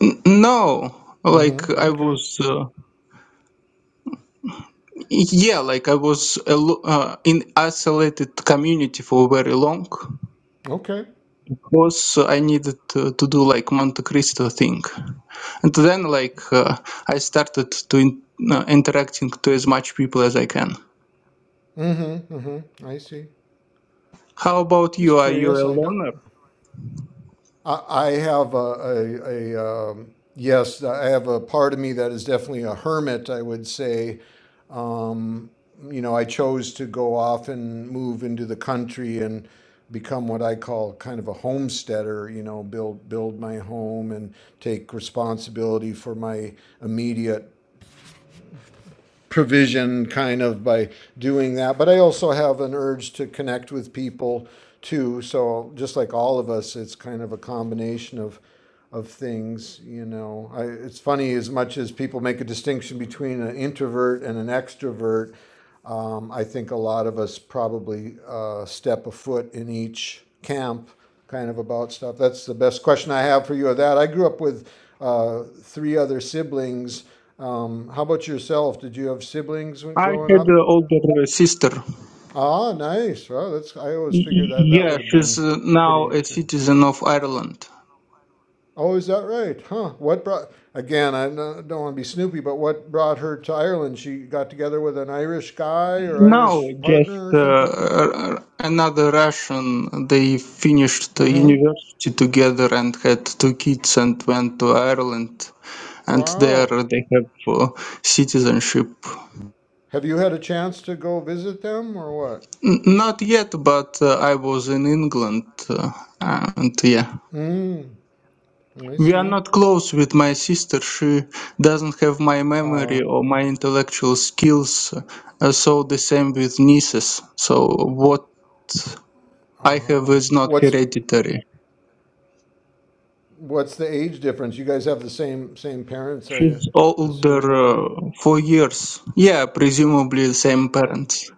Speaker 8: N- no like
Speaker 5: Mm-hmm.
Speaker 8: I
Speaker 5: Okay.
Speaker 8: was uh, Yeah, like I was alo- uh, in isolated community for very long.
Speaker 5: Okay.
Speaker 8: Was I needed to, to do like Monte Cristo thing, and then like uh, I started to in, uh, interacting to as much people as I can.
Speaker 5: Mm-hmm. Mm-hmm. I see.
Speaker 8: How about
Speaker 5: Just
Speaker 8: you? Are you
Speaker 5: curious.
Speaker 8: a
Speaker 5: I don't.
Speaker 8: loner?
Speaker 5: I, I have a, a, a um, yes, I have a part of me that is definitely a hermit, I would say. Um, you know, I chose to go off and move into the country and become what I call kind of a homesteader, you know, build build my home and take responsibility for my immediate provision kind of by doing that. But I also have an urge to connect with people too. So just like all of us, it's kind of a combination of of things. You know, I, it's funny as much as people make a distinction between an introvert and an extrovert. Um, I think a lot of us probably uh, step a foot in each camp, kind of about stuff. That's the best question I have for you of that. I grew up with uh, three other siblings um, how about yourself? Did you have siblings when
Speaker 8: I
Speaker 5: growing
Speaker 8: had
Speaker 5: up?
Speaker 8: an older uh, sister.
Speaker 5: Ah, nice. Well, that's I always
Speaker 8: Y-
Speaker 5: figured
Speaker 8: y-
Speaker 5: that that
Speaker 8: Yeah,
Speaker 5: would have
Speaker 8: she's
Speaker 5: been
Speaker 8: uh,
Speaker 5: pretty
Speaker 8: now a
Speaker 5: good.
Speaker 8: citizen of Ireland.
Speaker 5: Oh, is that right? Huh? What brought again? I no- don't want to be snoopy, but what brought her to Ireland? She got together with an Irish guy or
Speaker 8: No,
Speaker 5: Irish
Speaker 8: just
Speaker 5: partner or
Speaker 8: uh,
Speaker 5: something.
Speaker 8: r- another Russian. They finished the
Speaker 5: Mm-hmm.
Speaker 8: university together and had two kids and went to Ireland. And there
Speaker 5: Wow.
Speaker 8: they have uh, citizenship.
Speaker 5: Have you had a chance to go visit them or what?
Speaker 8: N- not yet, but uh, I was in England. Uh, and yeah.
Speaker 5: Mm. I
Speaker 8: We are
Speaker 5: see.
Speaker 8: not close with my sister. She doesn't have my
Speaker 5: Uh,
Speaker 8: memory or my intellectual skills. Uh, so the same with nieces. So what I have
Speaker 5: uh,
Speaker 8: is not
Speaker 5: what's
Speaker 8: hereditary.
Speaker 5: What's the age difference? You guys have the same same parents, I
Speaker 8: She's older
Speaker 5: assume, or
Speaker 8: uh, four years. Yeah, presumably the same
Speaker 5: whatever.
Speaker 8: parents.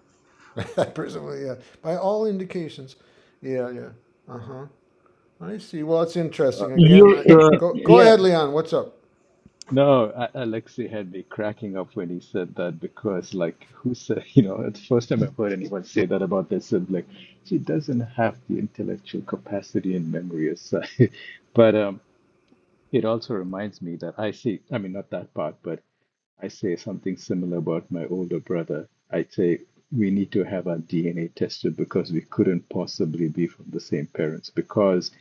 Speaker 5: Oh, presumably, yeah. By all indications, yeah, yeah. Uh huh. I see. Well, it's interesting.
Speaker 8: You,
Speaker 5: Again, I
Speaker 1: uh,
Speaker 8: uh,
Speaker 5: go go
Speaker 8: yeah,
Speaker 5: ahead, Leon. What's up?
Speaker 1: no, A- Alexei had me cracking up when he said that because, like, who said, you know, it's the first time I've heard anyone say that about their sibling. She doesn't have the intellectual capacity and memory aside. But um, it also reminds me that I see, I mean, not that part, but I say something similar about my older brother. I say, we need to have our DNA tested because we couldn't possibly be from the same parents because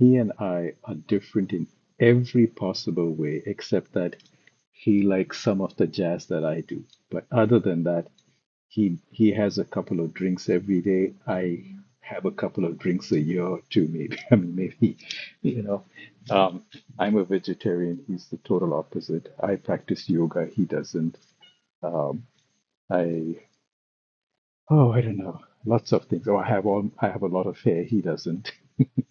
Speaker 1: He and I are different in every possible way, except that he likes some of the jazz that I do. But other than that, he he has a couple of drinks every day. I have a couple of drinks a year or two, maybe. I mean, maybe, you know. Um, I'm a vegetarian. He's the total opposite. I practice yoga. He doesn't. Um, I oh, I don't know. Lots of things. Oh, I have all. I have a lot of hair. He doesn't.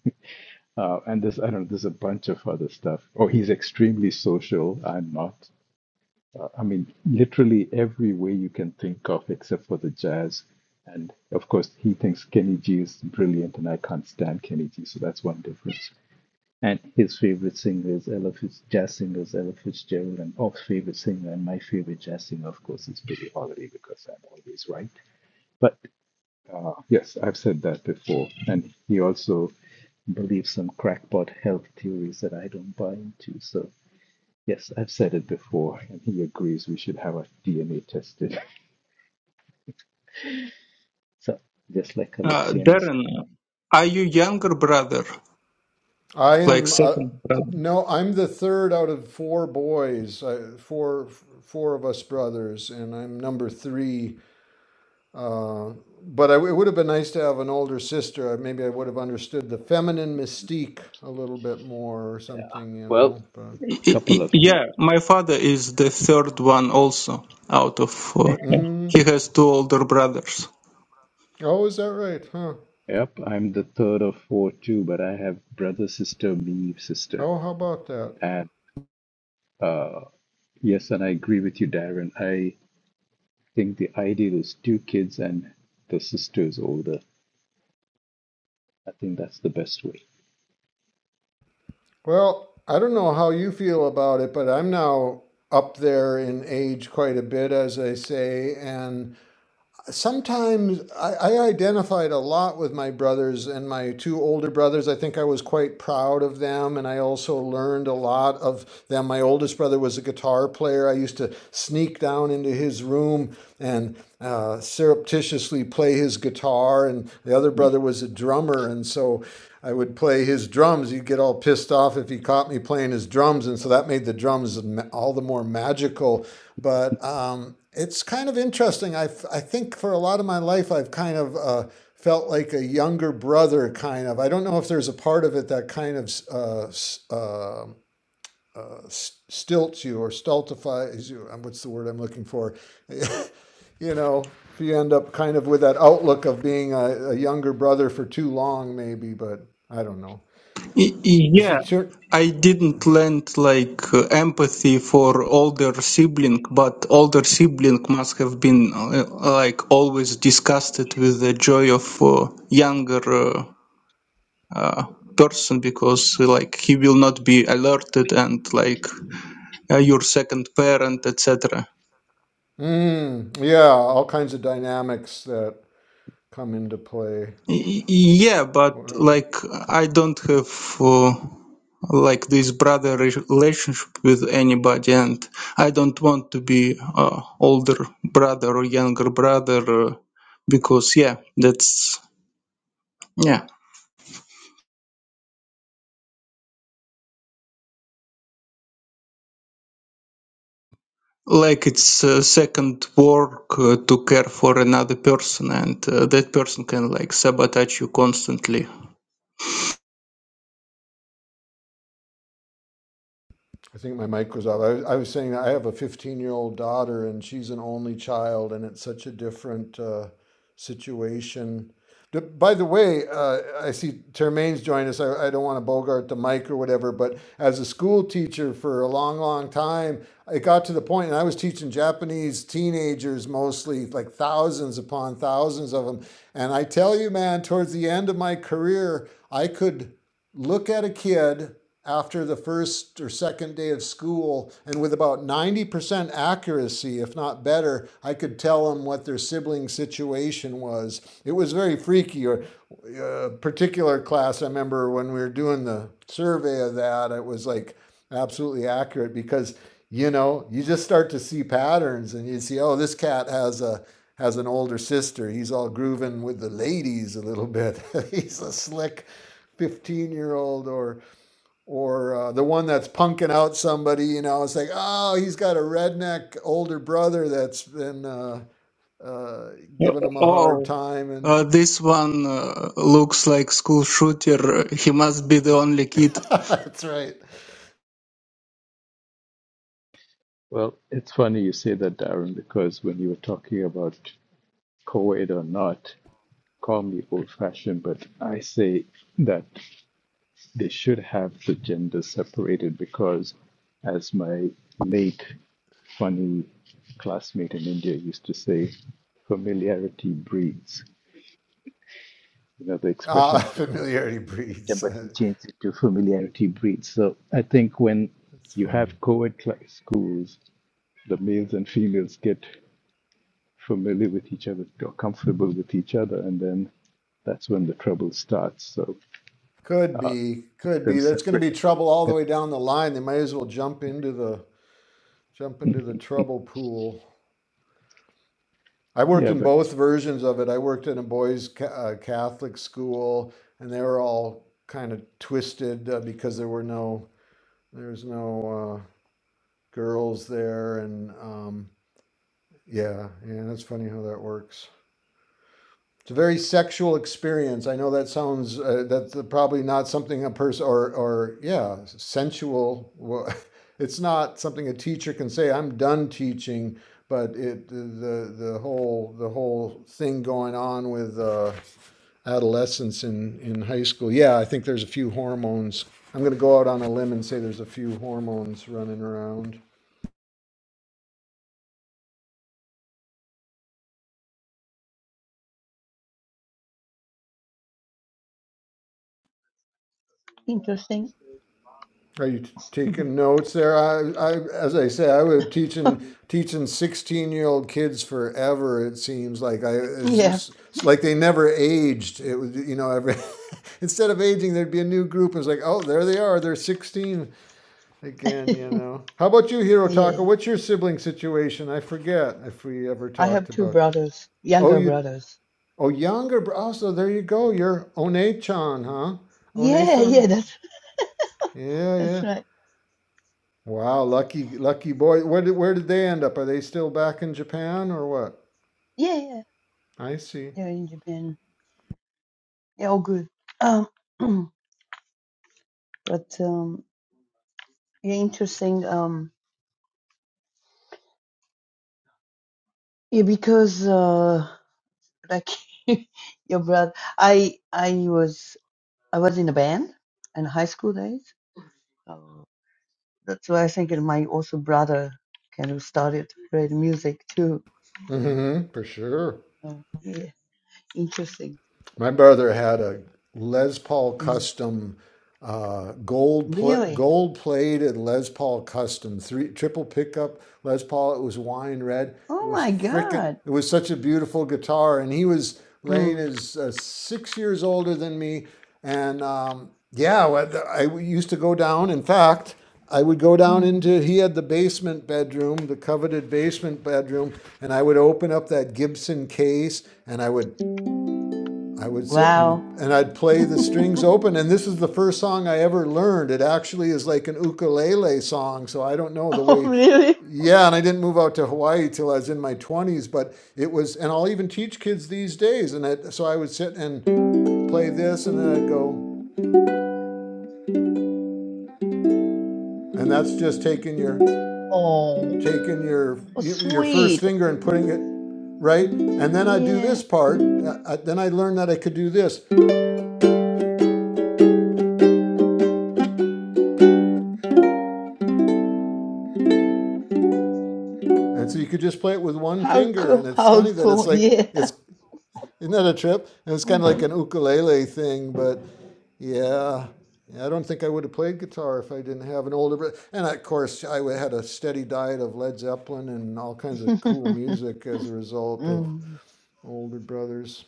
Speaker 1: Uh, and there's, I don't know, there's a bunch of other stuff. Oh, he's extremely social. I'm not. Uh, I mean, literally every way you can think of except for the jazz. And of course, he thinks Kenny G is brilliant, and I can't stand Kenny G, so that's one difference. And his favorite singer is Ella Fitz, jazz singer is Ella Fitzgerald, and Off's favorite singer and my favorite jazz singer, of course, is Billie Holiday because I'm always right. But. Uh, yes, I've said that before. And he also believes some crackpot health theories that I don't buy into. So, yes, I've said it before. And he agrees we should have our DNA tested. So, just like
Speaker 8: uh,
Speaker 1: Alexianus.
Speaker 8: Darren, are you younger brother,
Speaker 5: I
Speaker 8: like
Speaker 5: am. Uh,
Speaker 8: second brother?
Speaker 5: no, I'm the third out of four boys. I, four four of us brothers, and I'm number three Uh, but I, it would have been nice to have an older sister. Uh, Maybe I would have understood the feminine mystique a little bit more or something, you
Speaker 1: Well,
Speaker 5: know. But
Speaker 8: I-
Speaker 1: couple
Speaker 8: I-
Speaker 1: of things.
Speaker 8: yeah, my father is the third one also out of four.
Speaker 1: Hey,
Speaker 5: mm,
Speaker 8: He has two older brothers.
Speaker 5: oh, is that right? Huh?
Speaker 1: Yep, I'm the third of four too, but I have brother, sister, me, sister.
Speaker 5: Oh, how about that?
Speaker 1: And uh, yes, and I agree with you, Darren. I think the ideal is two kids and the sister is older. I think that's the best way.
Speaker 5: Well, I don't know how you feel about it, but I'm now up there in age quite a bit, as I say, and sometimes I, I identified a lot with my brothers and my two older brothers. I think I was quite proud of them, and I also learned a lot of them. My oldest brother was a guitar player. I used to sneak down into his room and uh, surreptitiously play his guitar, and the other
Speaker 1: Hmm.
Speaker 5: brother was a drummer, and so. I would play his drums. He'd get all pissed off if he caught me playing his drums, and so that made the drums all the more magical. But um, it's kind of interesting. I, I think for a lot of my life, I've kind of uh, felt like a younger brother, kind of. I don't know if there's a part of it that kind of uh, s- uh, s- um, stilts you or stultifies you. Um, What's the word I'm looking for? you know, if you end up kind of with that outlook of being a, a younger brother for too long, maybe, but I don't know.
Speaker 8: Y-
Speaker 5: As you
Speaker 8: Yeah,
Speaker 5: turn,
Speaker 8: I didn't learn like uh, empathy for older sibling, but older sibling must have been uh, like always disgusted with the joy of uh, younger uh, uh, person because uh, like he will not be alerted and like uh, your second parent, etc.
Speaker 5: mm, yeah, all kinds of dynamics that come into play.
Speaker 8: Y- Yeah, but
Speaker 5: Wow.
Speaker 8: like I don't have uh, like this brother re- relationship with anybody, and I don't want to be uh, older brother or younger brother uh, because yeah, that's yeah, like it's uh, second work uh, to care for another person, and uh, that person can like sabotage you constantly.
Speaker 5: I think my mic was off. I was, I was saying I have a 15 year old daughter and she's an only child, and it's such a different uh, situation. By the way, uh, I see Termaine's joined us. I, I don't want to bogart the mic or whatever, but as a school teacher for a long, long time, it got to the point, and I was teaching Japanese teenagers mostly, like thousands upon thousands of them. And I tell you, man, towards the end of my career, I could look at a kid after the first or second day of school and with about 90% accuracy if not better i could tell them what their sibling situation was it was very freaky or a particular class i remember when we were doing the survey of that it was like absolutely accurate because you know you just start to see patterns and you see oh this cat has a has an older sister he's all grooving with the ladies a little bit he's a slick 15 year old or or uh, the one that's punking out somebody you know it's like oh he's got a redneck older brother that's been uh, uh,
Speaker 8: Yeah.
Speaker 5: giving him a hard
Speaker 8: Oh,
Speaker 5: time
Speaker 8: uh,
Speaker 5: and
Speaker 8: this one uh, looks like school shooter. He must be the only kid.
Speaker 5: that's right
Speaker 1: Well, it's funny you say that, Darren, because when you were talking about co-ed or not, call me old-fashioned, but I say that they should have the gender separated because, as my late funny classmate in India used to say, familiarity breeds. You know the
Speaker 5: uh,
Speaker 1: expression,
Speaker 5: familiarity
Speaker 1: familiar,
Speaker 5: breeds
Speaker 1: but he changed it to familiarity breeds. So I think when
Speaker 5: That's
Speaker 1: you
Speaker 5: funny
Speaker 1: have co-ed cla- schools, the males and females get familiar with each other or comfortable with each other, and then that's when the trouble starts. So
Speaker 5: could
Speaker 1: uh,
Speaker 5: be could
Speaker 1: them
Speaker 5: be that's going to
Speaker 1: separate,
Speaker 5: be trouble all the way down the line they might as well jump into the jump into the trouble pool I worked
Speaker 1: yeah.
Speaker 5: in
Speaker 1: But
Speaker 5: both versions of it. I worked in a boys' ca- uh, Catholic school, and they were all kind of twisted uh, because there were no there was no uh, girls there, and um, yeah, yeah, that's funny how that works. It's a very sexual experience. I know that sounds uh, that's probably not something a person or or yeah sensual. wa- It's not something a teacher can say. I'm done teaching, but it the the whole the whole thing going on with. Uh, adolescence in, in high school. Yeah, I think there's a few hormones. I'm going to go out on a limb and say there's a few hormones running around.
Speaker 10: Interesting.
Speaker 5: Are you t- taking notes there? I, I, as I say, I was teaching teaching 16 year old kids forever. It seems like I, it's,
Speaker 10: yeah.
Speaker 5: just, it's like they never aged. It was, you know, every instead of aging, there'd be a new group. It's like, oh, there they are. They're 16 again. You know. How about you,
Speaker 10: yeah.
Speaker 5: Hirotaka? What's your sibling situation? I forget if we ever
Speaker 10: I
Speaker 5: talked
Speaker 10: have two
Speaker 5: about.
Speaker 10: brothers,
Speaker 5: Oh,
Speaker 10: younger
Speaker 5: you
Speaker 10: brothers.
Speaker 5: Oh, younger. Bro- oh, so there you go. You're One-chan, huh?
Speaker 10: Yeah, yeah,
Speaker 5: One-san.
Speaker 10: that's
Speaker 5: Yeah,
Speaker 10: that's
Speaker 5: yeah.
Speaker 10: right.
Speaker 5: Wow, lucky, lucky boy. Where did where did they end up? Are they still back in Japan or what?
Speaker 10: Yeah, yeah.
Speaker 5: I see.
Speaker 10: They're in Japan. Yeah, all good. Um but um yeah, interesting. Um yeah, because uh like your brother I I was I was in a band in high school days. So that's why I think my also brother kind of started playing music too.
Speaker 5: Mm-hmm. For sure.
Speaker 10: So, yeah. Interesting.
Speaker 5: My brother had a Les Paul
Speaker 10: Mm.
Speaker 5: Custom uh, gold pl-
Speaker 10: Really?
Speaker 5: gold plated Les Paul Custom three triple pickup Les Paul. It was wine red. It
Speaker 10: Oh
Speaker 5: was
Speaker 10: my
Speaker 5: frickin'
Speaker 10: God.
Speaker 5: It was such a beautiful guitar, and he was Lane
Speaker 10: Mm.
Speaker 5: is uh, six years older than me, and um, yeah, I used to go down. In fact. I would go down
Speaker 10: Mm.
Speaker 5: into he had the basement bedroom, the coveted basement bedroom, and I would open up that Gibson case and I would I would sit
Speaker 10: Wow.
Speaker 5: and, and I'd play the strings open, and this is the first song I ever learned. It actually is like an ukulele song, so I don't know the
Speaker 10: Oh,
Speaker 5: way.
Speaker 10: really?
Speaker 5: Yeah, and I didn't move out to Hawaii till I was in my 20s, but it was, and I'll even teach kids these days. And it, so I would sit and play this, and then I'd go, and that's just taking your
Speaker 10: Oh,
Speaker 5: taking your
Speaker 10: oh,
Speaker 5: your first
Speaker 10: sweet.
Speaker 5: finger and putting it right? And then I do this
Speaker 10: Yeah.
Speaker 5: part. uh, uh, Then I learned that I could do this. And so you could just play it with one
Speaker 10: How
Speaker 5: finger. And
Speaker 10: cool.
Speaker 5: it's funny
Speaker 10: How
Speaker 5: that it's
Speaker 10: cool.
Speaker 5: like,
Speaker 10: Yeah.
Speaker 5: it's Isn't that a trip? It was kind of like
Speaker 10: hmm
Speaker 5: an ukulele thing, but yeah. Yeah, I don't think I would have played guitar if I didn't have an older brother. And of course, I had a steady diet of Led Zeppelin and all kinds of cool music as a result of
Speaker 10: mm.
Speaker 5: older brothers.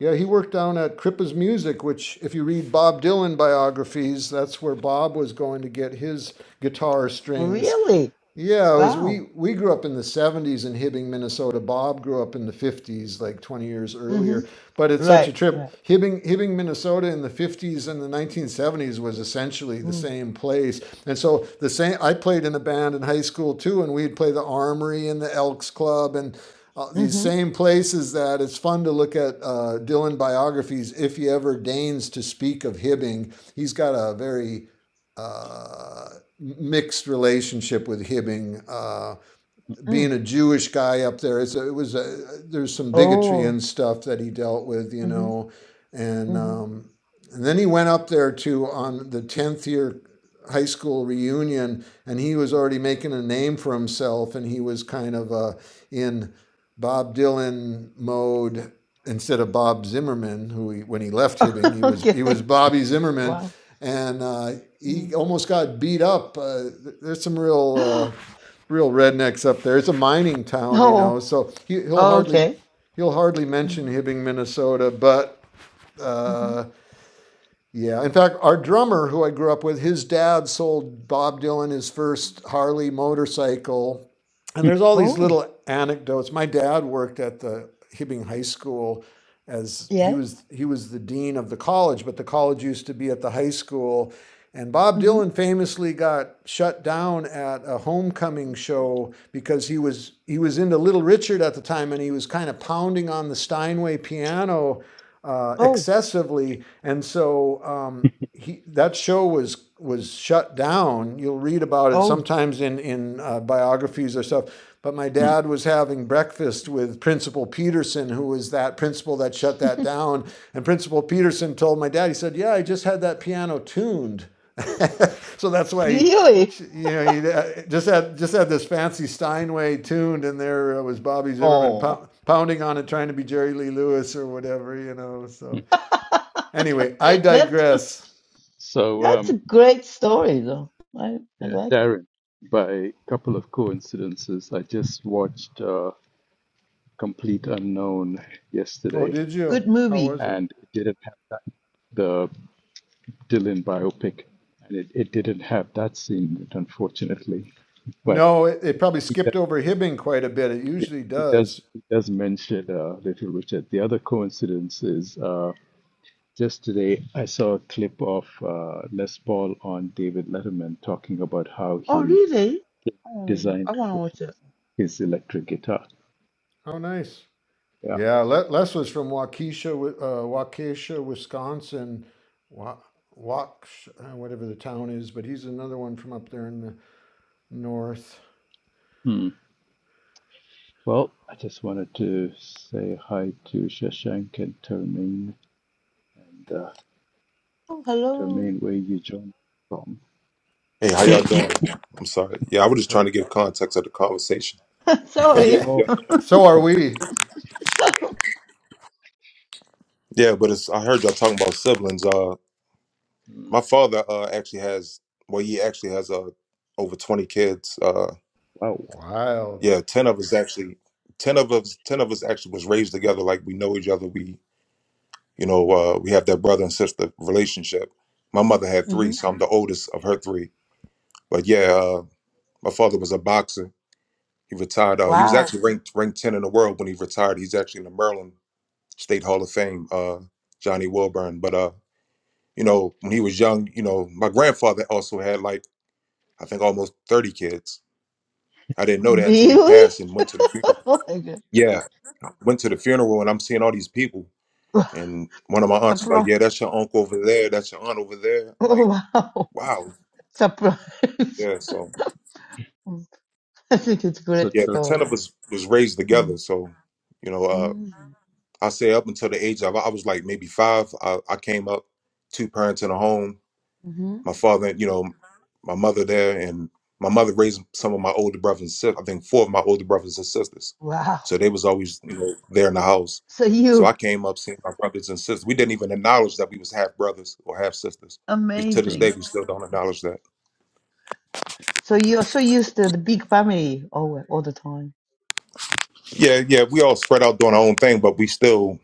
Speaker 5: Yeah, he worked down at Crippa's Music, which, if you read Bob Dylan biographies, that's where Bob was going to get his guitar strings.
Speaker 10: Really?
Speaker 5: Yeah, it was
Speaker 10: Wow.
Speaker 5: we we grew up in the 70s in Hibbing, Minnesota. Bob grew up in the 50s, like 20 years
Speaker 10: hmm
Speaker 5: earlier. But it's such a
Speaker 10: Right.
Speaker 5: trip.
Speaker 10: Right.
Speaker 5: Hibbing, Hibbing, Minnesota in the 50s and the 1970s was essentially the
Speaker 10: Mm.
Speaker 5: same place. And so the same I played in a band in high school too, and we'd play the Armory and the Elks Club and uh, these
Speaker 10: hmm
Speaker 5: same places that it's fun to look at uh, Dylan biographies if he ever deigns to speak of Hibbing. He's got a very uh, mixed relationship with Hibbing. Uh, being
Speaker 10: Mm.
Speaker 5: a Jewish guy up there, it's a, it was a, there's some bigotry
Speaker 10: Oh.
Speaker 5: and stuff that he dealt with, you
Speaker 10: hmm
Speaker 5: know, and
Speaker 10: hmm
Speaker 5: um, and then he went up there to on the tenth year high school reunion, and he was already making a name for himself, and he was kind of uh, in Bob Dylan mode instead of Bob Zimmerman, who he, when he left Hibbing, he was
Speaker 10: okay.
Speaker 5: he was Bobby Zimmerman,
Speaker 10: Wow.
Speaker 5: and uh, he
Speaker 10: Mm.
Speaker 5: almost got beat up. Uh, there's some real uh, real rednecks up there. It's a mining town, you
Speaker 10: oh.
Speaker 5: know, so he, he'll hardly
Speaker 10: Okay.
Speaker 5: he'll hardly mention
Speaker 10: Mm-hmm.
Speaker 5: Hibbing, Minnesota. But uh, yeah, in fact, our drummer who I grew up with, his dad sold Bob Dylan his first Harley motorcycle, and there's all these
Speaker 10: Oh.
Speaker 5: little anecdotes. My dad worked at the Hibbing High School as he
Speaker 10: Yes.
Speaker 5: was he was the dean of the college, but the college used to be at the high school and Bob Dylan famously got shut down at a homecoming show because he was he was into Little Richard at the time, and he was kind of pounding on the Steinway piano uh,
Speaker 10: Oh,
Speaker 5: excessively, and so um, he that show was was shut down. You'll read about it
Speaker 10: oh,
Speaker 5: sometimes in in uh, biographies or stuff. But my dad was having breakfast with Principal Peterson, who was that principal that shut that down. And Principal Peterson told my dad, he said, Yeah, I just had that piano tuned. so that's why he,
Speaker 10: really?
Speaker 5: you know, he uh, just had just had this fancy Steinway tuned, and there was Bobby Zimmerman
Speaker 10: Oh,
Speaker 5: pou- pounding on it, trying to be Jerry Lee Lewis or whatever, you know. So anyway, I
Speaker 10: that's
Speaker 5: digress.
Speaker 1: so
Speaker 10: that's a
Speaker 1: um,
Speaker 10: great story though. I
Speaker 1: uh,
Speaker 10: I like it.
Speaker 1: Darren, by a couple of coincidences, I just watched uh, Complete Unknown
Speaker 5: Oh,
Speaker 1: yesterday,
Speaker 5: did you?
Speaker 10: Good
Speaker 5: How
Speaker 10: movie.
Speaker 5: was it?
Speaker 1: and it didn't have that, the Dylan biopic, and it, it didn't have that scene, in it, unfortunately, but.
Speaker 5: No, it, it probably skipped over Hibbing quite a bit. It
Speaker 1: Yeah,
Speaker 5: usually
Speaker 1: he does.
Speaker 5: does.
Speaker 1: He does mention uh, Little Richard. The other coincidence is uh, just today I saw a clip of uh, Les Paul on David Letterman talking about how
Speaker 10: Oh,
Speaker 1: he
Speaker 10: really? Oh,
Speaker 1: designed
Speaker 10: I want to watch it.
Speaker 1: his electric guitar.
Speaker 5: How nice.
Speaker 1: Yeah.
Speaker 5: Yeah, Le- Les was from Waukesha, Wi- uh, Waukesha, Wisconsin. Wa- Wauksh, uh, whatever the town is, but he's another one from up there in the north.
Speaker 1: Hmm. Well, I just wanted to say hi to Shashank and Termaine. And, uh,
Speaker 10: Oh, hello.
Speaker 1: Termaine, where you joined from?
Speaker 11: Hey, how
Speaker 1: You've
Speaker 11: y'all
Speaker 1: been-
Speaker 11: doing? I'm sorry. Yeah, I was just
Speaker 5: Hey.
Speaker 11: trying to give context of the conversation. But yeah,
Speaker 10: Sorry.
Speaker 1: Oh,
Speaker 11: yeah,
Speaker 1: talk
Speaker 5: so are
Speaker 1: about-
Speaker 5: we.
Speaker 11: yeah. But it's I heard y'all talking about siblings. Uh,
Speaker 1: hmm,
Speaker 11: my father uh actually has well, he actually has uh over 20 kids. Uh,
Speaker 1: wow.
Speaker 5: Wild.
Speaker 11: yeah, 10 of us actually, 10 of us, 10 of us actually was raised together. Like we know each other. We, you know, uh, we have that brother and sister relationship. My mother had three,
Speaker 10: hmm
Speaker 11: so I'm the oldest of her three. But yeah, uh, my father was a boxer. He retired. Uh, he was
Speaker 10: Wow.
Speaker 11: actually ranked ranked 10 in the world when he retired. He's actually in the Maryland. State Hall of Fame, uh, Johnny Wilburn. But uh, you know, when he was young, you know, my grandfather also had like I think almost thirty kids. I didn't know that until he
Speaker 10: Really?
Speaker 11: passed and went to the funeral.
Speaker 10: Oh my god.
Speaker 11: Yeah, went to the funeral and I'm seeing all these people. And one of my aunts was like,
Speaker 10: Surprise.
Speaker 11: "Yeah, that's your uncle over there. That's your aunt over there." I'm
Speaker 10: Oh
Speaker 11: like,
Speaker 10: wow.
Speaker 11: "Wow."
Speaker 10: Surprise.
Speaker 11: Yeah. So
Speaker 10: I think it's a
Speaker 1: So
Speaker 10: great
Speaker 11: yeah, the ten
Speaker 1: Termaine.
Speaker 11: of
Speaker 10: story.
Speaker 11: us was raised
Speaker 10: Mm-hmm.
Speaker 11: together. So you know, uh,
Speaker 10: Mm-hmm.
Speaker 11: I say up until the age of I was like maybe five. I, I came up two parents in a home my father, you know, my mother there, and my mother raised some of my older brothers and sisters. I think four of my older brothers and sisters.
Speaker 10: Wow.
Speaker 11: So they was always you know there in the house.
Speaker 10: So
Speaker 11: So
Speaker 10: you
Speaker 11: I came up seeing my brothers and sisters. We didn't even acknowledge that we was half brothers or half sisters. We to this day
Speaker 10: amazing.
Speaker 11: we still don't acknowledge that.
Speaker 10: So you're so used to the big family all all the time.
Speaker 11: Yeah, yeah, we all spread out doing our own thing, but we still,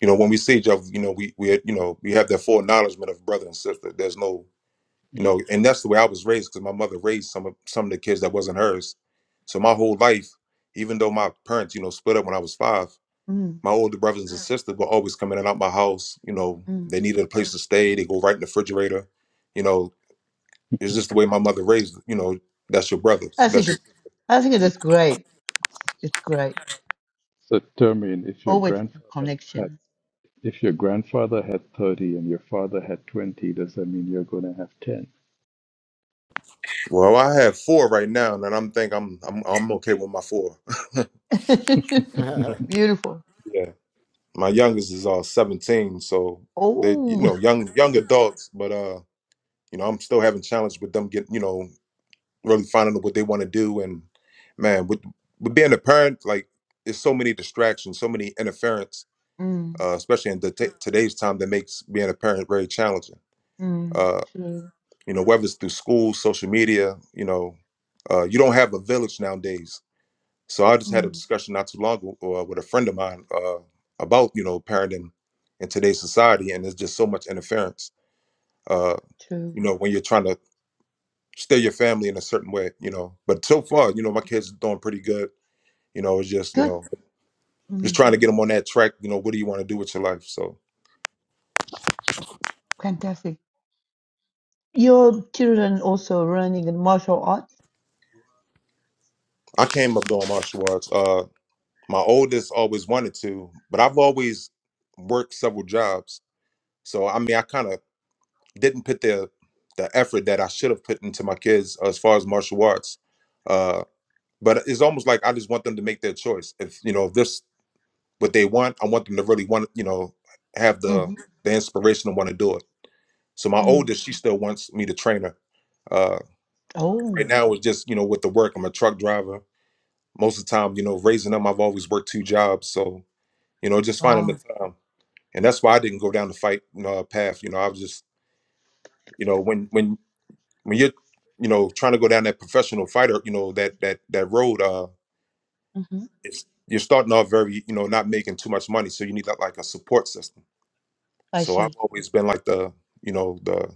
Speaker 11: you know, when we see each other, you know, we we you know we have that full acknowledgement of brother and sister. There's no you know
Speaker 1: hmm,
Speaker 11: and that's the way i was raised because my mother raised some of some of the kids that wasn't hers so my whole life even though my parents you know split up when i was five
Speaker 10: mm
Speaker 11: my older brothers and Mm. sisters were always coming in and out my house you know
Speaker 10: mm.
Speaker 11: they needed a place to stay they go right in the refrigerator you know it's just the way my mother raised you know that's your brother
Speaker 10: I
Speaker 11: that's
Speaker 10: think
Speaker 11: your,
Speaker 10: it, I think it
Speaker 1: hmm.
Speaker 10: is great. It's great.
Speaker 1: So Termaine, if your
Speaker 10: Always have
Speaker 1: grandfather
Speaker 10: connections.
Speaker 1: If your grandfather had 30 and your father had 20, does that mean you're going to have 10?
Speaker 11: well i have four right now and i'm think i'm i'm, I'm okay with my four
Speaker 10: Beautiful.
Speaker 11: yeah my youngest is uh 17 so they you
Speaker 10: Oh.
Speaker 11: know young young Mm. adults but uh you know i'm still having challenge with them getting you know really finding out what they want to do. And man, with, with being a parent, like it's so many distractions, so many interference,
Speaker 10: Mm,
Speaker 11: uh, especially in the t- today's time that makes being a parent very challenging.
Speaker 10: mm,
Speaker 11: Uh,
Speaker 10: true.
Speaker 11: you know, whether it's through school, social media, you know, uh, you don't have a village nowadays. So I just had a
Speaker 10: Mm,
Speaker 11: discussion not too long ago uh, with a friend of mine uh, about you know parenting in today's society, and there's just so much interference. Uh,
Speaker 10: true.
Speaker 11: you know, when you're trying to steer your family in a certain way, you know. But so far, you know, my kids are doing pretty good You know, it's just you
Speaker 10: Good.
Speaker 11: know, just
Speaker 10: Mm,
Speaker 11: trying to get them on that track. You know, what do you want to do with your life? So
Speaker 10: fantastic. Your children also learning in martial arts.
Speaker 11: I came up doing martial arts. Uh, my oldest always wanted to, but I've always worked several jobs. So I mean, I kind of didn't put the the effort that I should have put into my kids as far as martial arts. Uh, but it's almost like I just want them to make their choice. If you know, if this what they want, I want them to really want you know have the
Speaker 10: Mm-hmm.
Speaker 11: the inspiration to want to do it. So my
Speaker 10: Mm.
Speaker 11: oldest, she still wants me to train her uh, Right
Speaker 10: Oh.
Speaker 11: now, it's just you know with the work. I'm a truck driver. Most of the time, you know, raising them, I've always worked two jobs. So you know, just finding the
Speaker 10: Wow.
Speaker 11: time, and that's why I didn't go down the fight you know, path. You know, I was just you know when when when you're you know trying to go down that professional fighter, you know that that that road, uh,
Speaker 10: Mhm.
Speaker 11: it's you're starting off very you know not making too much money, so you need like like a support system.
Speaker 10: I
Speaker 11: So I've
Speaker 10: see.
Speaker 11: always been like the you know the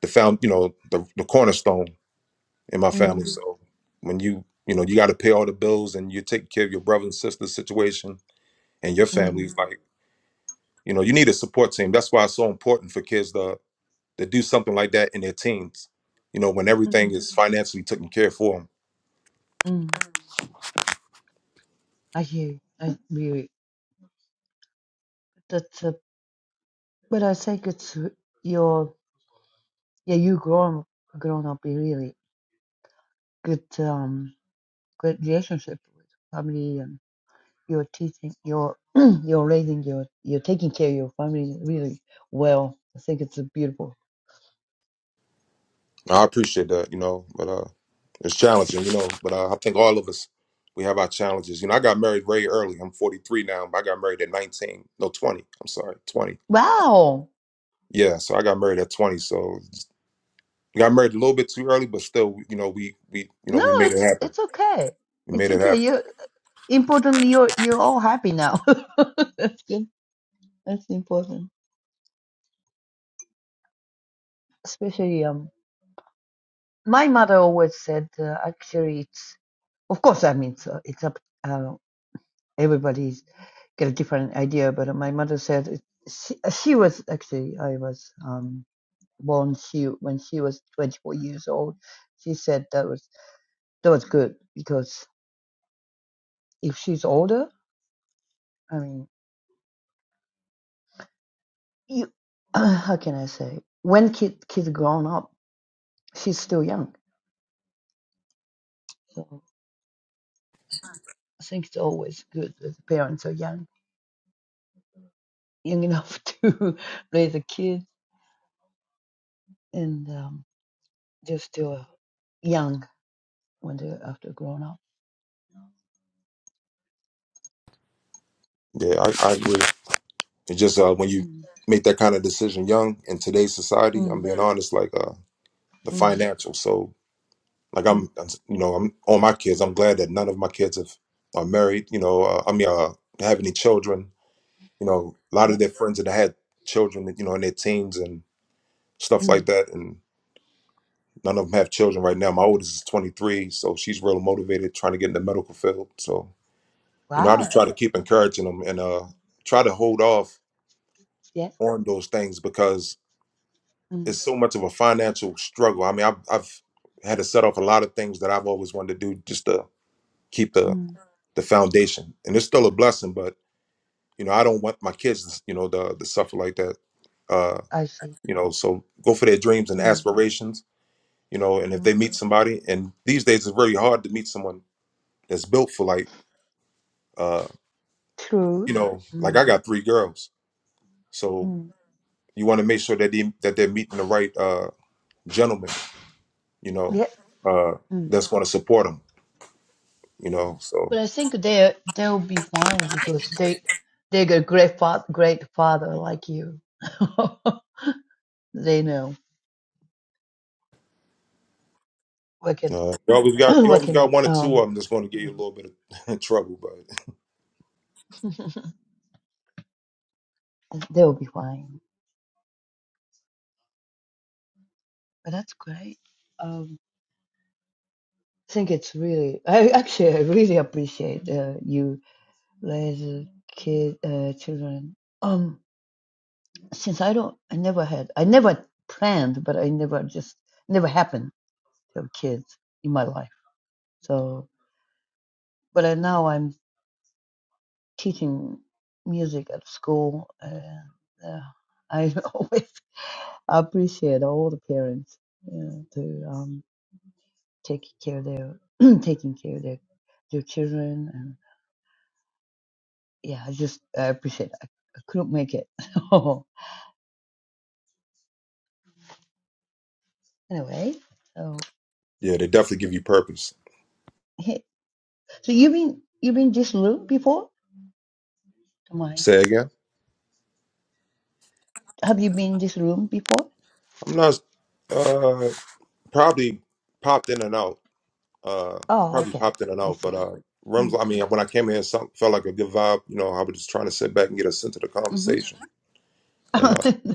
Speaker 11: the found you know the the cornerstone in my family. Mhm.
Speaker 10: Mm,
Speaker 11: So when you you know you got to pay all the bills and you take care of your brother and sister situation and your family, it's
Speaker 10: mm,
Speaker 11: Mhm. like you know you need a support team. That's why it's so important for kids to to do something like that in their teens. You know when everything
Speaker 10: mm,
Speaker 11: is Mhm. financially taken care for them.
Speaker 10: mm. I hear you. I really. That's a, but I think it's your yeah you grown grown up in really good um good relationship with family and you're teaching you're you're raising your you're taking care of your family really well. I think it's a beautiful.
Speaker 11: I appreciate that. You know, but uh, it's challenging. You know, but uh, I think all of us we have our challenges. You know, I got married very early. I'm 43 now, but I got married at 19. No, 20. I'm sorry, 20.
Speaker 10: Wow.
Speaker 11: Yeah, so I got married at 20. So We got married a little bit too early, but still, you know, we we you know
Speaker 10: No,
Speaker 11: we made it
Speaker 10: it's
Speaker 11: happen.
Speaker 10: it's okay.
Speaker 11: We
Speaker 10: It's
Speaker 11: made it
Speaker 10: okay.
Speaker 11: happen.
Speaker 10: You importantly you're you're all happy now. That's good. That's important. especially um my mother always said uh, actually it's of course i mean it's, uh, it's up uh, everybody's get a different idea but my mother said it, she, she was actually i was um born she when she was 24 years old she said that was that was good because if she's older i mean you how can i say when kid kids grown up she's still young so i think it's always good that the parents are young young enough to raise a kid and um, they're still young when they're after grown up.
Speaker 11: Yeah, I, I agree. It's just uh, when you
Speaker 10: Mm,
Speaker 11: make that kind of decision young in today's society, I'm
Speaker 10: mm,
Speaker 11: being honest, like uh, the
Speaker 10: mm,
Speaker 11: financial. So like
Speaker 10: mm.
Speaker 11: I'm, I'm- you know, I'm all my kids. I'm glad that none of my kids have are married. You know, uh, I mean, uh, have any children. You know, a lot
Speaker 10: Yeah.
Speaker 11: of their friends that had children, you know, in their teens and stuff like
Speaker 10: Mm.
Speaker 11: that, and none of them have children right now. My oldest is 23, so she's real motivated, trying to get in the medical field. So. You know, I just
Speaker 10: Wow.
Speaker 11: try to keep encouraging them and uh, try to hold off
Speaker 10: Yes.
Speaker 11: on those things because
Speaker 10: Mm,
Speaker 11: it's so much of a financial struggle. I mean, I've, I've had to set off a lot of things that I've always wanted to do just to keep the
Speaker 10: mm.
Speaker 11: the foundation, and it's still a blessing. But you know, I don't want my kids, to, you know, the the suffer like that. Uh,
Speaker 10: I see.
Speaker 11: you know, so go for their dreams and
Speaker 10: Mm,
Speaker 11: aspirations. You know, and if
Speaker 10: mm.
Speaker 11: they meet somebody, and these days it's very hard to meet someone that's built for like, uh,
Speaker 10: True.
Speaker 11: you know, like I
Speaker 10: Mm,
Speaker 11: got three girls, so
Speaker 10: mm.
Speaker 11: you want to make sure that they that they're meeting the right uh gentleman you know
Speaker 10: Yeah.
Speaker 11: uh
Speaker 10: Mm.
Speaker 11: that's going to support them you know so
Speaker 10: But I think they they'll be fine because they they got great fa- great father like you. they know what can
Speaker 11: uh, you always got you
Speaker 10: what
Speaker 11: always got
Speaker 10: can
Speaker 11: one or two
Speaker 10: um.
Speaker 11: of them that's going to give you a
Speaker 10: mm.
Speaker 11: little bit of trouble but
Speaker 10: they'll be fine. Well, that's great. Um, I think it's really, I actually, I really appreciate uh, you raise uh, kid, uh, children. Um, since I don't, I never had, I never planned, but I never just never happened to have kids in my life. So, but I, now I'm teaching music at school, and uh, I always appreciate all the parents you know, to um, take care of their taking care of their their children yeah, I just I appreciate it. I couldn't make it. Oh, anyway, so
Speaker 11: yeah they definitely give you purpose
Speaker 10: he- so you been you been this room before? Don't mind.
Speaker 11: say again
Speaker 10: Have you been this room before?
Speaker 11: i'm not uh probably popped in and out uh
Speaker 10: Oh,
Speaker 11: probably
Speaker 10: okay,
Speaker 11: popped in and
Speaker 10: I
Speaker 11: out but
Speaker 10: see.
Speaker 11: uh Rums, I mean, when I came here, something felt like a good vibe. You know, I was just trying to sit back and get a sense of the
Speaker 10: Mm-hmm.
Speaker 11: conversation. And uh,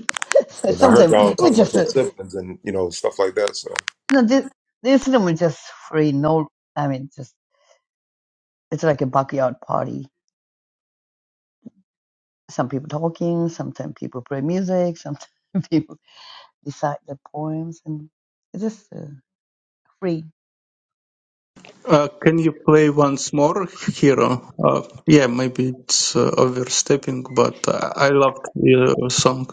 Speaker 10: so
Speaker 11: and I heard
Speaker 10: sometimes
Speaker 11: y'all
Speaker 10: we
Speaker 11: talking about
Speaker 10: just
Speaker 11: your
Speaker 10: uh,
Speaker 11: siblings and you know stuff like that. So
Speaker 10: you know this this room is just free. No, I mean just it's like a backyard party. Some people talking. Sometimes people play music. Sometimes people recite the poems, and it's just uh, free.
Speaker 8: Uh, can you play once more, Hero? Uh, yeah, maybe it's uh, overstepping, but uh, I loved your song.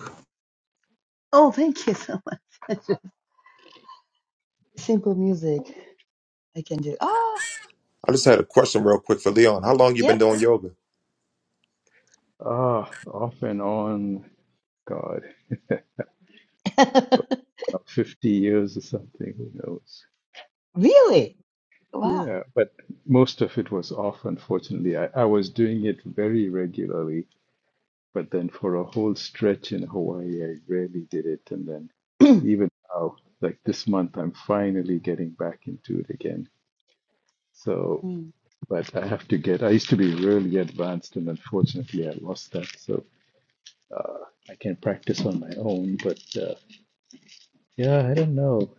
Speaker 10: Oh, thank you so much. Simple music. I can do. Ah,
Speaker 11: I just
Speaker 10: uh,
Speaker 11: had a question real quick for Leon. How long you been
Speaker 10: yep.
Speaker 11: doing yoga?
Speaker 1: Ah, off and on, God, about 50 years or something, who knows?
Speaker 10: really? Wow.
Speaker 1: Yeah, but most of it was off, unfortunately. I, I was doing it very regularly, but then for a whole stretch in Hawaii, I rarely did it. And then even now, like this month, I'm finally getting back into it again. So,
Speaker 10: Mm.
Speaker 1: but I have to get, I used to be really advanced, and unfortunately, I lost that. So, I can practice on my own, but uh, yeah, I don't know.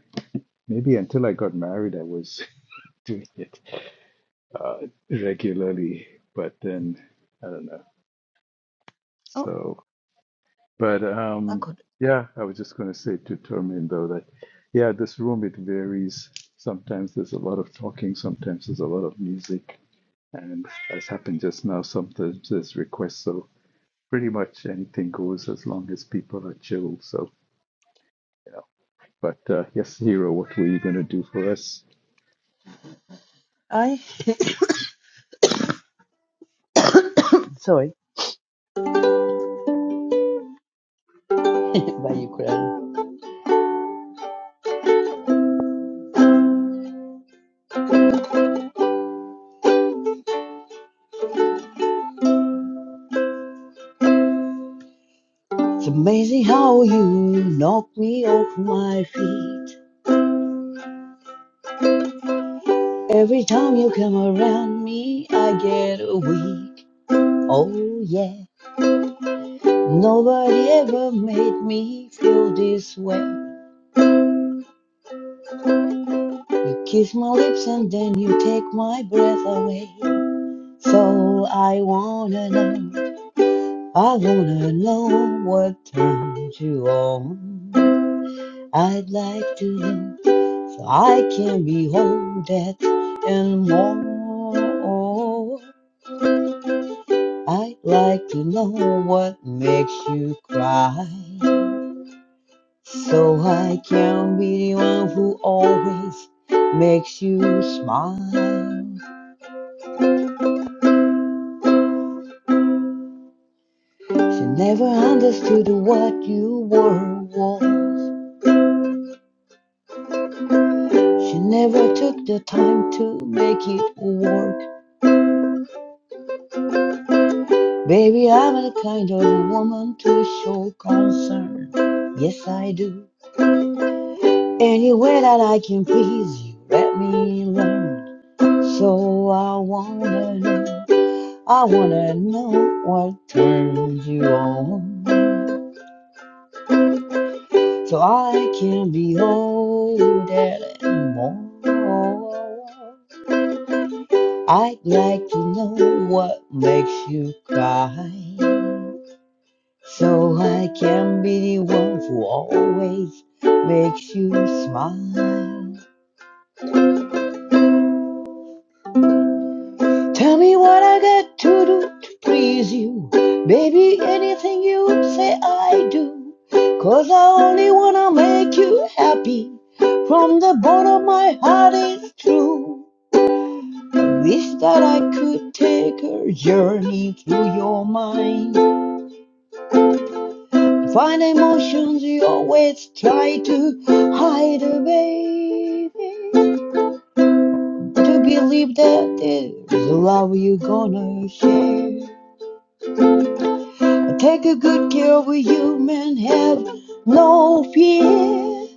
Speaker 1: Maybe until I got married, I was doing it uh, regularly, but then I don't know.
Speaker 10: Oh,
Speaker 1: So, but
Speaker 10: I
Speaker 1: um,
Speaker 10: could.
Speaker 1: yeah, I was just going to say to Termin though that yeah, this room it varies. Sometimes there's a lot of talking, sometimes there's a lot of music, and as happened just now, sometimes there's requests. So pretty much anything goes as long as people are chill. So yeah. But uh, yes, Hero, what were you going to do for us?
Speaker 10: I. Sorry. By Ukraine. It's amazing how you knock me off my feet. Every time you come around me, I get weak. Oh, yeah. Nobody ever made me feel this way. You kiss my lips and then you take my breath away. So I wanna know, I wanna know what turns you on. I'd like to know, so I can behold that and more. I'd like to know what makes you cry. So I can be the one who always makes you smile. She never understood what you were. She never took the time to make it work. Baby, I'm the kind of woman to show concern. Yes, I do. Any way that I can please you, let me learn. So I wanna know, I wanna know what turns you on. So I can be all that and more. I'd like to know what makes you cry. So I can be the one who always makes you smile. Tell me what I got to do to please you. Baby, anything you say I do. 'Cause I only wanna make you happy. From the bottom of my heart it's true. I wish that I could take a journey through your mind. Find emotions you always try to hide away. to believe that there's a love you are gonna share. Take a good care of you, man. Have no fear.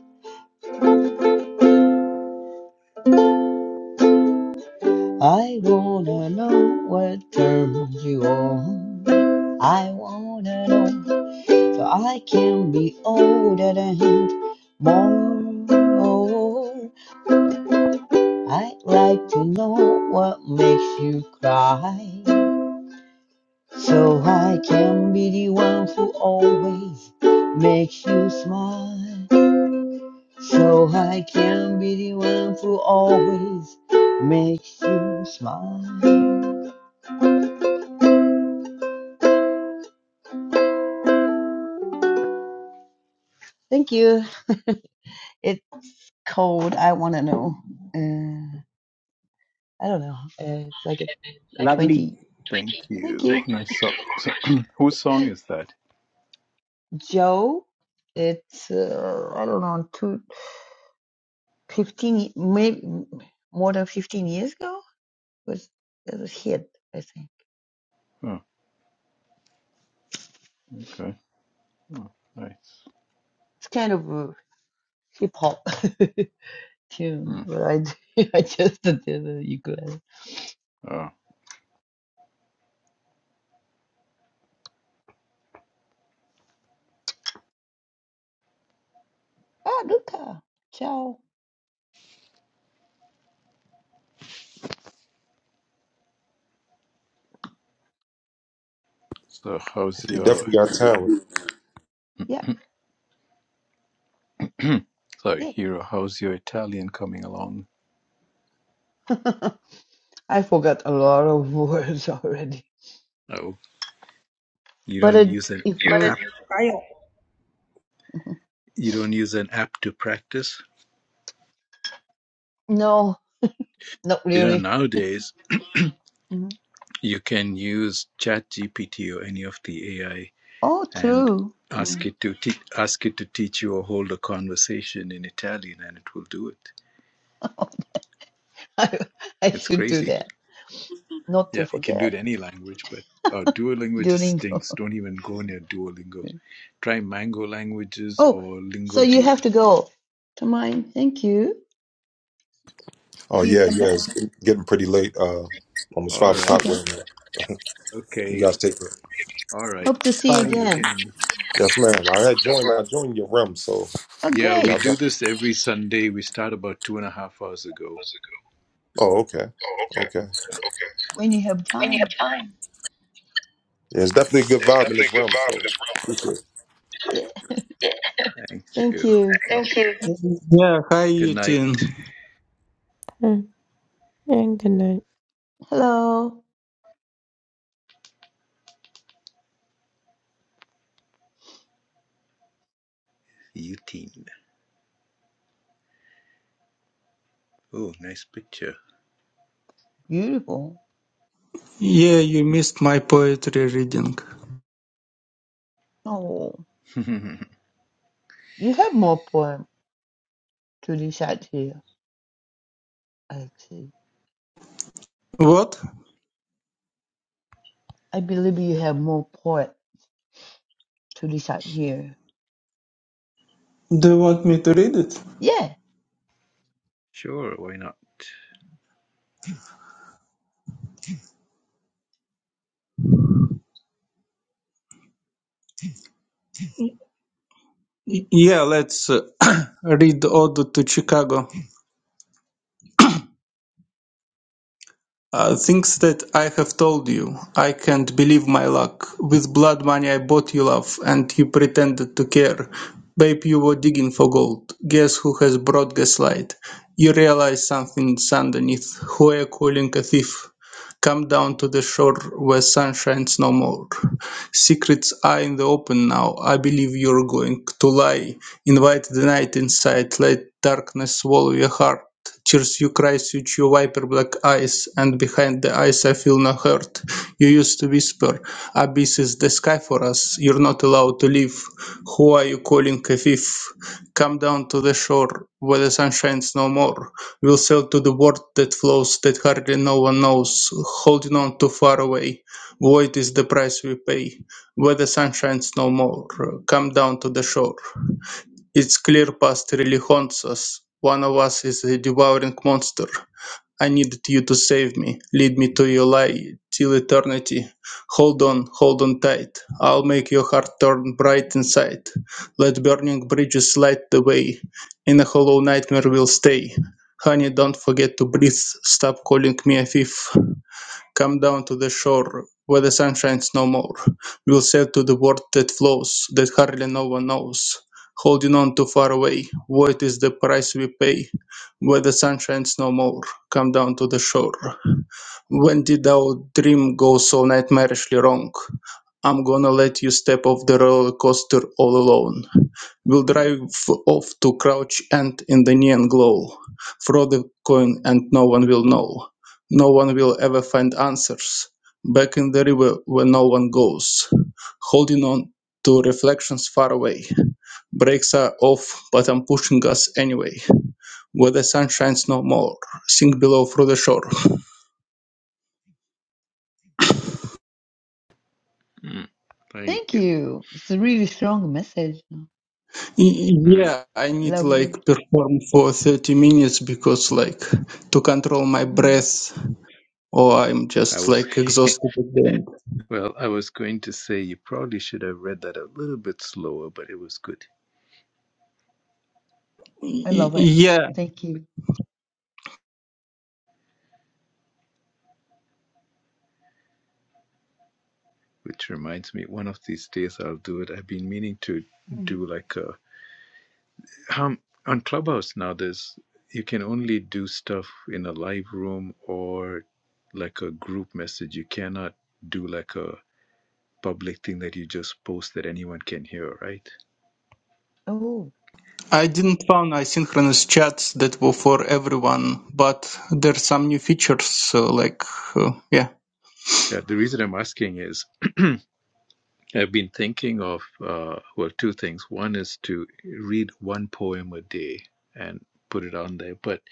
Speaker 10: I wanna know what turns you on. I wanna know so I can be older and more. Oh, I'd like to know what makes you cry. So I can be the one who always makes you smile. So I can be the one who always makes you smile. Thank you. It's cold. I want to know. Uh, I don't know. Uh, it's like a
Speaker 4: Lovely.
Speaker 10: 20.
Speaker 1: Thank
Speaker 10: Thank
Speaker 1: you.
Speaker 10: you.
Speaker 1: Nice song. So, whose song is that?
Speaker 10: Joe, it's, uh, I don't know, two fifteen, maybe more than 15 years ago. It was, it was hit, I think.
Speaker 1: Oh, okay. Oh, nice.
Speaker 10: It's kind of. uh, hip hop tune,
Speaker 1: Hmm.
Speaker 10: but I I just did the ukulele.
Speaker 1: Oh,
Speaker 10: Ah, Luca, ciao.
Speaker 1: so how's
Speaker 11: You
Speaker 1: your
Speaker 11: definitely got talent.
Speaker 10: Yeah,
Speaker 1: sorry,
Speaker 10: yeah.
Speaker 1: hero? How's your Italian coming along?
Speaker 10: I forgot a lot of words already.
Speaker 1: Oh, you
Speaker 10: But
Speaker 1: don't
Speaker 10: it,
Speaker 1: use an
Speaker 10: if
Speaker 4: But it-
Speaker 1: app.
Speaker 10: you,
Speaker 1: You don't use an app to practice.
Speaker 10: no, not
Speaker 1: You know
Speaker 10: really.
Speaker 1: nowadays
Speaker 10: Mm.
Speaker 1: you can use ChatGPT or any of the AI
Speaker 10: Oh,
Speaker 1: and
Speaker 10: true.
Speaker 1: ask
Speaker 10: Mm.
Speaker 1: it to te- ask it to teach you or hold a conversation in Italian, and it will do it.
Speaker 10: I I
Speaker 1: It's
Speaker 10: should do
Speaker 1: crazy.
Speaker 10: that, not to
Speaker 1: Yeah, you can do it
Speaker 10: forget.
Speaker 1: any language, but uh, Duolingo just
Speaker 10: Duolingo.
Speaker 1: stinks. Don't even go near Duolingo. Try Mango Languages
Speaker 10: Oh,
Speaker 1: or
Speaker 10: so
Speaker 1: Lingo
Speaker 10: you
Speaker 1: Deer.
Speaker 10: have to go. To mine. Thank you. Hope
Speaker 11: Oh
Speaker 10: you
Speaker 11: yeah,
Speaker 10: come
Speaker 11: yeah.
Speaker 10: back.
Speaker 11: It's getting pretty late. Uh, almost
Speaker 1: All
Speaker 11: five
Speaker 1: right.
Speaker 11: o'clock. Where
Speaker 10: Okay.
Speaker 11: I'm at. You
Speaker 1: Okay.
Speaker 11: guys take care.
Speaker 1: All right.
Speaker 10: Hope to see you
Speaker 1: See
Speaker 4: Fun.
Speaker 1: you
Speaker 10: again.
Speaker 1: again.
Speaker 11: Yes, ma'am. I had
Speaker 4: Just
Speaker 11: joined. I
Speaker 4: like-
Speaker 11: joined your room, so
Speaker 10: Oh,
Speaker 1: Yeah,
Speaker 11: yeah.
Speaker 1: we
Speaker 11: I
Speaker 10: great.
Speaker 1: do
Speaker 11: def-
Speaker 1: this every Sunday. We start about two and a half hours ago.
Speaker 11: oh, okay,
Speaker 4: Oh, okay.
Speaker 11: okay.
Speaker 4: Okay.
Speaker 10: When you have
Speaker 4: When you
Speaker 10: time.
Speaker 4: have time.
Speaker 11: Yeah, it's definitely a good
Speaker 4: There's
Speaker 11: vibe in
Speaker 4: definitely a
Speaker 11: this
Speaker 4: good
Speaker 11: room.
Speaker 4: vibe in this
Speaker 11: So.
Speaker 4: room.
Speaker 10: Yeah.
Speaker 1: Yeah. Thank
Speaker 10: Thank
Speaker 1: you.
Speaker 10: you.
Speaker 1: Well,
Speaker 4: Thank you.
Speaker 8: Yeah, hi,
Speaker 1: good night,
Speaker 8: Yutin.
Speaker 12: Mm, and good night.
Speaker 10: Hello.
Speaker 1: Eugene. Oh, nice picture.
Speaker 10: Beautiful.
Speaker 8: Yeah, you missed my poetry reading.
Speaker 10: Oh, you have more poem to recite here, actually.
Speaker 8: What?
Speaker 10: I believe you have more poet to recite here.
Speaker 8: Do you want me to read it?
Speaker 10: Yeah.
Speaker 1: sure, why not?
Speaker 8: Y- yeah, let's uh, read Ode to Chicago. Uh, Things that I have told you. I can't believe my luck. With blood money I bought you love, and you pretended to care. Babe, you were digging for gold. Guess who has brought gaslight? You realize something's underneath. Who are you calling a thief? Come down to the shore where sun shines no more. Secrets are in the open now. I believe you're going to lie. Invite the night inside. Let darkness swallow your heart. Tears you cry suit your viper black eyes, and behind the eyes I feel no hurt. You used to whisper, Abyss is the sky for us, you're not allowed to leave. Who are you calling a thief? Come down to the shore, where the sun shines no more. We'll sail to the world that flows, that hardly no one knows, holding on too far away. Void is the price we pay. Where the sun shines no more, come down to the shore. It's clear past really haunts us. One of us is a devouring monster. I needed you to save me. Lead me to your light till eternity. Hold on, hold on tight. I'll make your heart turn bright inside. Let burning bridges light the way. In a hollow nightmare we'll stay. Honey, don't forget to breathe. Stop calling me a thief. Come down to the shore where the sun shines no more. We'll sail to the world that flows, that hardly no one knows. Holding on too far away, void is the price we pay. Where the sun shines no more, come down to the shore. When did our dream go so nightmarishly wrong? I'm gonna let you step off the roller coaster all alone. We'll drive off to Crouch End in the neon glow. Throw the coin and no one will know. No one will ever find answers, back in the river where no one goes, holding on to reflections far away. Brakes are off, but I'm pushing us anyway, where the sun shines no more, sink below through the shore.
Speaker 1: Mm, thank
Speaker 10: Thank
Speaker 1: you.
Speaker 10: you. It's a really strong message. huh?
Speaker 8: Y-
Speaker 1: Mm,
Speaker 8: Yeah, I need
Speaker 10: Lovely.
Speaker 8: like perform for 30 minutes because like to control my
Speaker 10: Mm,
Speaker 8: breath or I'm
Speaker 1: I
Speaker 8: just
Speaker 1: was.
Speaker 8: like exhausted again.
Speaker 1: Well, I was going to say you probably should have read that a little bit slower, but it was good.
Speaker 10: I
Speaker 8: Y-
Speaker 10: love it.
Speaker 8: Yeah,
Speaker 10: Thank you.
Speaker 1: Which reminds me, one of these days I'll do it. I've been meaning to
Speaker 10: Mm.
Speaker 1: do like a um, on Clubhouse now. There's you can only do stuff in a live room or like a group message. You cannot do like a public thing that you just post that anyone can hear, right?
Speaker 10: Oh,
Speaker 8: I didn't found asynchronous chats that were for everyone, but there's some new features. So like, uh, yeah,
Speaker 1: Yeah, the reason I'm asking is I've been thinking of, uh, well, two things. One is to read one poem a day and put it on there, but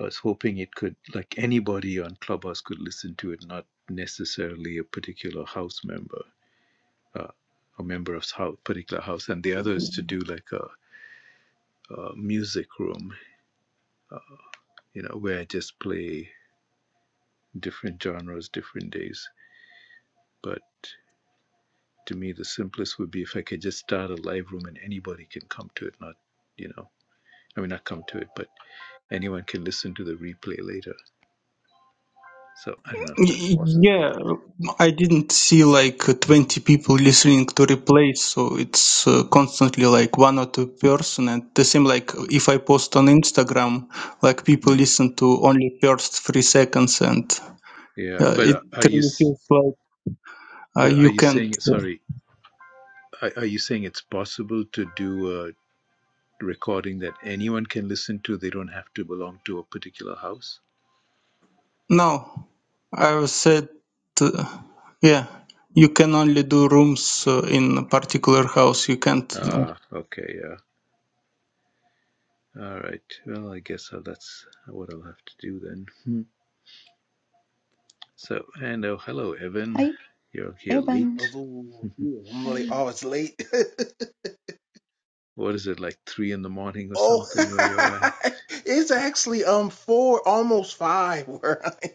Speaker 1: I was hoping it could, like anybody on Clubhouse could listen to it, not necessarily a particular house member or member of house, particular house. And the other is to do like a, a music room, you know, where I just play different genres, different days. But to me, the simplest would be if I could just start a live room and anybody can come to it, not, you know, I mean, not come to it, but anyone can listen to the replay later. So I don't know if that's
Speaker 8: Y-
Speaker 1: possible,
Speaker 8: yeah,
Speaker 1: but
Speaker 8: I didn't see like 20 people listening to replays, so it's uh, constantly like one or two person. And the same like if I post on Instagram, like people
Speaker 1: hmm.
Speaker 8: listen to only first three seconds, and
Speaker 1: yeah.
Speaker 8: uh,
Speaker 1: But
Speaker 8: it
Speaker 1: uh, are you
Speaker 8: really feels like uh,
Speaker 1: but are
Speaker 8: you
Speaker 1: you
Speaker 8: can't
Speaker 1: saying sorry? Are, are you saying it's possible to do a recording that anyone can listen to? They don't have to belong to a particular house.
Speaker 8: No, I've said, uh, yeah, you can only do rooms uh, in a particular house. You can't uh,
Speaker 1: Ah, okay, yeah. All right. Well, I guess uh, that's what I'll have to do then. Hmm. So, and oh, hello, Evan.
Speaker 10: hi,
Speaker 1: You're here late.
Speaker 10: Evan.
Speaker 13: Oh, yeah. I'm
Speaker 10: Hi.
Speaker 13: like, oh, it's late.
Speaker 1: what is it like three in the morning or
Speaker 13: oh,
Speaker 1: something where you're at?
Speaker 13: it's actually um four, almost five. Where I, am.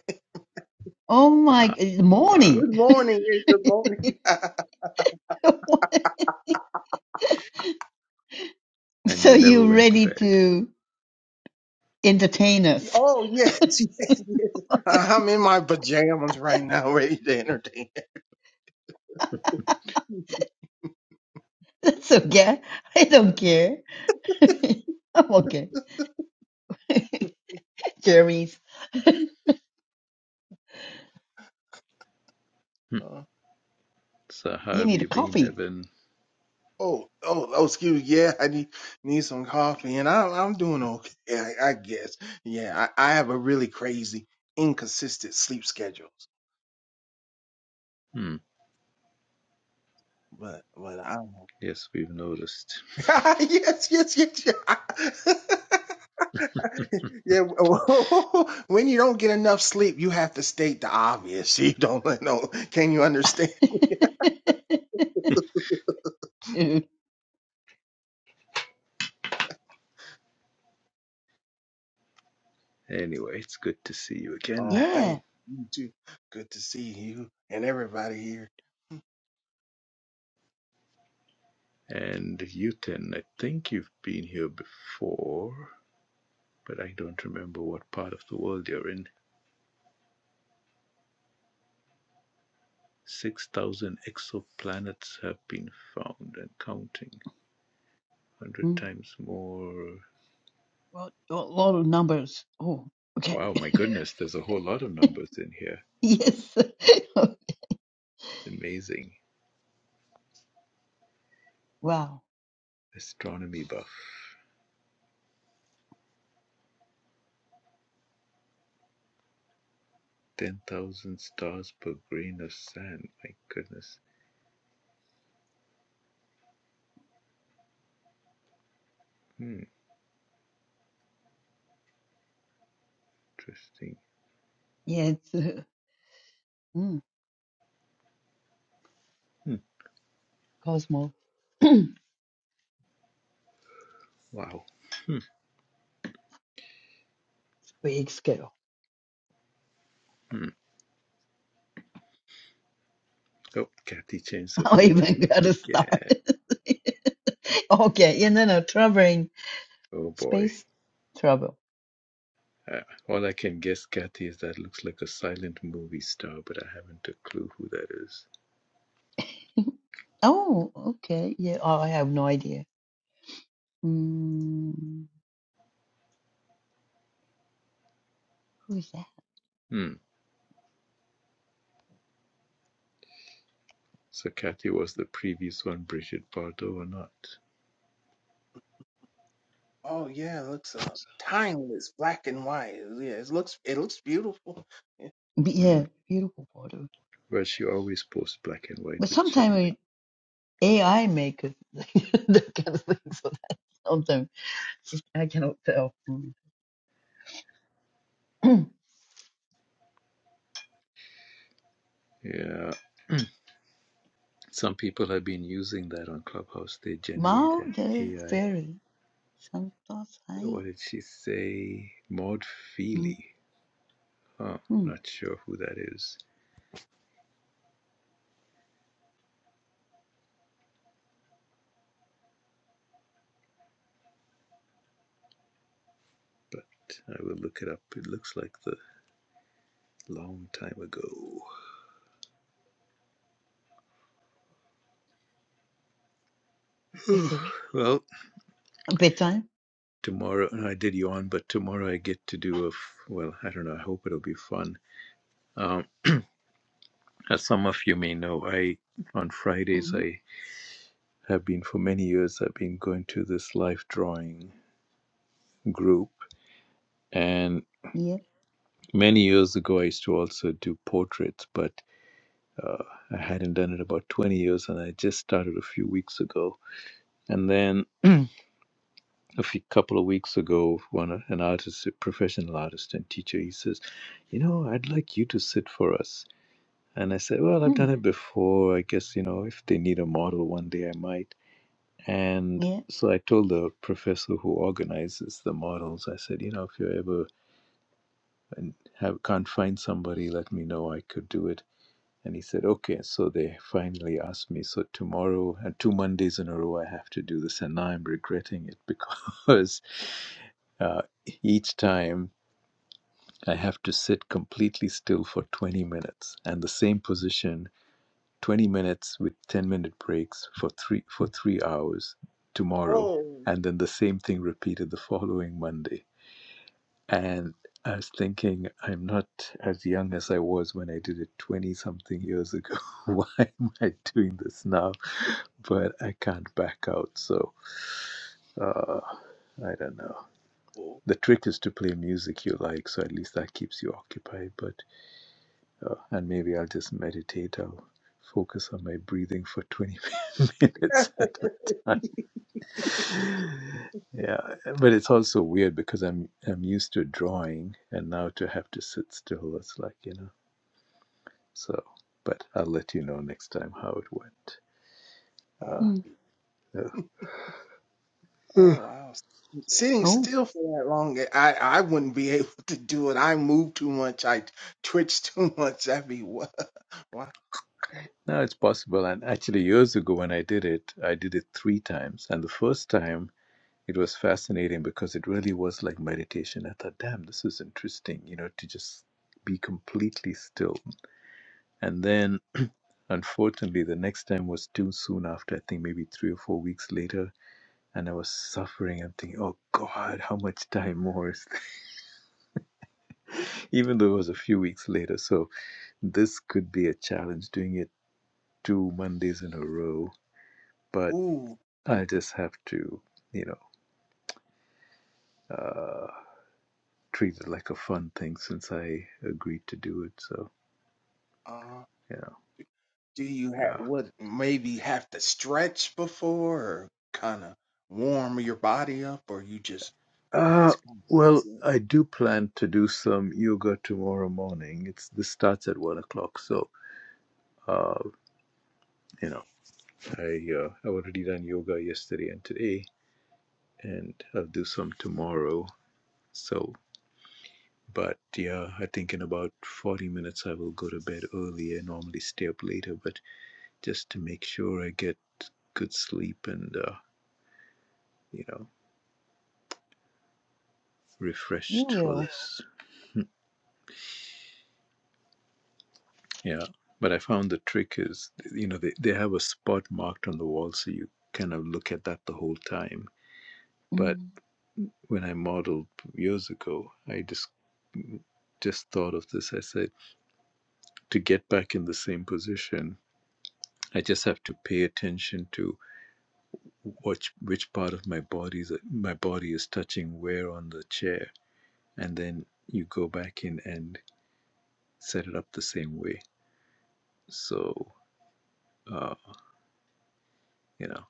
Speaker 10: Oh my,
Speaker 1: Ah,
Speaker 10: it's
Speaker 1: wow.
Speaker 10: morning.
Speaker 13: good morning, yeah, good morning.
Speaker 1: And
Speaker 10: So
Speaker 1: you never
Speaker 10: you
Speaker 1: went to
Speaker 10: ready
Speaker 1: bed.
Speaker 10: to entertain us?
Speaker 13: Oh yes, yes, yes. I'm in my pajamas right now, ready to entertain.
Speaker 10: That's okay. I don't care. I'm okay. Jeremy's,
Speaker 1: Hmm.
Speaker 13: Uh,
Speaker 1: So how
Speaker 10: you
Speaker 1: have
Speaker 10: need a
Speaker 1: you been,
Speaker 10: coffee.
Speaker 1: Evan?
Speaker 13: oh, oh, oh, excuse. me. Yeah, I need need some coffee, and I'm I'm doing okay, I, I guess. Yeah, I, I have a really crazy, inconsistent sleep schedules,
Speaker 1: Hmm.
Speaker 13: but but I don't know.
Speaker 1: Yes, we've noticed.
Speaker 13: yes, yes, yes. yes. Yeah, w- when you don't get enough sleep, you have to state the obvious. You don't let no. Can you understand?
Speaker 10: Dude.
Speaker 1: Anyway, it's good to see you again.
Speaker 13: Oh,
Speaker 10: Yeah.
Speaker 13: thank you too. Good to see you and everybody here.
Speaker 1: And Yuten, I think you've been here before, but I don't remember what part of the world you're in. 6,000 exoplanets have been found and counting. 100
Speaker 10: Mm.
Speaker 1: times more.
Speaker 10: Well, a lot of numbers. Oh, okay.
Speaker 1: Wow, my goodness, there's a whole lot of numbers in here.
Speaker 10: yes.
Speaker 1: Amazing.
Speaker 10: wow.
Speaker 1: Astronomy buff. Ten thousand stars per grain of sand. My goodness. Hmm, interesting.
Speaker 10: Yeah, it's uh, mm,
Speaker 1: Hmm,
Speaker 10: Cosmo. it's
Speaker 1: wow.
Speaker 10: big scale.
Speaker 1: Hmm. Oh, Kathy changed the
Speaker 10: I even
Speaker 1: photograph
Speaker 10: got to
Speaker 1: again.
Speaker 10: start. okay. Yeah, no, no. Traveling.
Speaker 1: Oh boy.
Speaker 10: Space travel.
Speaker 1: Uh, all I can guess, Kathy, is that looks like a silent movie star, but I haven't a clue who that is.
Speaker 10: Oh, okay. Yeah, Oh, I have no idea. Mm, who is that?
Speaker 1: Hmm. So Kathy was the previous one, Bridget Bardot, or not?
Speaker 13: Oh yeah, it looks uh, timeless, black and white. Yeah, it looks it looks beautiful. Yeah.
Speaker 10: Be-
Speaker 1: Hmm.
Speaker 10: Yeah, beautiful photo.
Speaker 1: Well, she always posts black and
Speaker 10: But
Speaker 1: white, which I
Speaker 10: sometimes
Speaker 1: like.
Speaker 10: AI make it- that kind of thing. So that sometimes I cannot tell. Mm.
Speaker 1: Yeah. Some people have been using that on Clubhouse. They generate
Speaker 10: Mao
Speaker 1: an
Speaker 10: the
Speaker 1: AI
Speaker 10: fairy sometimes I.
Speaker 1: What did she say? Maud Feely. Huh,
Speaker 10: Mm-hmm.
Speaker 1: not sure who that is, but I will look it up. It looks like the long time ago.
Speaker 10: I see.
Speaker 1: well,
Speaker 10: Bedtime.
Speaker 1: tomorrow, I did yawn, but tomorrow I get to do a. well, I don't know, I hope it'll be fun. Um, as some of you may know, I, on Fridays,
Speaker 10: Mm-hmm.
Speaker 1: I have been for many years, I've been going to this life drawing group. And
Speaker 10: Yeah.
Speaker 1: many years ago, I used to also do portraits, but Uh, I hadn't done it about 20 years, and I just started a few weeks ago. And then a few couple of weeks ago, one an artist, a professional artist and teacher, he says, "You know, I'd like you to sit for us." And I said, "Well, I've done
Speaker 10: Mm.
Speaker 1: it before. I guess you know, if they need a model one day, I might." And
Speaker 10: Yeah.
Speaker 1: so I told the professor who organizes the models, I said, "You know, if you ever and have, can't find somebody, let me know. I could do it." And he said, okay. So they finally asked me, so tomorrow and two Mondays in a row, I have to do this. And now I'm regretting it because uh, each time I have to sit completely still for 20 minutes and the same position, 20 minutes with 10 minute breaks for three, for three hours tomorrow.
Speaker 13: Oh,
Speaker 1: And then the same thing repeated the following Monday and I was thinking, I'm not as young as I was when I did it 20 something years ago. Why am I doing this now? But I can't back out. So uh, I don't know.
Speaker 13: oh,
Speaker 1: The trick is to play music you like. So at least that keeps you occupied. But, uh, and maybe I'll just meditate. I'll focus on my breathing for 20 minutes at a time yeah, but it's also weird because I'm I'm used to drawing, and now to have to sit still, it's like you know. So, but I'll let you know next time how it went.
Speaker 10: Mm.
Speaker 13: oh.
Speaker 1: Uh, yeah.
Speaker 13: Oh wow. Sitting
Speaker 10: Oh,
Speaker 13: still for that long, eh, I I wouldn't be able to do it. I move too much. I twitch too much. That'd be what? Wow.
Speaker 1: Now it's possible, and actually years ago when I did it, I did it three times, and the first time it was fascinating because it really was like meditation. I thought, damn, this is interesting, you know, to just be completely still. And then Unfortunately, the next time was too soon after, I think maybe three or four weeks later, and I was suffering. I'm thinking, oh God, how much time more is there?" Even though it was a few weeks later. So this could be a challenge doing it two Mondays in a row, but
Speaker 13: Ooh.
Speaker 1: I just have to, you know, uh, treat it like a fun thing since I agreed to do it. So,
Speaker 13: Uh,
Speaker 1: you know,
Speaker 13: do you have
Speaker 1: yeah.
Speaker 13: what? Maybe have to stretch before, or kind of warm your body up, or you just
Speaker 1: Uh,
Speaker 13: it's kind
Speaker 1: well, I do plan to do some yoga tomorrow morning. It's this starts at one o'clock, so uh, You know, I uh, i already done yoga yesterday and today, and I'll do some tomorrow. So, but yeah, I think in about 40 minutes I will go to bed early. I normally stay up later, but just to make sure I get good sleep and uh, you know
Speaker 10: you
Speaker 1: refreshed for
Speaker 10: will.
Speaker 1: this. Yeah, but I found the trick is you know they, they have a spot marked on the wall, so you kind of look at that the whole time. But
Speaker 10: Mm.
Speaker 1: when I modeled years ago, I just just thought of this. I said to get back in the same position. I just have to pay attention to which which part of my body is my body is touching where on the chair, and then you go back in and set it up the same way. So uh, you know,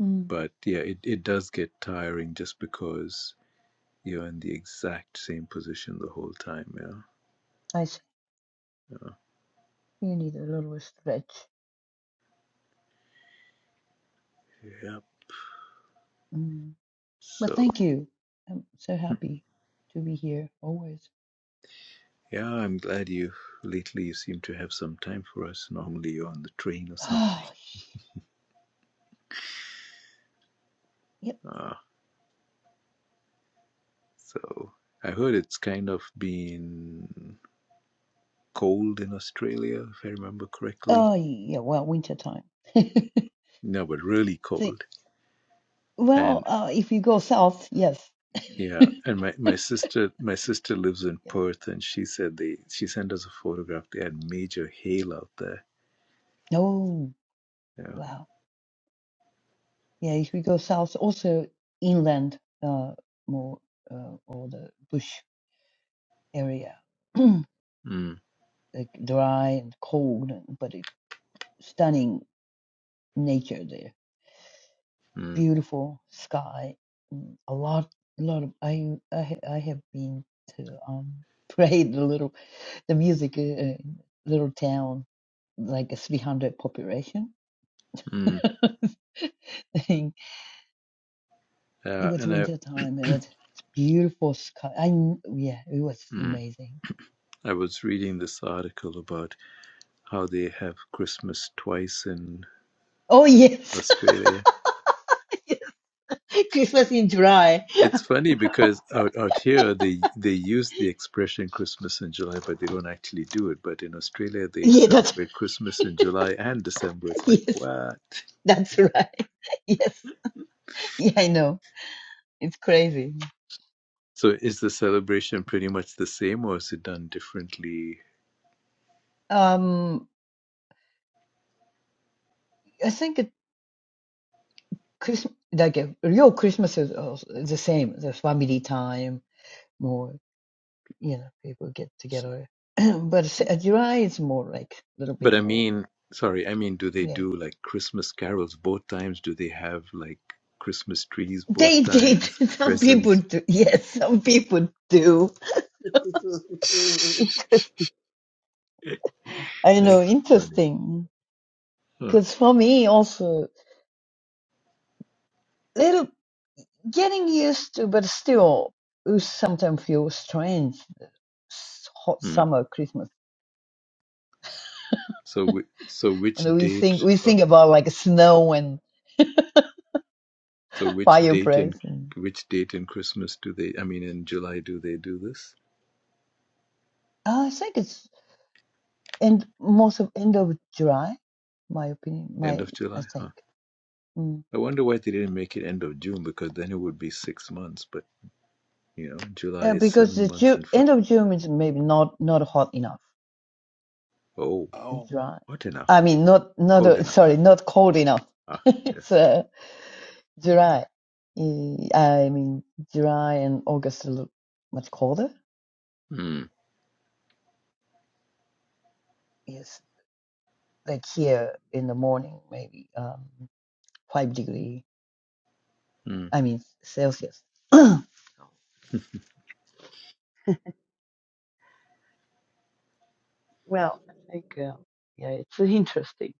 Speaker 10: Mm.
Speaker 1: but yeah, it, it does get tiring just because you're in the exact same position the whole time. Yeah.
Speaker 10: I see. You need a little stretch.
Speaker 1: Yeah.
Speaker 10: Mm. But
Speaker 1: So
Speaker 10: thank you. I'm so happy to be here always.
Speaker 1: yeah, I'm glad you lately you seem to have some time for us. Normally you're on the train or something.
Speaker 10: Oh,
Speaker 1: Uh, So I heard it's kind of been cold in Australia, if I remember correctly.
Speaker 10: Oh, yeah, well, winter time.
Speaker 1: No, but really
Speaker 10: See,
Speaker 1: cold.
Speaker 10: well,
Speaker 1: And
Speaker 10: uh, if you go south, yes.
Speaker 1: yeah, and my, my sister my sister lives in
Speaker 10: Yes.
Speaker 1: Perth, and she said they she sent us a photograph. They had major hail out there.
Speaker 10: Oh,
Speaker 1: Yeah.
Speaker 10: wow. Yeah, if we go south, also inland, uh, more uh, or the bush area, like
Speaker 1: Mm,
Speaker 10: dry and cold, and- but it, stunning nature there.
Speaker 1: mm,
Speaker 10: Beautiful sky. mm, A lot, a lot of I, I, ha- I have been to um, prayed a little the music uh, uh, little town, like a 300 population.
Speaker 1: mm.
Speaker 10: thing. It
Speaker 1: Uh,
Speaker 10: was
Speaker 1: and I
Speaker 10: winter time. It was beautiful sky. I yeah, it was
Speaker 1: mm,
Speaker 10: amazing.
Speaker 1: I was reading this article about how they have Christmas twice in
Speaker 10: Oh yes,
Speaker 1: Australia
Speaker 10: yes. Christmas in July.
Speaker 1: It's funny because out out here they they use the expression Christmas in July, but they don't actually do it. But in Australia, they
Speaker 10: Yeah, that's right,
Speaker 1: celebrate Christmas in July and December. It's like
Speaker 10: yes,
Speaker 1: what?
Speaker 10: that's right. Yes, yeah, I know. It's crazy.
Speaker 1: So is the celebration pretty much the same, or is it done differently?
Speaker 10: Um, I think it Christmas like uh, real Christmas is also the same. The family time, more. you know, people get
Speaker 1: S-
Speaker 10: together. but s- uh, July is more like a little
Speaker 1: But
Speaker 10: bit
Speaker 1: I
Speaker 10: more.
Speaker 1: mean, sorry, I mean, do they
Speaker 10: Yeah.
Speaker 1: do like Christmas carols both times? Do they have like Christmas trees both
Speaker 10: They did.
Speaker 1: times?
Speaker 10: Some people
Speaker 1: Presents?
Speaker 10: do. Yes, some people do.
Speaker 13: of.
Speaker 10: Interesting. I know,
Speaker 1: That's funny.
Speaker 10: interesting.
Speaker 1: Huh.
Speaker 10: Because for me also, little getting used to, but still, we sometimes feel strange. s- Hot
Speaker 1: Hmm.
Speaker 10: summer, Christmas,
Speaker 1: So, whi- so which
Speaker 10: and we think
Speaker 1: date?
Speaker 10: we
Speaker 1: uh,
Speaker 10: think about like snow and
Speaker 1: So which date in
Speaker 10: fireplace. And,
Speaker 1: which date in Christmas do they? I mean, in July do they do this?
Speaker 10: oh, I think it's. And most of end of July, my opinion,
Speaker 1: End
Speaker 10: my
Speaker 1: of
Speaker 10: I
Speaker 1: July, huh?
Speaker 10: think. Mm.
Speaker 1: I wonder why they didn't make it end of June because then it would be six months. But you know, July
Speaker 10: Yeah,
Speaker 1: is
Speaker 10: because
Speaker 1: seven
Speaker 10: the
Speaker 1: months
Speaker 10: Ju-
Speaker 1: and five.
Speaker 10: end of June is maybe not not hot enough.
Speaker 1: Oh,
Speaker 13: oh
Speaker 10: It's dry.
Speaker 1: hot enough,
Speaker 10: I mean, not not
Speaker 1: cold
Speaker 10: uh,
Speaker 1: enough.
Speaker 10: sorry, not cold enough.
Speaker 1: Ah,
Speaker 10: it's
Speaker 1: yes.
Speaker 10: uh, July. Eh, I mean, July and August are lo- much colder.
Speaker 1: Hmm.
Speaker 10: Yes, like here in the morning, maybe um, five degree.
Speaker 1: Hmm.
Speaker 10: I mean Celsius. Well, like uh, yeah, it's interesting.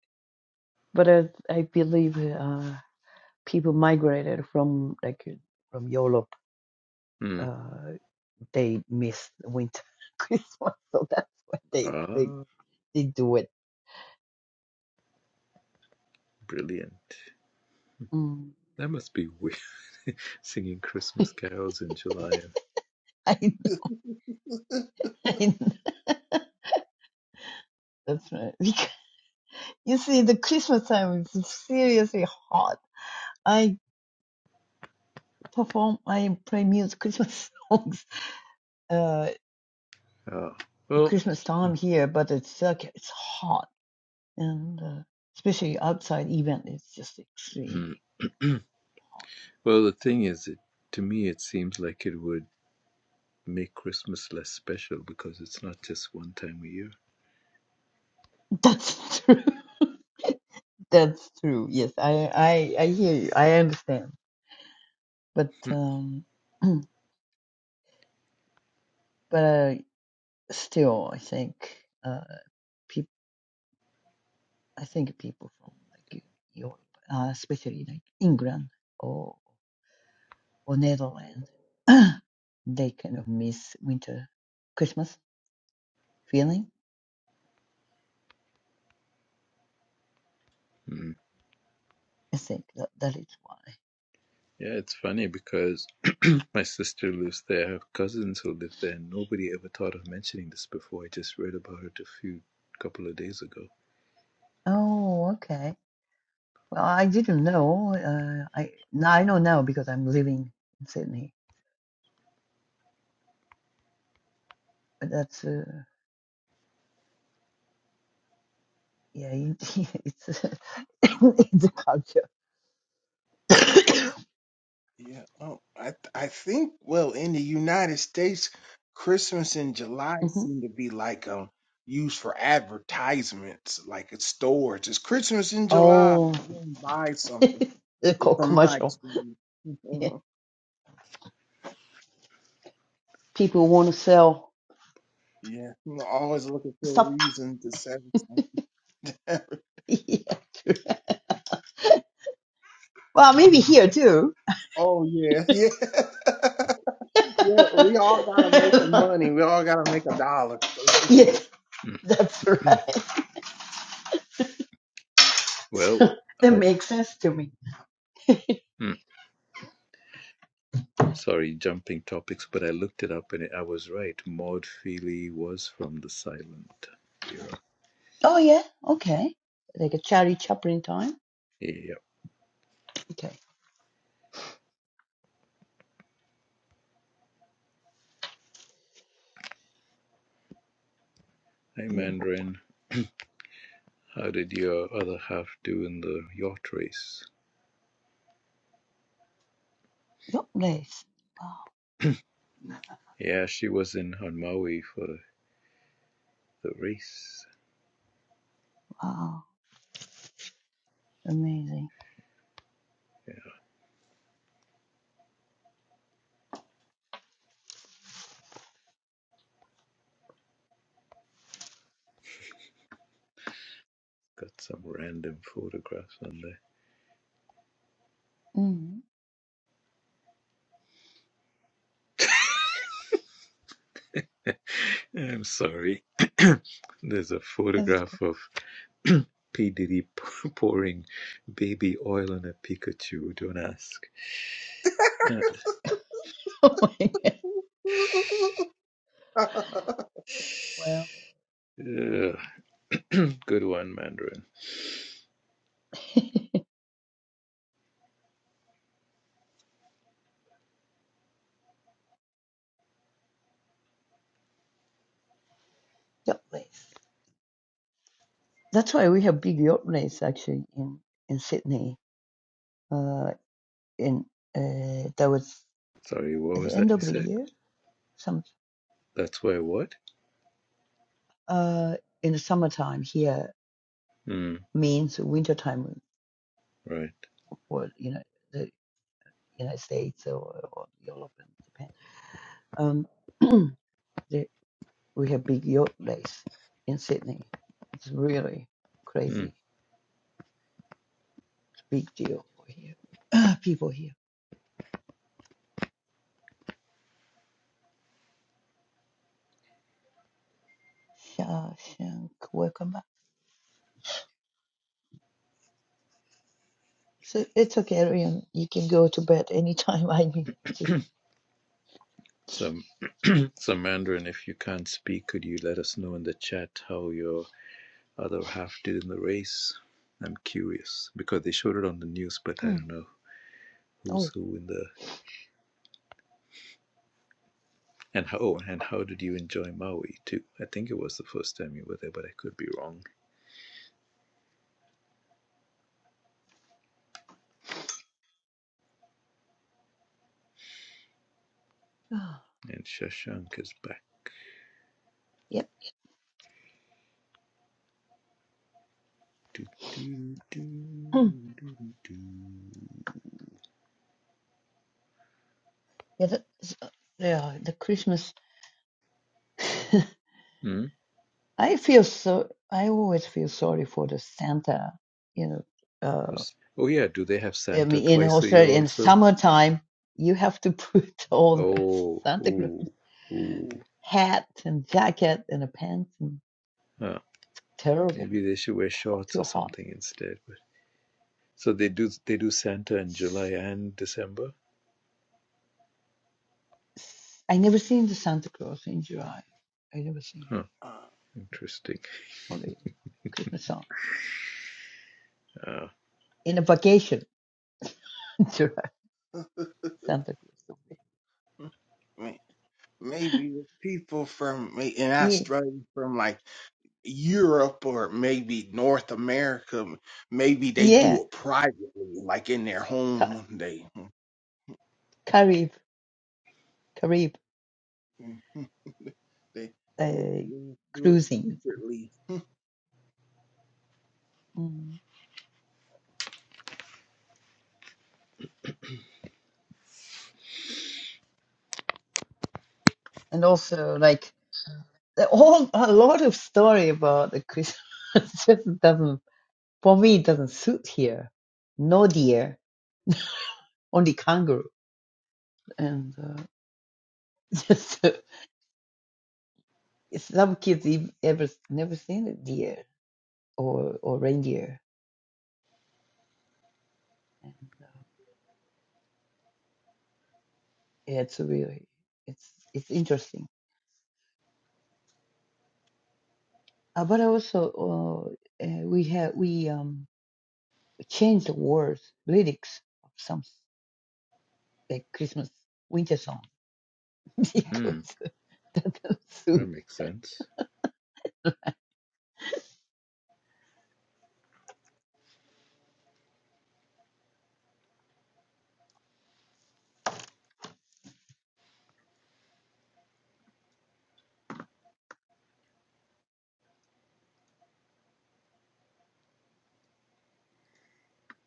Speaker 10: But I, I believe. uh, people migrated from like uh, from Europe.
Speaker 1: Hmm.
Speaker 10: Uh, they miss winter Christmas, so that's why they they,
Speaker 1: Ah,
Speaker 10: they do it.
Speaker 1: brilliant.
Speaker 10: Mm.
Speaker 1: That must be weird. Singing Christmas carols in July.
Speaker 10: I, I, that's right. Because you see, the Christmas time is seriously hot. I perform, I play music, Christmas songs, uh,
Speaker 1: Oh. Well.
Speaker 10: Christmas time here, but it's like it's hot, and uh, especially outside event, it's just extremely hot.
Speaker 1: well, the thing is, it, to me, it seems like it would. make Christmas less special because it's not just one time a year.
Speaker 10: That's true. That's true. Yes, I I I hear you. I understand. But um but uh, still I think uh people I think people from like Europe, uh, especially like England or or Netherlands, they kind of miss winter Christmas feeling.
Speaker 1: Mm.
Speaker 10: I think that that is why.
Speaker 1: Yeah, it's funny because my sister lives there, I have cousins who live there, and nobody ever thought of mentioning this before. I just read about it a few couple of days ago.
Speaker 10: Oh, okay. Well, I didn't know. Uh, I now I know now because I'm living in Sydney. But that's uh, Yeah, you, it's a, it's a culture.
Speaker 13: Yeah, oh, I th- I think well in the United States, Christmas in July
Speaker 10: hmm
Speaker 13: seem to be like um used for advertisements, like at stores. It's Christmas in July.
Speaker 10: Oh,
Speaker 13: Go and buy something.
Speaker 10: they call
Speaker 13: From my
Speaker 10: commercial.
Speaker 13: experience,
Speaker 10: Yeah. People want to sell
Speaker 13: yeah, I'm always looking for a
Speaker 10: stuff.
Speaker 13: reason to sell something.
Speaker 10: Yeah. true. Well, maybe here too.
Speaker 13: oh yeah, yeah, yeah. We all gotta make a money. We all gotta make a dollar.
Speaker 10: yes, that's right.
Speaker 1: Mm. well,
Speaker 10: So that
Speaker 1: I
Speaker 10: makes sense to me.
Speaker 1: mm, sorry, jumping topics, but I looked it up and it, I was right. Maud Feely was from the silent era.
Speaker 10: Oh yeah, okay. Like a Charlie Chaplin time.
Speaker 1: Yeah.
Speaker 10: Okay,
Speaker 1: Hey,
Speaker 10: beautiful.
Speaker 1: Mandarin, how did your other half do in the yacht race?
Speaker 10: Your place. Wow,
Speaker 1: Yeah, she was in Hanmaui for the race.
Speaker 10: wow, amazing.
Speaker 1: Got some random photographs on
Speaker 10: Mm,
Speaker 1: there. I'm sorry. There's a
Speaker 10: that's
Speaker 1: photograph
Speaker 10: good.
Speaker 1: of P. Diddy p- pouring baby oil on a Pikachu. Don't ask. Uh,
Speaker 10: Oh my God.
Speaker 13: Ooh,
Speaker 10: Wow.
Speaker 1: ugh. good one, Mandarin.
Speaker 10: Yacht race. That's why we have big yacht race actually in in Sydney. Uh, in uh, there was
Speaker 1: Sorry, what
Speaker 10: at the
Speaker 1: was
Speaker 10: end
Speaker 1: that you
Speaker 10: of the
Speaker 1: said?
Speaker 10: year, some
Speaker 1: That's why what?
Speaker 10: uh, in the summertime here
Speaker 1: Hmm,
Speaker 10: means wintertime,
Speaker 1: right.
Speaker 10: or you know the United States or, or Europe and Japan. Um, the, we have big yacht race in Sydney. It's really
Speaker 1: Hmm.
Speaker 10: crazy. It's a big deal for here people here. Shashank, welcome back. So it's okay, Arian. You can go to bed anytime I mean, to.
Speaker 1: So, so Mandarin, if you can't speak, could you let us know in the chat how your other half did in the race. I'm curious because they showed it on the news, but I don't
Speaker 10: Mm.
Speaker 1: know who's
Speaker 10: Oh,
Speaker 1: who in the and how. Oh, and how did you enjoy Maui too? I think it was the first time you were there, but I could be wrong. And Shashank is back.
Speaker 10: yep.
Speaker 1: Do, do, do,
Speaker 10: Mm.
Speaker 1: do, do, do.
Speaker 10: Yeah, that's, uh, yeah, the Christmas.
Speaker 1: Hmm?
Speaker 10: I feel so. I always feel sorry for the Santa. You know, uh,
Speaker 1: Oh yeah, do they have
Speaker 10: I
Speaker 1: Santa
Speaker 10: mean, in
Speaker 1: twice a year
Speaker 10: Australia, in
Speaker 1: also?
Speaker 10: summertime, you have to put all the
Speaker 1: Oh,
Speaker 10: Santa Claus
Speaker 1: ooh, ooh.
Speaker 10: hat and jacket and a pants and
Speaker 1: Huh.
Speaker 10: terrible.
Speaker 1: Maybe they should wear
Speaker 10: It's hot,
Speaker 1: shorts
Speaker 10: too
Speaker 1: or
Speaker 10: hot.
Speaker 1: something instead. But so they do they do Santa in July
Speaker 10: S-
Speaker 1: and December.
Speaker 10: s- I never seen the Santa Claus in July. I never seen.
Speaker 1: Huh.
Speaker 13: uh,
Speaker 1: Interesting.
Speaker 10: or Christmas song
Speaker 1: Ah,
Speaker 10: in a vacation Santa Cruz.
Speaker 13: mm, man. maybe with people from may- and I
Speaker 10: Yeah,
Speaker 13: from like Europe or maybe North America, maybe they
Speaker 10: yeah,
Speaker 13: do it privately, like in their
Speaker 10: Ca-
Speaker 13: home. They
Speaker 10: Carib, Carib
Speaker 13: they they
Speaker 10: uh,
Speaker 13: do it
Speaker 10: cruising,
Speaker 13: secretly
Speaker 10: mm. and also like all a lot of story about the Christmas just doesn't for me it doesn't suit here. No deer, only kangaroo, and uh, just uh, some kids ev- ever never seen a deer or or reindeer, and uh, yeah, it's really it's it's interesting Uh, but also, uh, uh, we have we um changed the words lyrics of some s- like Christmas winter song because
Speaker 1: mhm.
Speaker 10: that doesn't
Speaker 1: That
Speaker 10: suit.
Speaker 1: makes sense.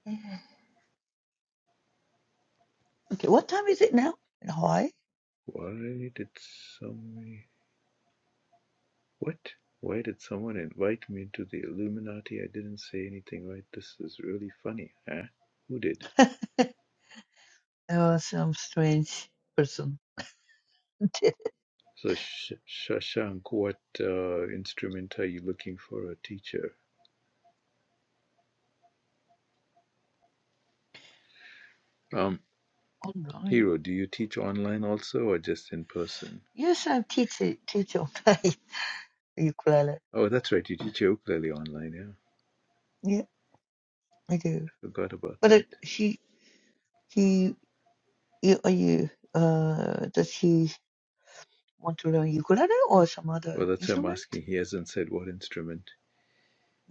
Speaker 10: Okay, what time is it now in Hawaii?
Speaker 1: Why did some what? Why did someone invite me to the Illuminati? I didn't say anything, right? This is really funny, huh? Who did?
Speaker 10: Oh, some strange person did it
Speaker 1: So, Sh- Shashank, what uh, instrument are you looking for a teacher? Um,
Speaker 10: online.
Speaker 1: Hero, do you teach online also or just in person?
Speaker 10: Yes, I'm teacher teacher of ukulele.
Speaker 1: Oh, that's right, you teach ukulele online, yeah.
Speaker 10: Yeah, I do.
Speaker 1: I Forgot about
Speaker 10: But uh,
Speaker 1: that.
Speaker 10: she he you, are you uh does he want to learn ukulele or some
Speaker 1: Well,
Speaker 10: other
Speaker 1: that's why I'm
Speaker 10: instrument?
Speaker 1: asking. He hasn't said what instrument.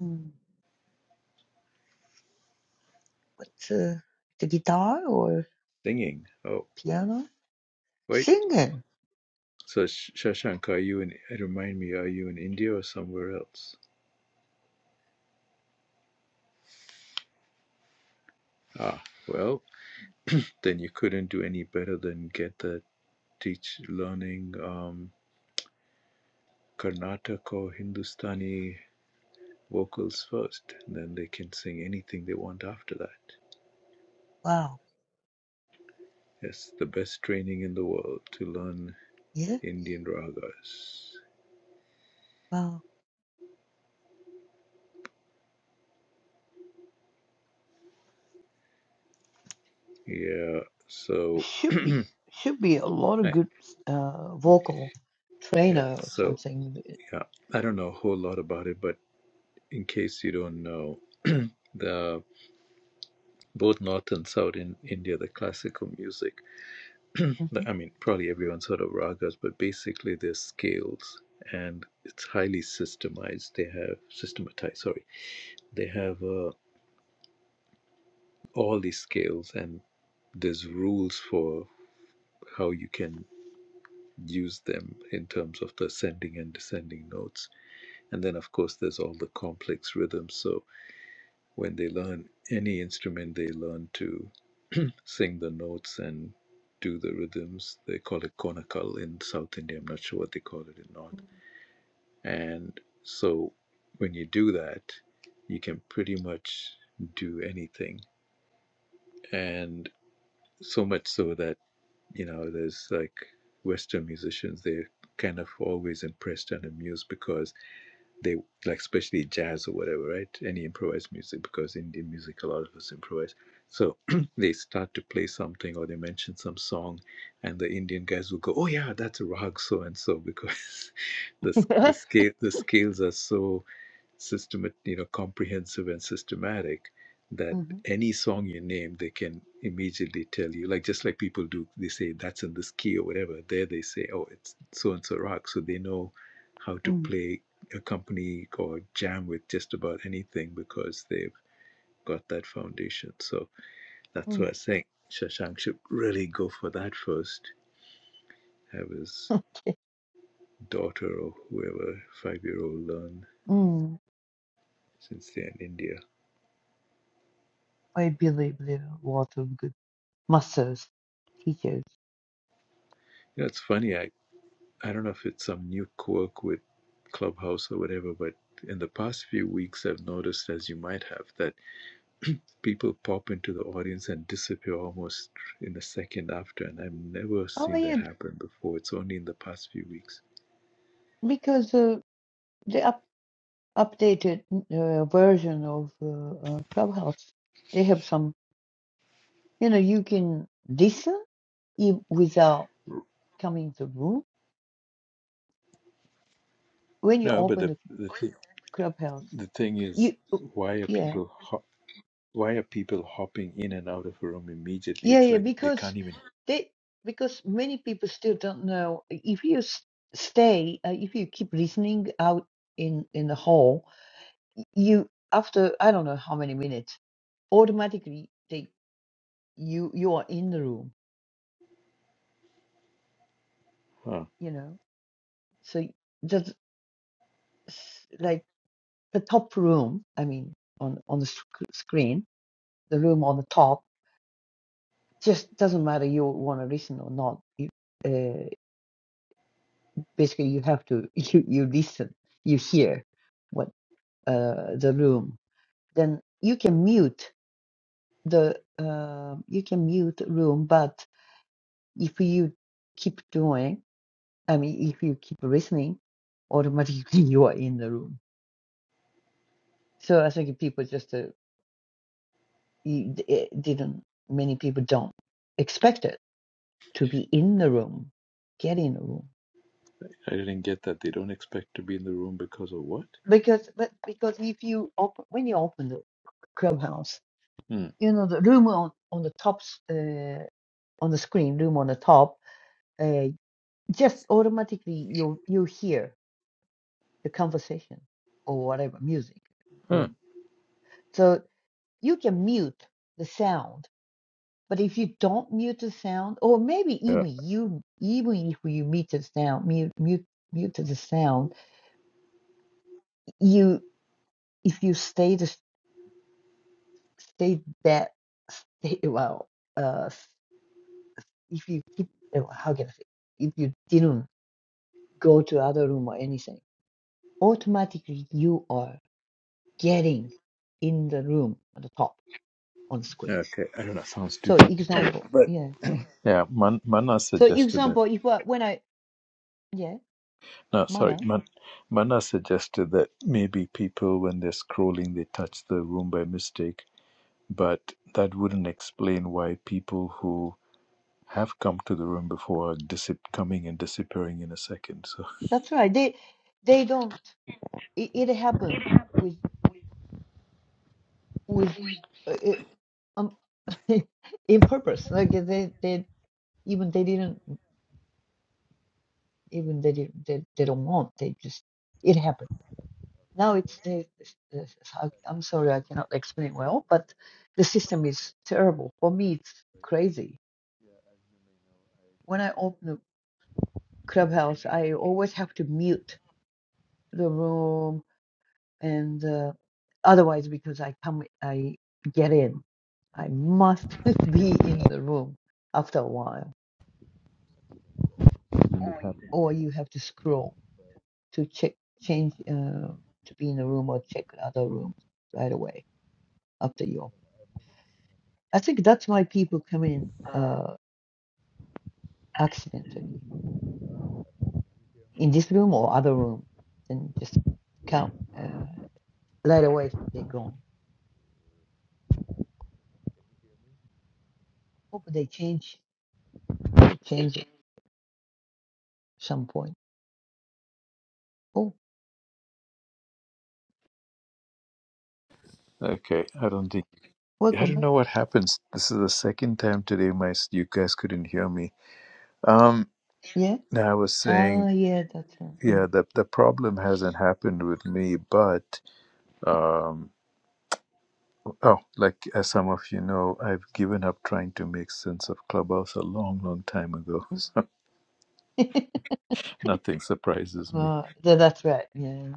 Speaker 10: Mm. What's uh, the guitar or
Speaker 1: Singing. Oh,
Speaker 10: piano?
Speaker 1: wait.
Speaker 10: Singing.
Speaker 1: So Shashank, are you in? Remind me, are you in India or somewhere else? Ah, well, then you couldn't do any better than get that teach learning um, Karnataka or Hindustani vocals first. and Then they can sing anything they want after that.
Speaker 10: Wow.
Speaker 1: Yes, the best training in the world to learn
Speaker 10: Yeah.
Speaker 1: Indian ragas.
Speaker 10: Wow.
Speaker 1: Yeah. So,
Speaker 10: Should be
Speaker 1: Right.
Speaker 10: should be a lot of good uh, vocal
Speaker 1: yeah.
Speaker 10: trainer or
Speaker 1: So,
Speaker 10: something.
Speaker 1: yeah. I don't know a whole lot about it, but in case you don't know, the both north and south in India, the classical music,
Speaker 10: Mm-hmm.
Speaker 1: I mean, probably everyone's heard of ragas, but basically they're scales and it's highly systemized. They have systematized, sorry, they have uh, all these scales and there's rules for how you can use them in terms of the ascending and descending notes. And then, of course, there's all the complex rhythms. So when they learn any instrument, they learn to sing the notes and do the rhythms. They call it konakal in South India. I'm not sure what they call it in North. And so when you do that, you can pretty much do anything. And so much so that, you know, there's like Western musicians, they're kind of always impressed and amused because they like especially jazz or whatever, right? Any improvised music because Indian music a lot of us improvise. So they start to play something or they mention some song, and the Indian guys will go, "Oh yeah, that's a rag so and so," because the the
Speaker 10: mm
Speaker 1: scale the scales are so system, you know, comprehensive and systematic that any song you name, they can immediately tell you, like just like people do, they say that's in this key or whatever. There they say, oh, it's so and so rock. So they know how to play, accompany, or jam with just about anything because they've got that foundation. So that's
Speaker 10: mm
Speaker 1: what I think Shashank should really go for that first. Have his daughter or whoever, five year old, learn
Speaker 10: Mm.
Speaker 1: since they're in India.
Speaker 10: I believe there are a lot of good masters, teachers.
Speaker 1: You know, it's funny. I. I don't know if it's some new quirk with Clubhouse or whatever, but in the past few weeks, I've noticed, as you might have, that people pop into the audience and disappear almost in a second after, and I've never
Speaker 10: Oh
Speaker 1: seen that
Speaker 10: yeah,
Speaker 1: happen before. It's only in the past few weeks.
Speaker 10: because uh, the up updated uh, version of uh, uh, Clubhouse, they have some. You know, you can listen if without come in the room when you
Speaker 1: No, but
Speaker 10: open
Speaker 1: the
Speaker 10: the
Speaker 1: the, th-
Speaker 10: clubhouse
Speaker 1: the thing is,
Speaker 10: you uh,
Speaker 1: why are
Speaker 10: yeah
Speaker 1: people hop- why are people hopping in and out of a room immediately?
Speaker 10: yeah
Speaker 1: It's
Speaker 10: yeah
Speaker 1: like they
Speaker 10: because
Speaker 1: can't even.
Speaker 10: they because many people still don't know if you s- stay uh, if you keep listening out in in the hall y- you after i don't know how many minutes automatically they you you are in the room
Speaker 1: Huh.
Speaker 10: you know so just like the top room i mean on on the sc- screen the room on the top just doesn't matter you want to listen or not. You, uh, basically, you have to you, you listen, you hear what uh, the room. Then you can mute the uh, you can mute room, but if you keep doing, I mean, if you keep listening, automatically you are in the room. So I think people just uh, you- eh, didn't many people don't expect it to be in the room, get in the room.
Speaker 1: I didn't get that. They don't expect to be in the room because of what?
Speaker 10: Because but because if you open when you open the clubhouse,
Speaker 1: Hmm.
Speaker 10: you know the room on on the top s- uh, on the screen, room on the top, uh, just automatically you you hear the conversation or whatever music
Speaker 1: Huh.
Speaker 10: room. So you can mute the sound, but if you don't mute the sound, or maybe
Speaker 1: Yeah.
Speaker 10: even you even if you mute the sound, mute mute mute the sound, you if you stay the stay that stay well uh if you keep uh, how can I say if you didn't go to other room or anything, automatically you are getting in the room at the top on screen.
Speaker 1: Okay. I don't know. Sounds
Speaker 10: So
Speaker 1: stupid.
Speaker 10: example,
Speaker 1: But
Speaker 10: yeah.
Speaker 1: yeah, Man- Mana
Speaker 10: So
Speaker 1: suggested that.
Speaker 10: example, if I, when I yeah
Speaker 1: No, sorry,
Speaker 10: mana
Speaker 1: Man- Mana suggested that maybe people, when they're scrolling, they touch the room by mistake. But that wouldn't explain why people who have come to the room before are disip- coming and disappearing in a second. So
Speaker 10: that's right. They they don't. It, it happen with with uh, it, um in purpose. Like they they even they didn't. even they didn't they, they don't want they just it happened now it's the, the I- i'm sorry i cannot explain well but the system is terrible for me it's crazy when i open a clubhouse i always have to mute the room and uh, otherwise because i come i get in i must be in the room after a while or you have to scroll to check change uh, to be in the room or check other rooms right away after yoga. I think that's why people come in uh, accidentally in this room or other room, and just come uh, right away they're gone. Hope they change. They change it some point. Oh,
Speaker 1: okay, I don't think I
Speaker 10: welcome
Speaker 1: don't
Speaker 10: back.
Speaker 1: know what happens. This is the second time today my you guys couldn't hear me. Um,
Speaker 10: Yeah.
Speaker 1: now I was
Speaker 10: Ah,
Speaker 1: saying,
Speaker 10: yeah, that's right. Mm,
Speaker 1: yeah, the the problem hasn't happened with me, but. Um, Oh, like as some of you know, I've given up trying to make sense of Clubhouse a long, long time ago.
Speaker 10: mm.
Speaker 1: So nothing surprises me.
Speaker 10: uh, tha- that's right. Yeah.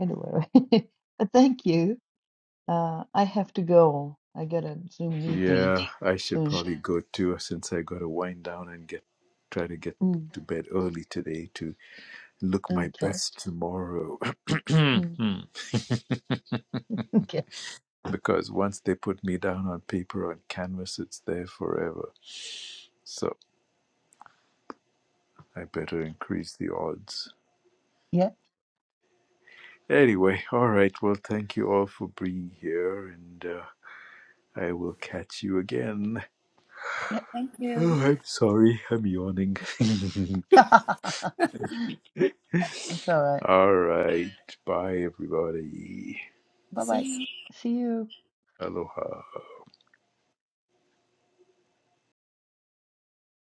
Speaker 10: Anyway, Uh, thank you. Uh, I have to go. I got a Zoom meeting
Speaker 1: Yeah, I should
Speaker 10: soon.
Speaker 1: probably go too, since I got to wind down and get try to get
Speaker 10: Mm,
Speaker 1: to bed early today to look my
Speaker 10: okay.
Speaker 1: best tomorrow.
Speaker 10: Mm,
Speaker 1: Hmm.
Speaker 10: okay.
Speaker 1: because once they put me down on paper on canvas, it's there forever. So I better increase the odds.
Speaker 10: Yeah.
Speaker 1: Anyway, all right. Well, thank you all for being here and. Uh, I will catch you again.
Speaker 10: Yeah.
Speaker 9: Thank you.
Speaker 1: Oh, I'm sorry, I'm yawning.
Speaker 10: That's all right.
Speaker 1: All right, bye everybody.
Speaker 10: Bye
Speaker 9: See
Speaker 10: bye.
Speaker 9: you.
Speaker 10: See you.
Speaker 1: Aloha.